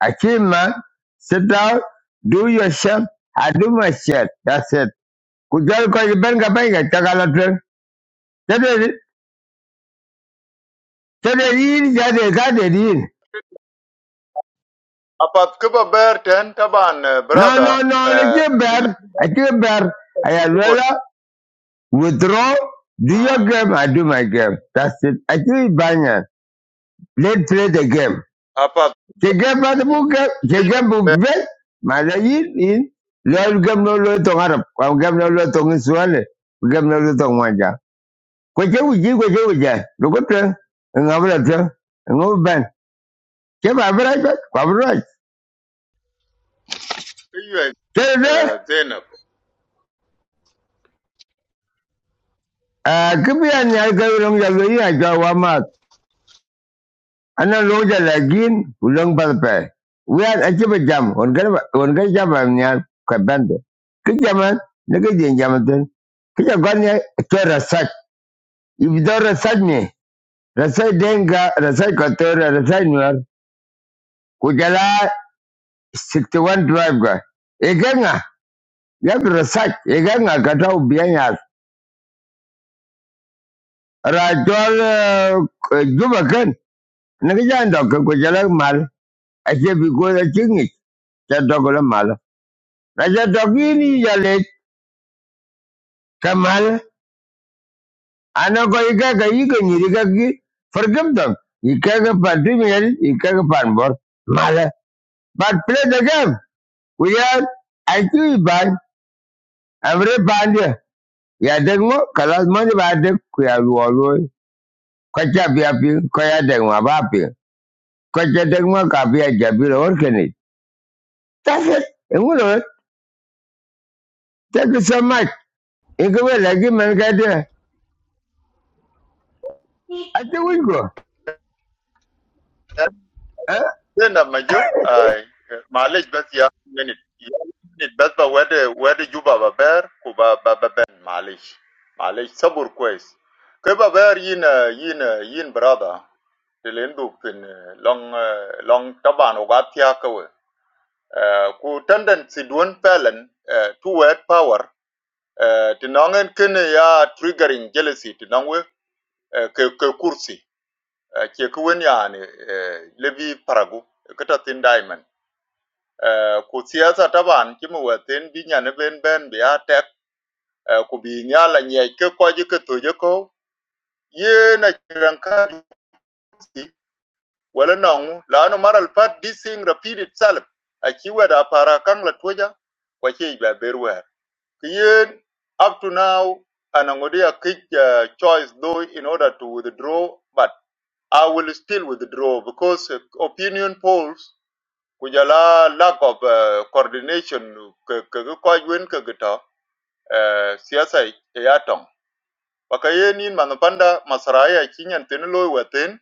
I came, man. Sit down. Do your shit. I do my shit. That's it. Kujal ko benga benga chakala tren. Chede chede yin chede chede yin. Apart kuba Berten taban eh, No brother no no. I eh, came dila bear. I came bear. I had tukul. withdraw. Do your Mm. game. I do my game. That's it. I do it banyan. Let's play the game. Apart kuba The game but the Berten book game. The game book kuba bet. Mala yin yin. Lord game no lo to Arab. Game no lo tong Israel. Game no lo tong Kwache uji, kwache uja. Loko tuwe. Ngabra tuwe. Ngobu ben. Che babra kwa. Babra. eh, Tere tuwe. Zainab. Kipi ya nyari kwa ulong jalo yi ya jwa wamak. Ana long jalo agin. Ulong padpe. Uyan achipa jam. Ongan jam am nyar. Kwa bende. Ki jaman. Nika jen jaman tuwe. Kija gwanya tuwe rasach. Ibido rasach ni. Rasach denga. Rasach kotora. Rasach nyar. Kujala 61 drive kwa. Ekenga. ya bi research e ga nga ka ta ubiyan ya rajol jubakan. kan dok ko jala mal a ke bi ko da kingi ta dok la mal na ja dok ni ya kamal ana ko i ga ga yi ga gi fargam dog. i ka ga pa di mi ga pan bor mal but play the game we are i do ban every band ya dek mo kala ba dek ku ya wo wo ko cha bi a pi ko ya dek mo ba pi Kwachadagma Kapia Jabir Orkani. That's it. And what else? Thank you so much. You go well, like him and got there. I think we go. Eh, Huh? Zainab majuk ay eh, malej bas ya minute. Ya minute bas ba wede wede juba ba ber ku ba ba ba ben malej. Malej sabur kwes. Kuba ber yin eh, yin eh, yin brother. Dilenduk pin eh, long eh, long taban ugatia uh, ku tendency si duon pelen uh, toward power uh, ti nongen kene ya triggering jealousy ti nongwe uh, ke, ke kursi uh, ke kwen yani uh, levi paragu kata tin diamond uh, ku siyasa taban kimu waten binya ne ben ben bi a uh, ku binya la nyai ke kwaji ke toje ko ye na chiranka kursi wala nang la lanu maral pat this thing repeat itself a da para kang la toja kwa ke ba berwa Kien, up to now, and Angodia kick uh, choice though in order to withdraw, but I will still withdraw because uh, opinion polls kujala lack of uh, coordination kagikojwen kagita uh, siasa yatong wakayenin manupanda masaraya chinyan tinilo watin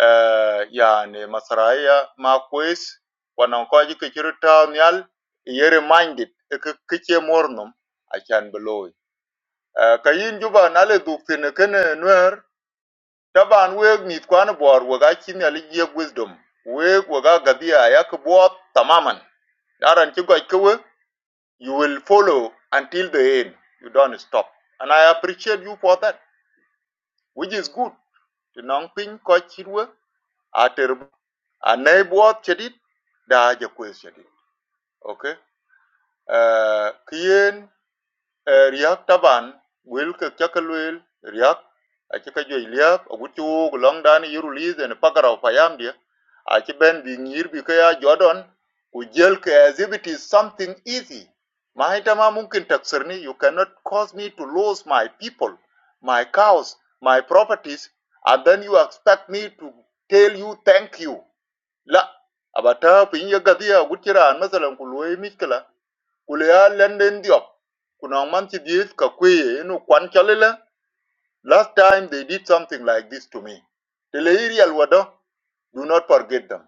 uh, yani masaraya makwes wanankoji kichiru tawnyal yere minded kichie mornum achan beloy Ah, ka yin juba na le duk tene kene nwer taban weg mit kwan bor waga chimi ali ye wisdom weg waga gabia ya ke bo tamaman daran ki gwa kewe you will follow until the end you don't stop and i appreciate you for that which is good the non pin ko chirwe ater anai bo chedit da je kwes chedit okay uh, kien Eh, riak taban wil ke chakalwel riak a ci ka joi liap a gut long dan yiru liz en pagaraw payam dia a ci ben bi ngir bi ka ya jodon ku jel ke as if it is something easy ma ita ma mungkin taksir ni you cannot cause me to lose my people my cows my properties and then you expect me to tell you thank you la abata pin ya gadiya gut ci ran masalan ku loy Kulea ya lende ndiop. Kuna manchi dies ka kweye inu kwan chalele. Last time they did something like this to me. Tele iri alwado. Do not forget them.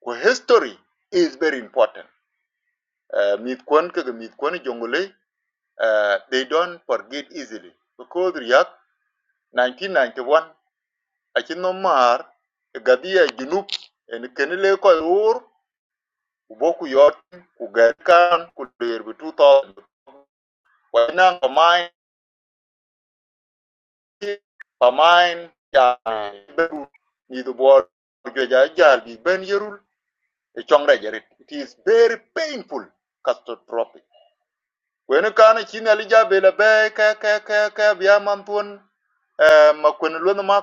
Kwa history is very important. Uh, mith kwan kaga mith kwan e jongole. Uh, they don't forget easily. Because riyak 1991 achi no mar gadia junub en kenile ko ur uboku yot ku gerkan ku derbi 2000 wana pamain ya beru ni the board jo ja bi ben yerul e chongra jarit it is very painful catastrophic when kana chini alija bela be ka ka ka ka biya mampun eh ma lon ma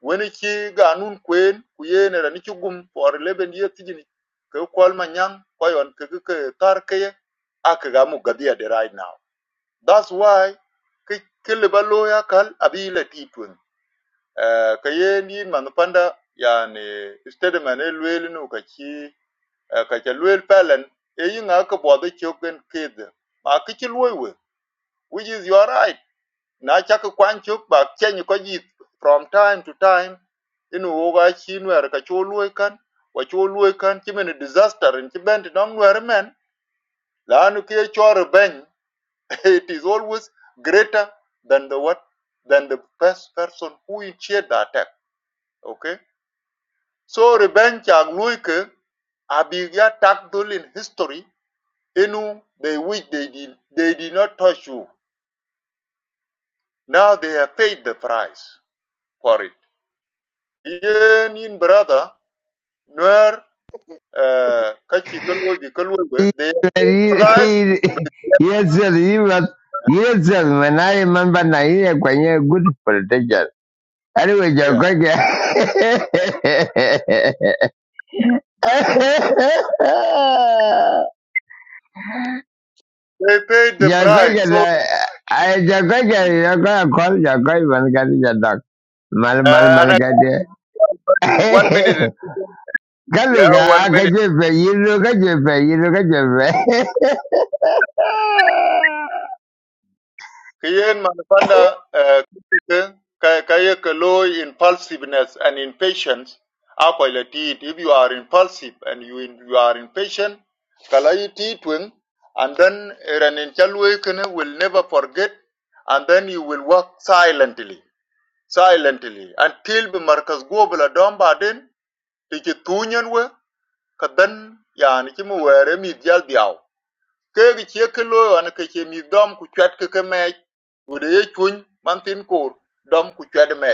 when chi ganun kwen kuyene ni chugum for 11 years tijini ke kol manyang koyon ke ke tar ke akagamu gadia de right now that's why ke ke le balo ya kal abile titun Eh, ka ye ni man panda yani istede man e luel nu ka ci eh, ka ca luel pelen e yi nga ka bwado choken kid ma ki ci luel we which is your right na cha ka kwan chok ba chen ko ji from time to time inu wo ga ci nwer ka cho luel kan wa cho luel kan ci men disaster in ci bent don nwer men la nu ke cho ben it is always greater than the what than the first person who initiate the attack okay So revenge and Luike are being attacked in history in the which they did, they did not touch you. Now they have paid the price for it. Yen in brother, Nuer, uh, Kachi Kalwebi Kalwebe, He- they have paid the he- price. he- Yes, sir. He was, yes, sir. When I remember now, he had quite a good protection. Anyway, you're Yeah. going to. huh? They paid the You're going price. So, to. I you're going to. You're going to call. You're going to get your dog. Mal, mal, uh, and mal, I get one there. minute. Yeah, Galuga one minute. akachepe yiro kachepe yiro kachepe. Kiyen Manapanda uh, Kayaka low impulsiveness and impatience. Akwailatit, if you are impulsive and you, in, you are impatient, Kalaiti twin, and then Raninchaluikene will never forget, and then you will work silently, silently, until the Marcus Gobla Domba then, Tiki Tunyan were, Kadan Yanikimu were Emidial ke gi che ke lo an ke che mi dom ku chat ke ke me wo de ye chun man tin ko dom ku chat me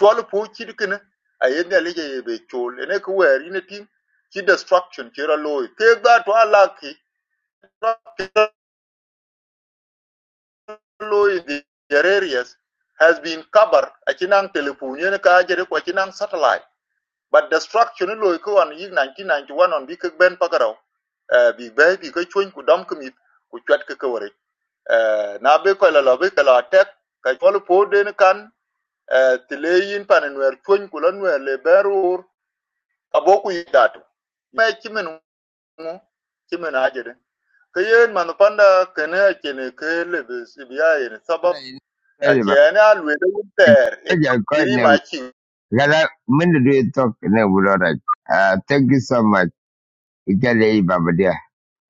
chol pu chi de ken a ye ne le ye be chol ne ku wer ne tin chi destruction che ra lo ke ga to ala ki lo the areas has been covered a chinang telephone ne ka jere ko chinang satellite but destruction lo ko an yi 1991 on bi ke ben pagaro bi be bi ke chun ku dom ku mi ku chat ke ke wer Eh, na bi ko la lo bi ka tek ka chol po den kan eh, ti le yin pan nwer le berur ka yidatu me chimen mu ajede ka yen panda kene kene ke le bi si yen sabab Ora ini a saya ba. chene a ter e Kaja kau giri ne ma gala mende duit tok ne Ah, Thank you so much. Ikale i baba dia.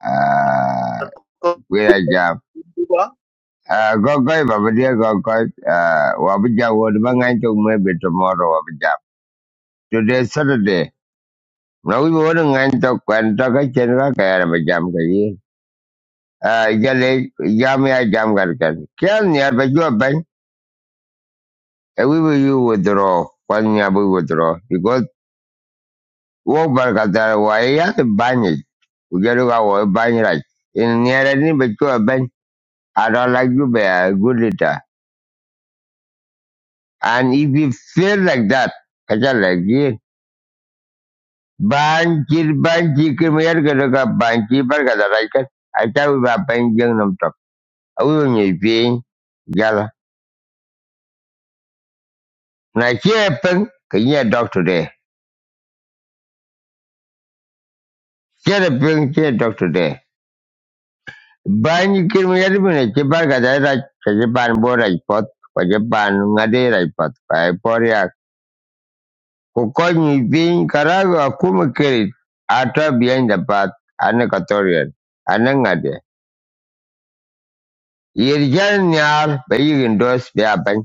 Ah, ko Wira jam. Ah, Gogoi baba Mm. dia gogoi. Ah, Wabija wadu bangantuk maybe tomorrow wabija. Today is Saturday. Now we wadu ngantuk kwan toka chenwa kaya wabijam kaya. Uh, jale jam ya jam gargan. Kian niya baju jua ben? E we will you withdraw. Kwan niya bu withdraw. Because wo bar ka wa ya banyi. Ujaru ka wo banyi right. In niya ni baju jua ben. I don't like you be a good leader. And if you feel like that, kacha lagi. Banji banji kirmayar ka ka banji bar ka tar right. Acha we ba ben jeng nam tok. Awi ngi bi jala. Na chie peng. Kanya doctor de. Che da ping che doctor de. Ban yi kir mi yadi bine che bar ga da ra ban bo ra pot ko che ban nga de ra pot pa e por ya. karago akuma kiri ata behind the path ane katorian ane nga de. Yir jan nyar ba yi indos be aban.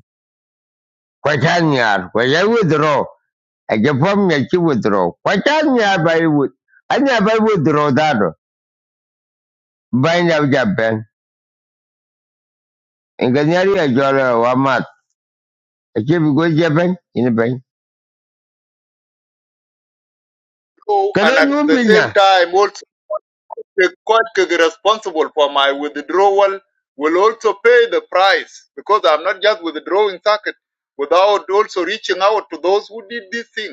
Ko jan nyar ko ya withdraw. A je pom ya ki withdraw. Ko jan nyar ba yi withdraw. withdraw da do. Ban ya jaben. Inganyari ya Ake bi go je bank in a bank. So, and Kada mu at the same pinya. time also. The court could be responsible for my withdrawal will also pay the price because I'm not just withdrawing socket without also reaching out to those who did this thing.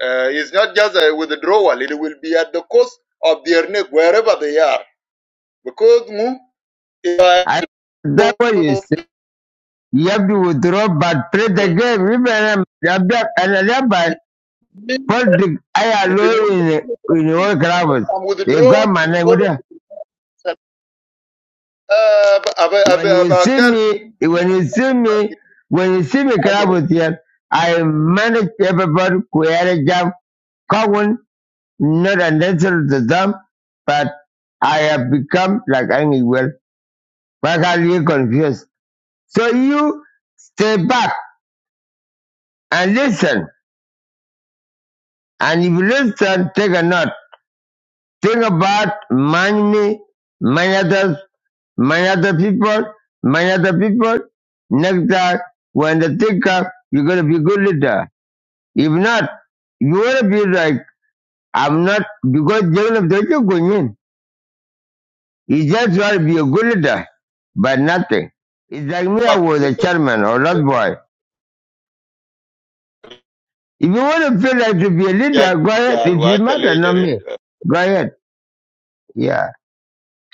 Uh, It's not just a withdrawal; it will be at the cost of their neck wherever they are because mm, it I that what you say. You have to withdraw but play the game. Remember Rabia and thereby it, means politics I it allow means in in all clubs. I'm They got withdrawing. my name with them. When you Uh, see me when you see me when you see me clubs here, I manage everybody create a job common, not unnecessary to them, but I have become like Angie Well. Why are you confused? So you Stay back and listen. And if you listen, take a note. Think about many me, many others, many other people, many other people. Next time, when they think up, you're going to be a good leader. If not, you want to be like, I'm not, because Jacob doesn't go in. He just want to be a good leader, but nothing. It's like me, I was a chairman or not boy. If you want to feel like to be a leader, go ahead. It doesn't matter, not me. Go ahead. Yeah.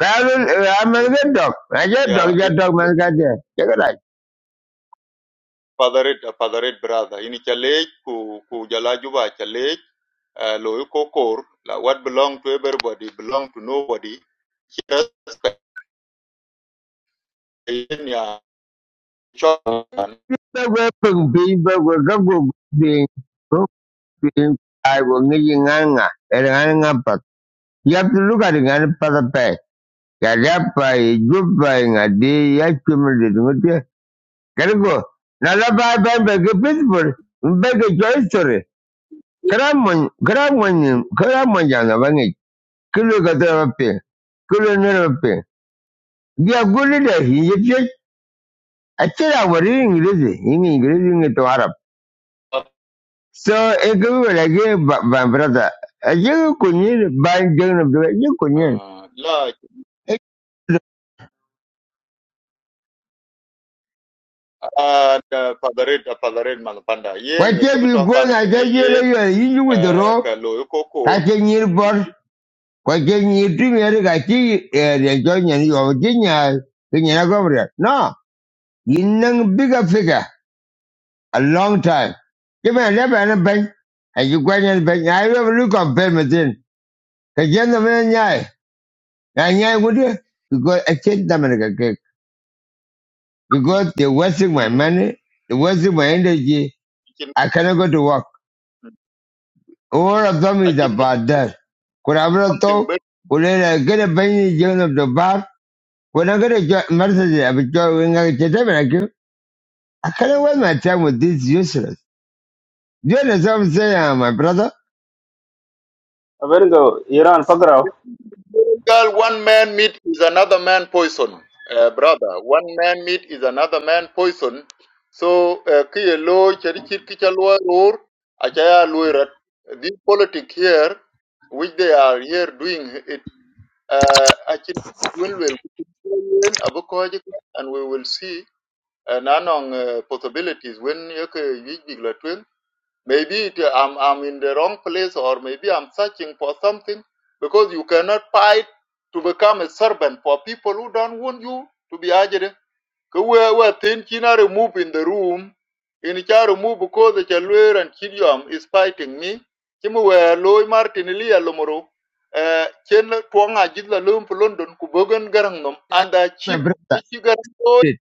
Karen, I'm a good dog. I get yeah, dog, it get dog, man, got there. Check it out. Padaret padaret brother ini challenge ku ku jala juba challenge uh, lo ko kor la what belong to everybody belong to nobody just ya chokan But we're pung being, but we're go being, go being, I will need you nganga, and nganga pak. You have to look at it and pack a pay. Yadapa, good buying a day, accumulated with you. Gotta go. Now, the Bible, beg a principle, beg a joy story. Kramon, Kramon, Kramon, Yana, Vangi, Kulu Katarapin, Kulu Nerapin. You are good leader, he is Actually, I was reading English, in English To Arab. So, I could be like, eh, but my brother, I you couldn't buy down of the, you couldn't. uh, la and uh, padaret padaret man yen What ne have you kibito gone? kan I kene tell yen you, you are easy with the uh, rope, ka lo ko kor catching your board, catching your dream, you are the joining and you are genius, you are not over there. No, you know, bigger figure, a long time. Give me a left and a bank, and you go and bank. I will look up payment in. Because you're the man, And yeah, would you? Because I can't America cake. Because they're wasting my mm money, they're wasting my energy. akin I cannot go to work. All of them is akin ki about that. Could I have thought, something could I get a penny join of the bar? When I get a job, Mercedes, I will join I get them like I cannot waste my time with this useless. Do you understand what I'm saying, uh, my brother? Abenego, Iran Fagrao. Girl, one man meat is another man poison, uh, brother. One man meat is another man poison. So, uh, kiye lo cheri chir kichalwa or achaya luirat. This politic here, which they are here doing it, uh, achin when will and we will see uh, nanong uh, possibilities when yoke yijigla Maybe it, I'm, I'm in the wrong place or maybe I'm searching for something because you cannot fight to become a servant for people who don't want you to be agile. Because we were thinking I remove in the room. In which I remove because the Chalwer and Kidium is fighting me. Chimu we loy Martin Lia Lomoro. Uh, Chen Tuanga Jidla Lum for London, Kubogan Garangnum, I, and the my achievement brother. which you got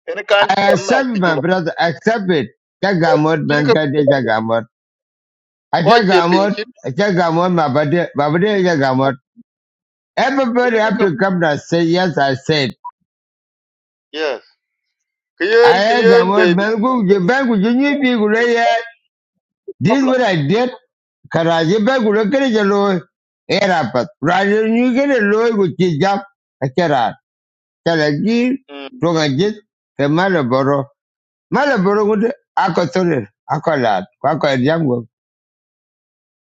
in a country I accept man to my Juba. brother, I accept it. Jagamot, Chirika man, Acha Koche Gamot, Pinkin. Acha Gamot, Mabade, Mabade Acha Gamot. Everybody have Ilibika. to come and say, yes, I said. Yes. Kiyen, I Kiyen, Gamot, baby, Melgu, Jibangu, Jinyipi, Gulaya. This is problem. what I did. Karaji Bangu, Mm. Lakari Jalo, Erapat. Raja Nugere Loy, Guchijap, Akara. Talagi, Mm. Tongajit, the Malaboro. Malaboro would Akotore, Akolat, Kwaka Jango,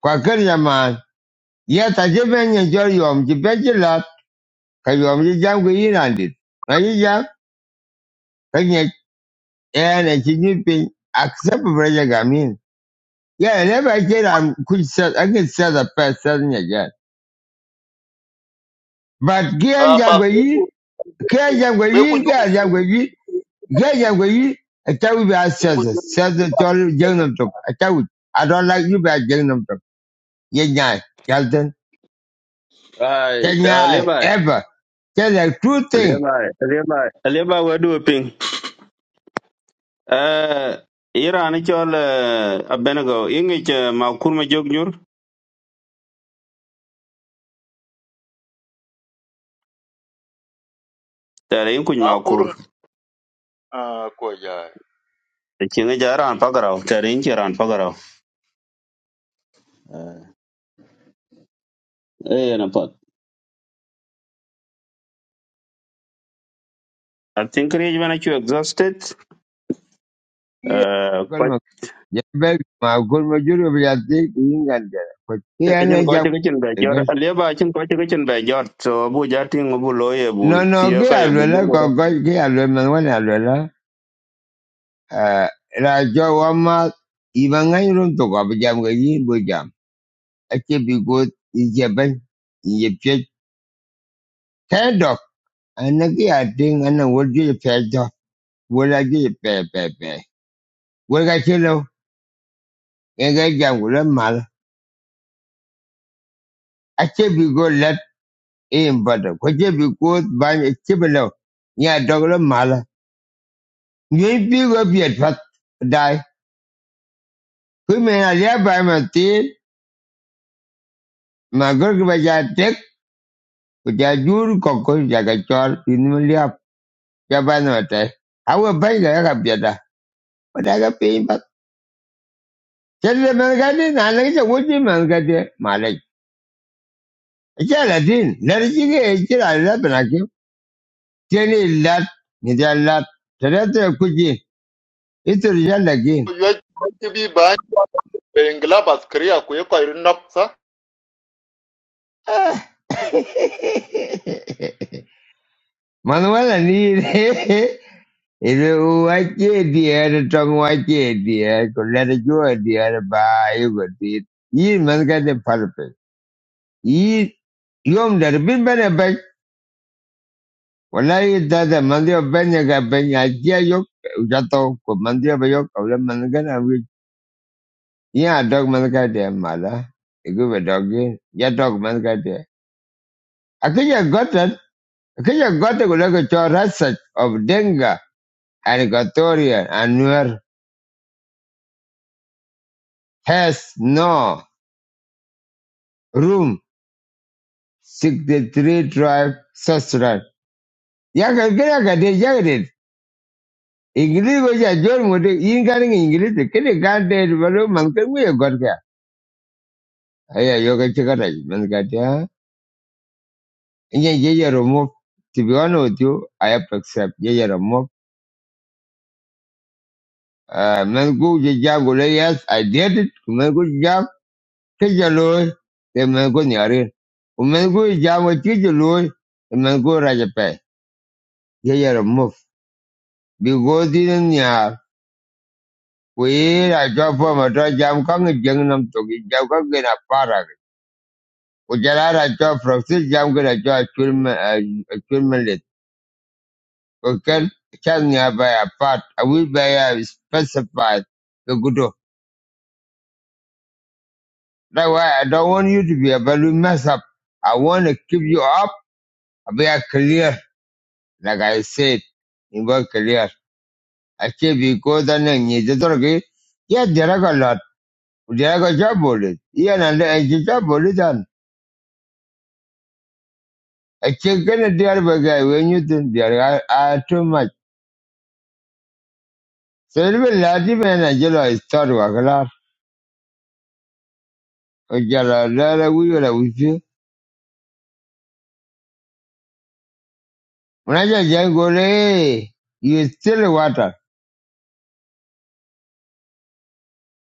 Kwakari Yaman. Yes, I did enjoy you, Jibangu ka yom ji jam ku yin an dit ka ji jam ka nye en e chi ji pin accept for ja ga min ya ne ba ke da ku sa a ke sa da ja but ki Uh, jam but ku yin Beku, ki jam ku Beku, yin you ki are jam ku free. yin ki jam ku yin I tell you, I sa Ingu da sa you the to jeng nam to a ta wi i don't like you ba jeng nam to ye nya ya den ya ai da le bai ever tell the true le thing bai le bai le bai wa du ping eh ira ni chol abenago ingi che ma kur ma jog nyur tare in kuny ma kur Makurung, uh, Koja. te chinga jaran pagarao tare in jaran pagarao eh eh, na pot I think Rich when I you exhausted. Eh, Ya magul ma gulma juro bi ya ti ki yin ga da. Ko Tekijin ko ja tekijin be jor alieba chin ko tekijin be jor so bu jating bu loye bu No no tie ge ka a ye lo la bu ko ko ge a lo man wa na lo la. Eh ra jo wa ma i ba ngai run to ko bi jam ga yi bo jam. A ke bi go i je bai i ye pe ta do. pe pe pe pe. Wo ga jam ku mal. ma la. A ke bi let in ba da. Ko ke bi go ba ni ke bi lo. Ni a do Những biết có biệt Phật đại. Cứ mẹ là lẽ bài mà tin, mà có cái bài giải thích, của cha chú còn có giải cái cho, thì nó mới liệp. Cha bài nó trẻ. Áo ở bánh là gặp biệt à. Mà đã gặp biệt Phật. Thế là mình cái này, nà lấy cho quốc chí mình cái này. Mà lấy. Chá là tin, lấy cái gì cái chứ là lấy bình là kiếm. Thế này lát, người ta lát. Thế đó tôi quốc chí. Ít tôi là lát kiếm. You are to be banned in Glabas, Korea, Kuyoka, Rinoksa. Manuela ni Iluwache diere tong wache diere kulere jua diere ba yugo diit. Yin man ka de parpe. Yin yom dar bin bene bek. Wala yi tata mandio benya ka benya jia yok. Ujato ko mandio ba yok. Awla man ka na wik. Yin a dog man ka de mala. Igu ba dog yin. Ya dog man ka de. Akinya gotan. Akinya gotan kulere cho rasach of dengue, and gotoria and nuer has no room. 63 tribe Sasra. Yaka Graka de Jagadet. English was a John would incarning English, the Kenny God dead Valo Mankan we got there. Aya Yoga Chikara, Mankatia. And yet, Jaya Romov, to be honest with you, I have to accept Jaya Romov. Uh, Mangu Jab Gulayas, I did it. Mangu Jab, Kijalo, the Mangu Nyari. Mangu Jab, Kijalo, the Mangu Rajapay. Jaya Romov. Because in Nyar. We I drop from a dry jam kong jung nam to gi jam kong gina para. We jala I drop from six jam gonna draw lit. We can can ya by a part. I will by a specified the good. That's why I don't want you to be a balloon mess up. I want to keep you up. be a clear, like I said, in work clear. I because I need than any other. Yeah, there are a lot. There are a job bullet. Yeah, and I job bullet. a cikin ganin diyar bagai when you think diyar a too much sai ni bin ladi bin yana jelo a star wa kala o jala lala wiyo la wiyo muna jala jala you still water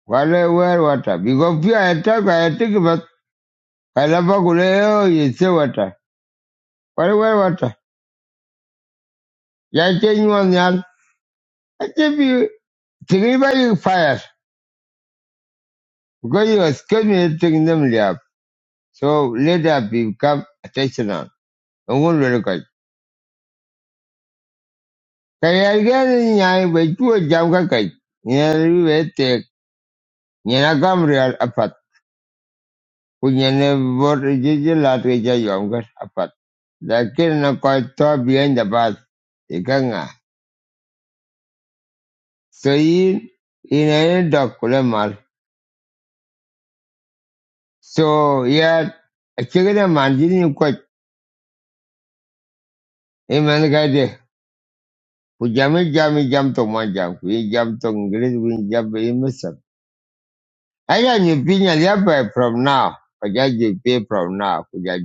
wale wear water because if I talk, I think about. I love gole oh you still water wale wear water ya ce yi wani yal a ce bi tiri ba yi fire because you are scared me taking them liab so let that become attentional. I won't look Kaya Kayaagani nyai be tuo jam ka kai. Nyari be tek. Nyina gam real apat. Ku nyene bor jiji latwe ja yom gat apat. Lakini na koi to behind the bus. Ika nga. So in ina yin dok kule mal. So ya, achigina manjini ni kwa. Iman kade. Ku jami jami jam to mwan jam. jam to ngris, ku jam be yin Either you be a leopard from now, or just you from now, could I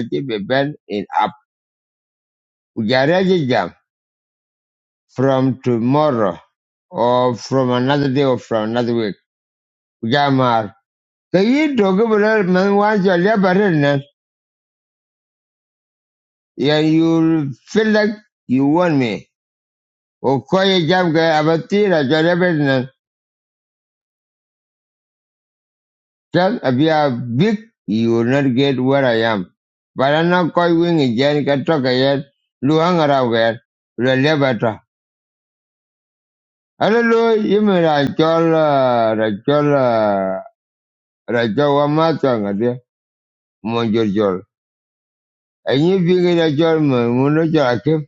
just be bent in up? Could I jam from tomorrow or from another day or from another week? Could I mar? Can you talk about man once you're leopard yeah, you feel like you want me? Or call your jam guy about tea as your leopard Just if you are big, you will not get where I am. But I'm not calling again, can talk again, Luang around where, Lelebata. Hallelujah, yimi rachola, rachola, rachola matanga de, monjorjol. Enyi vingi rachol, mungo chol akim,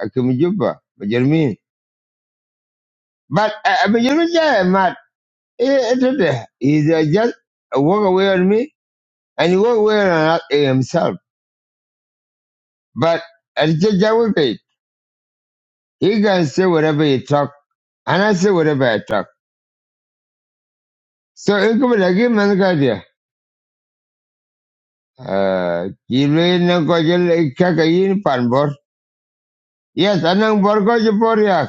akim jupa, majermin. But, I majermin jaya, mat, eh, etete, he just walk away on me, and he walk away on himself. But, I just atiche jawupe, he can say whatever he talk, and I say whatever I talk. So, ikum lagi mankadia, uh, kilwe nangkojel, kakayin panbor, Yes, anang borgo je boriak.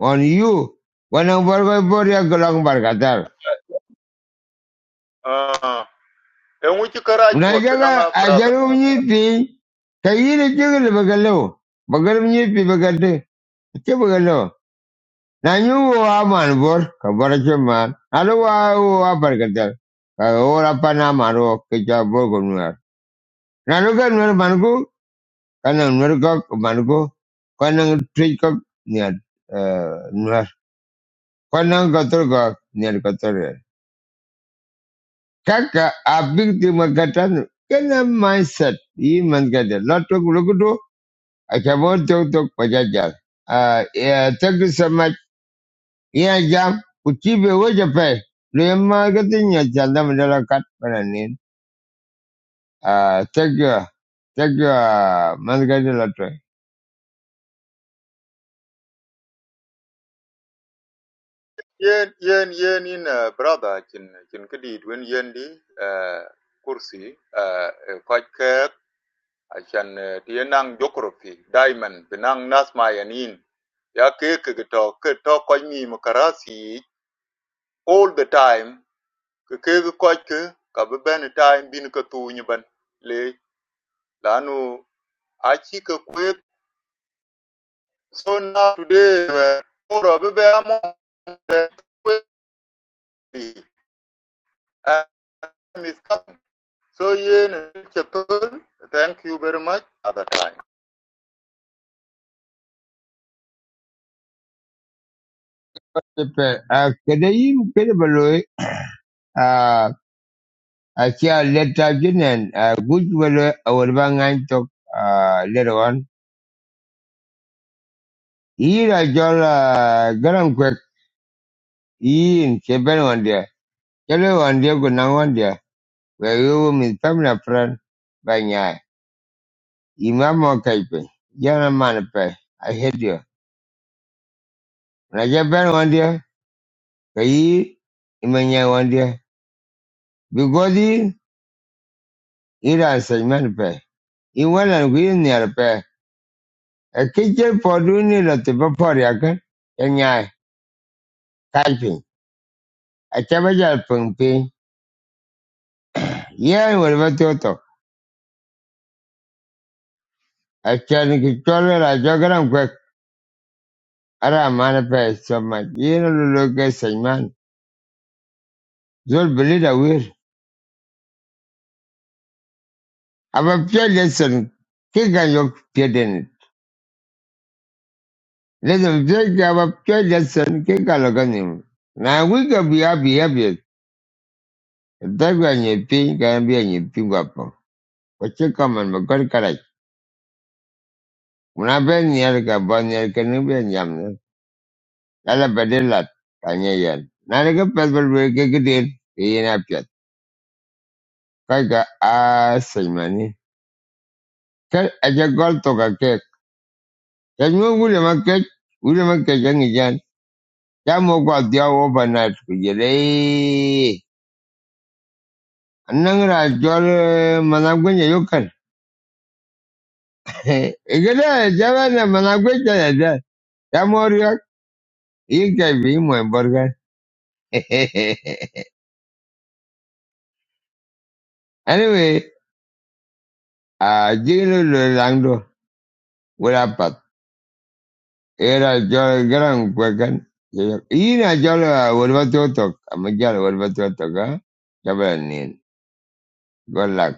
On you. Wanang borgo boriak gelang barkatar. Uh, and which you carry for Menaja ga Tananga, brother. ajaru menyipi. Kayi ni juga bagalo. Bagal menyipi bagade. Ke bagalo. Nanyu wa man bor. Kabar cuman. Alu wa wa barkatar. Kalau apa nama ro kerja borgo nuar. Nalu kan nuar manku. Kanang nuar kok manku. Kanang trik kok niat eh, nuar. Kanang kotor kok niat kotor. Kaka abin di makatan kana mindset i mangada lato gulugudu akabo tok tok pajaja. Uh, yeah, thank you so much. Yeah, jam uchibe waje pe. Le magatin ya chanda mandala kat pananin. Ah, thank you. Thank you uh, lato. Yen, yen, yen, in uh, brother, Chin, Chin Kadi, when Yendi, uh, Kursi, uh, Kajka, I can be a geographer, diamond, be a nurse, my nin. I keep talking, talking with my carassie all the time. I keep talking, but every time, I'm getting tired. Like, I know I keep going. So now today, I'm going to be a monster. So, yeah, thank you very much. Another time. Pepe uh, kada yi kada baloi Ah, akia leta jinen Ah, good wale awalbangan tok uh, later on. Ira jola garam in Japan one day, Yin one day go Wandia one day Where you meet family friend by Nyai. Imamo Kaipe. Jana Manape. I hate you. Na Cheben Wandia. Kayi Imanya Wandia. Bigodi Ira Sai Manape. Iwana Gwin Nyarpe. A pair, a kitchen for doing it at the Baporiakan. Nyai. Kaipe. A Chabaja Pumpi. Yan Warbatoto. A Chan Kichola Ara mana pa soma yino lolo ke saiman. Zol belida wir. Aba pia lesson ke ka yok pia den. Lesson pia ke aba pia lesson ke ka loga nim. Na we ka biya biya biya. Dagwa nye pi ka biya nye pi guapo. Wache kaman makar karai. Una ben nyer ka bon nyer ka ni ben yam ne. Ala bedelat kanya yan. Na ne ka pesbal wir ke ke dir. Ina pia. Kai ka ga a saimani. Kar aja gol to ka That no William Market, William Market young again. That the hour overnight for you. Anangara jol managwenya yokan. Egada jawana managwenya da. You can be my burger. Anyway, uh, Jigno Langdo, what happened? Era jol gran kwakan. Ina jol, what about your talk? I'm a jol, what about your talk? Jabanin. Good luck.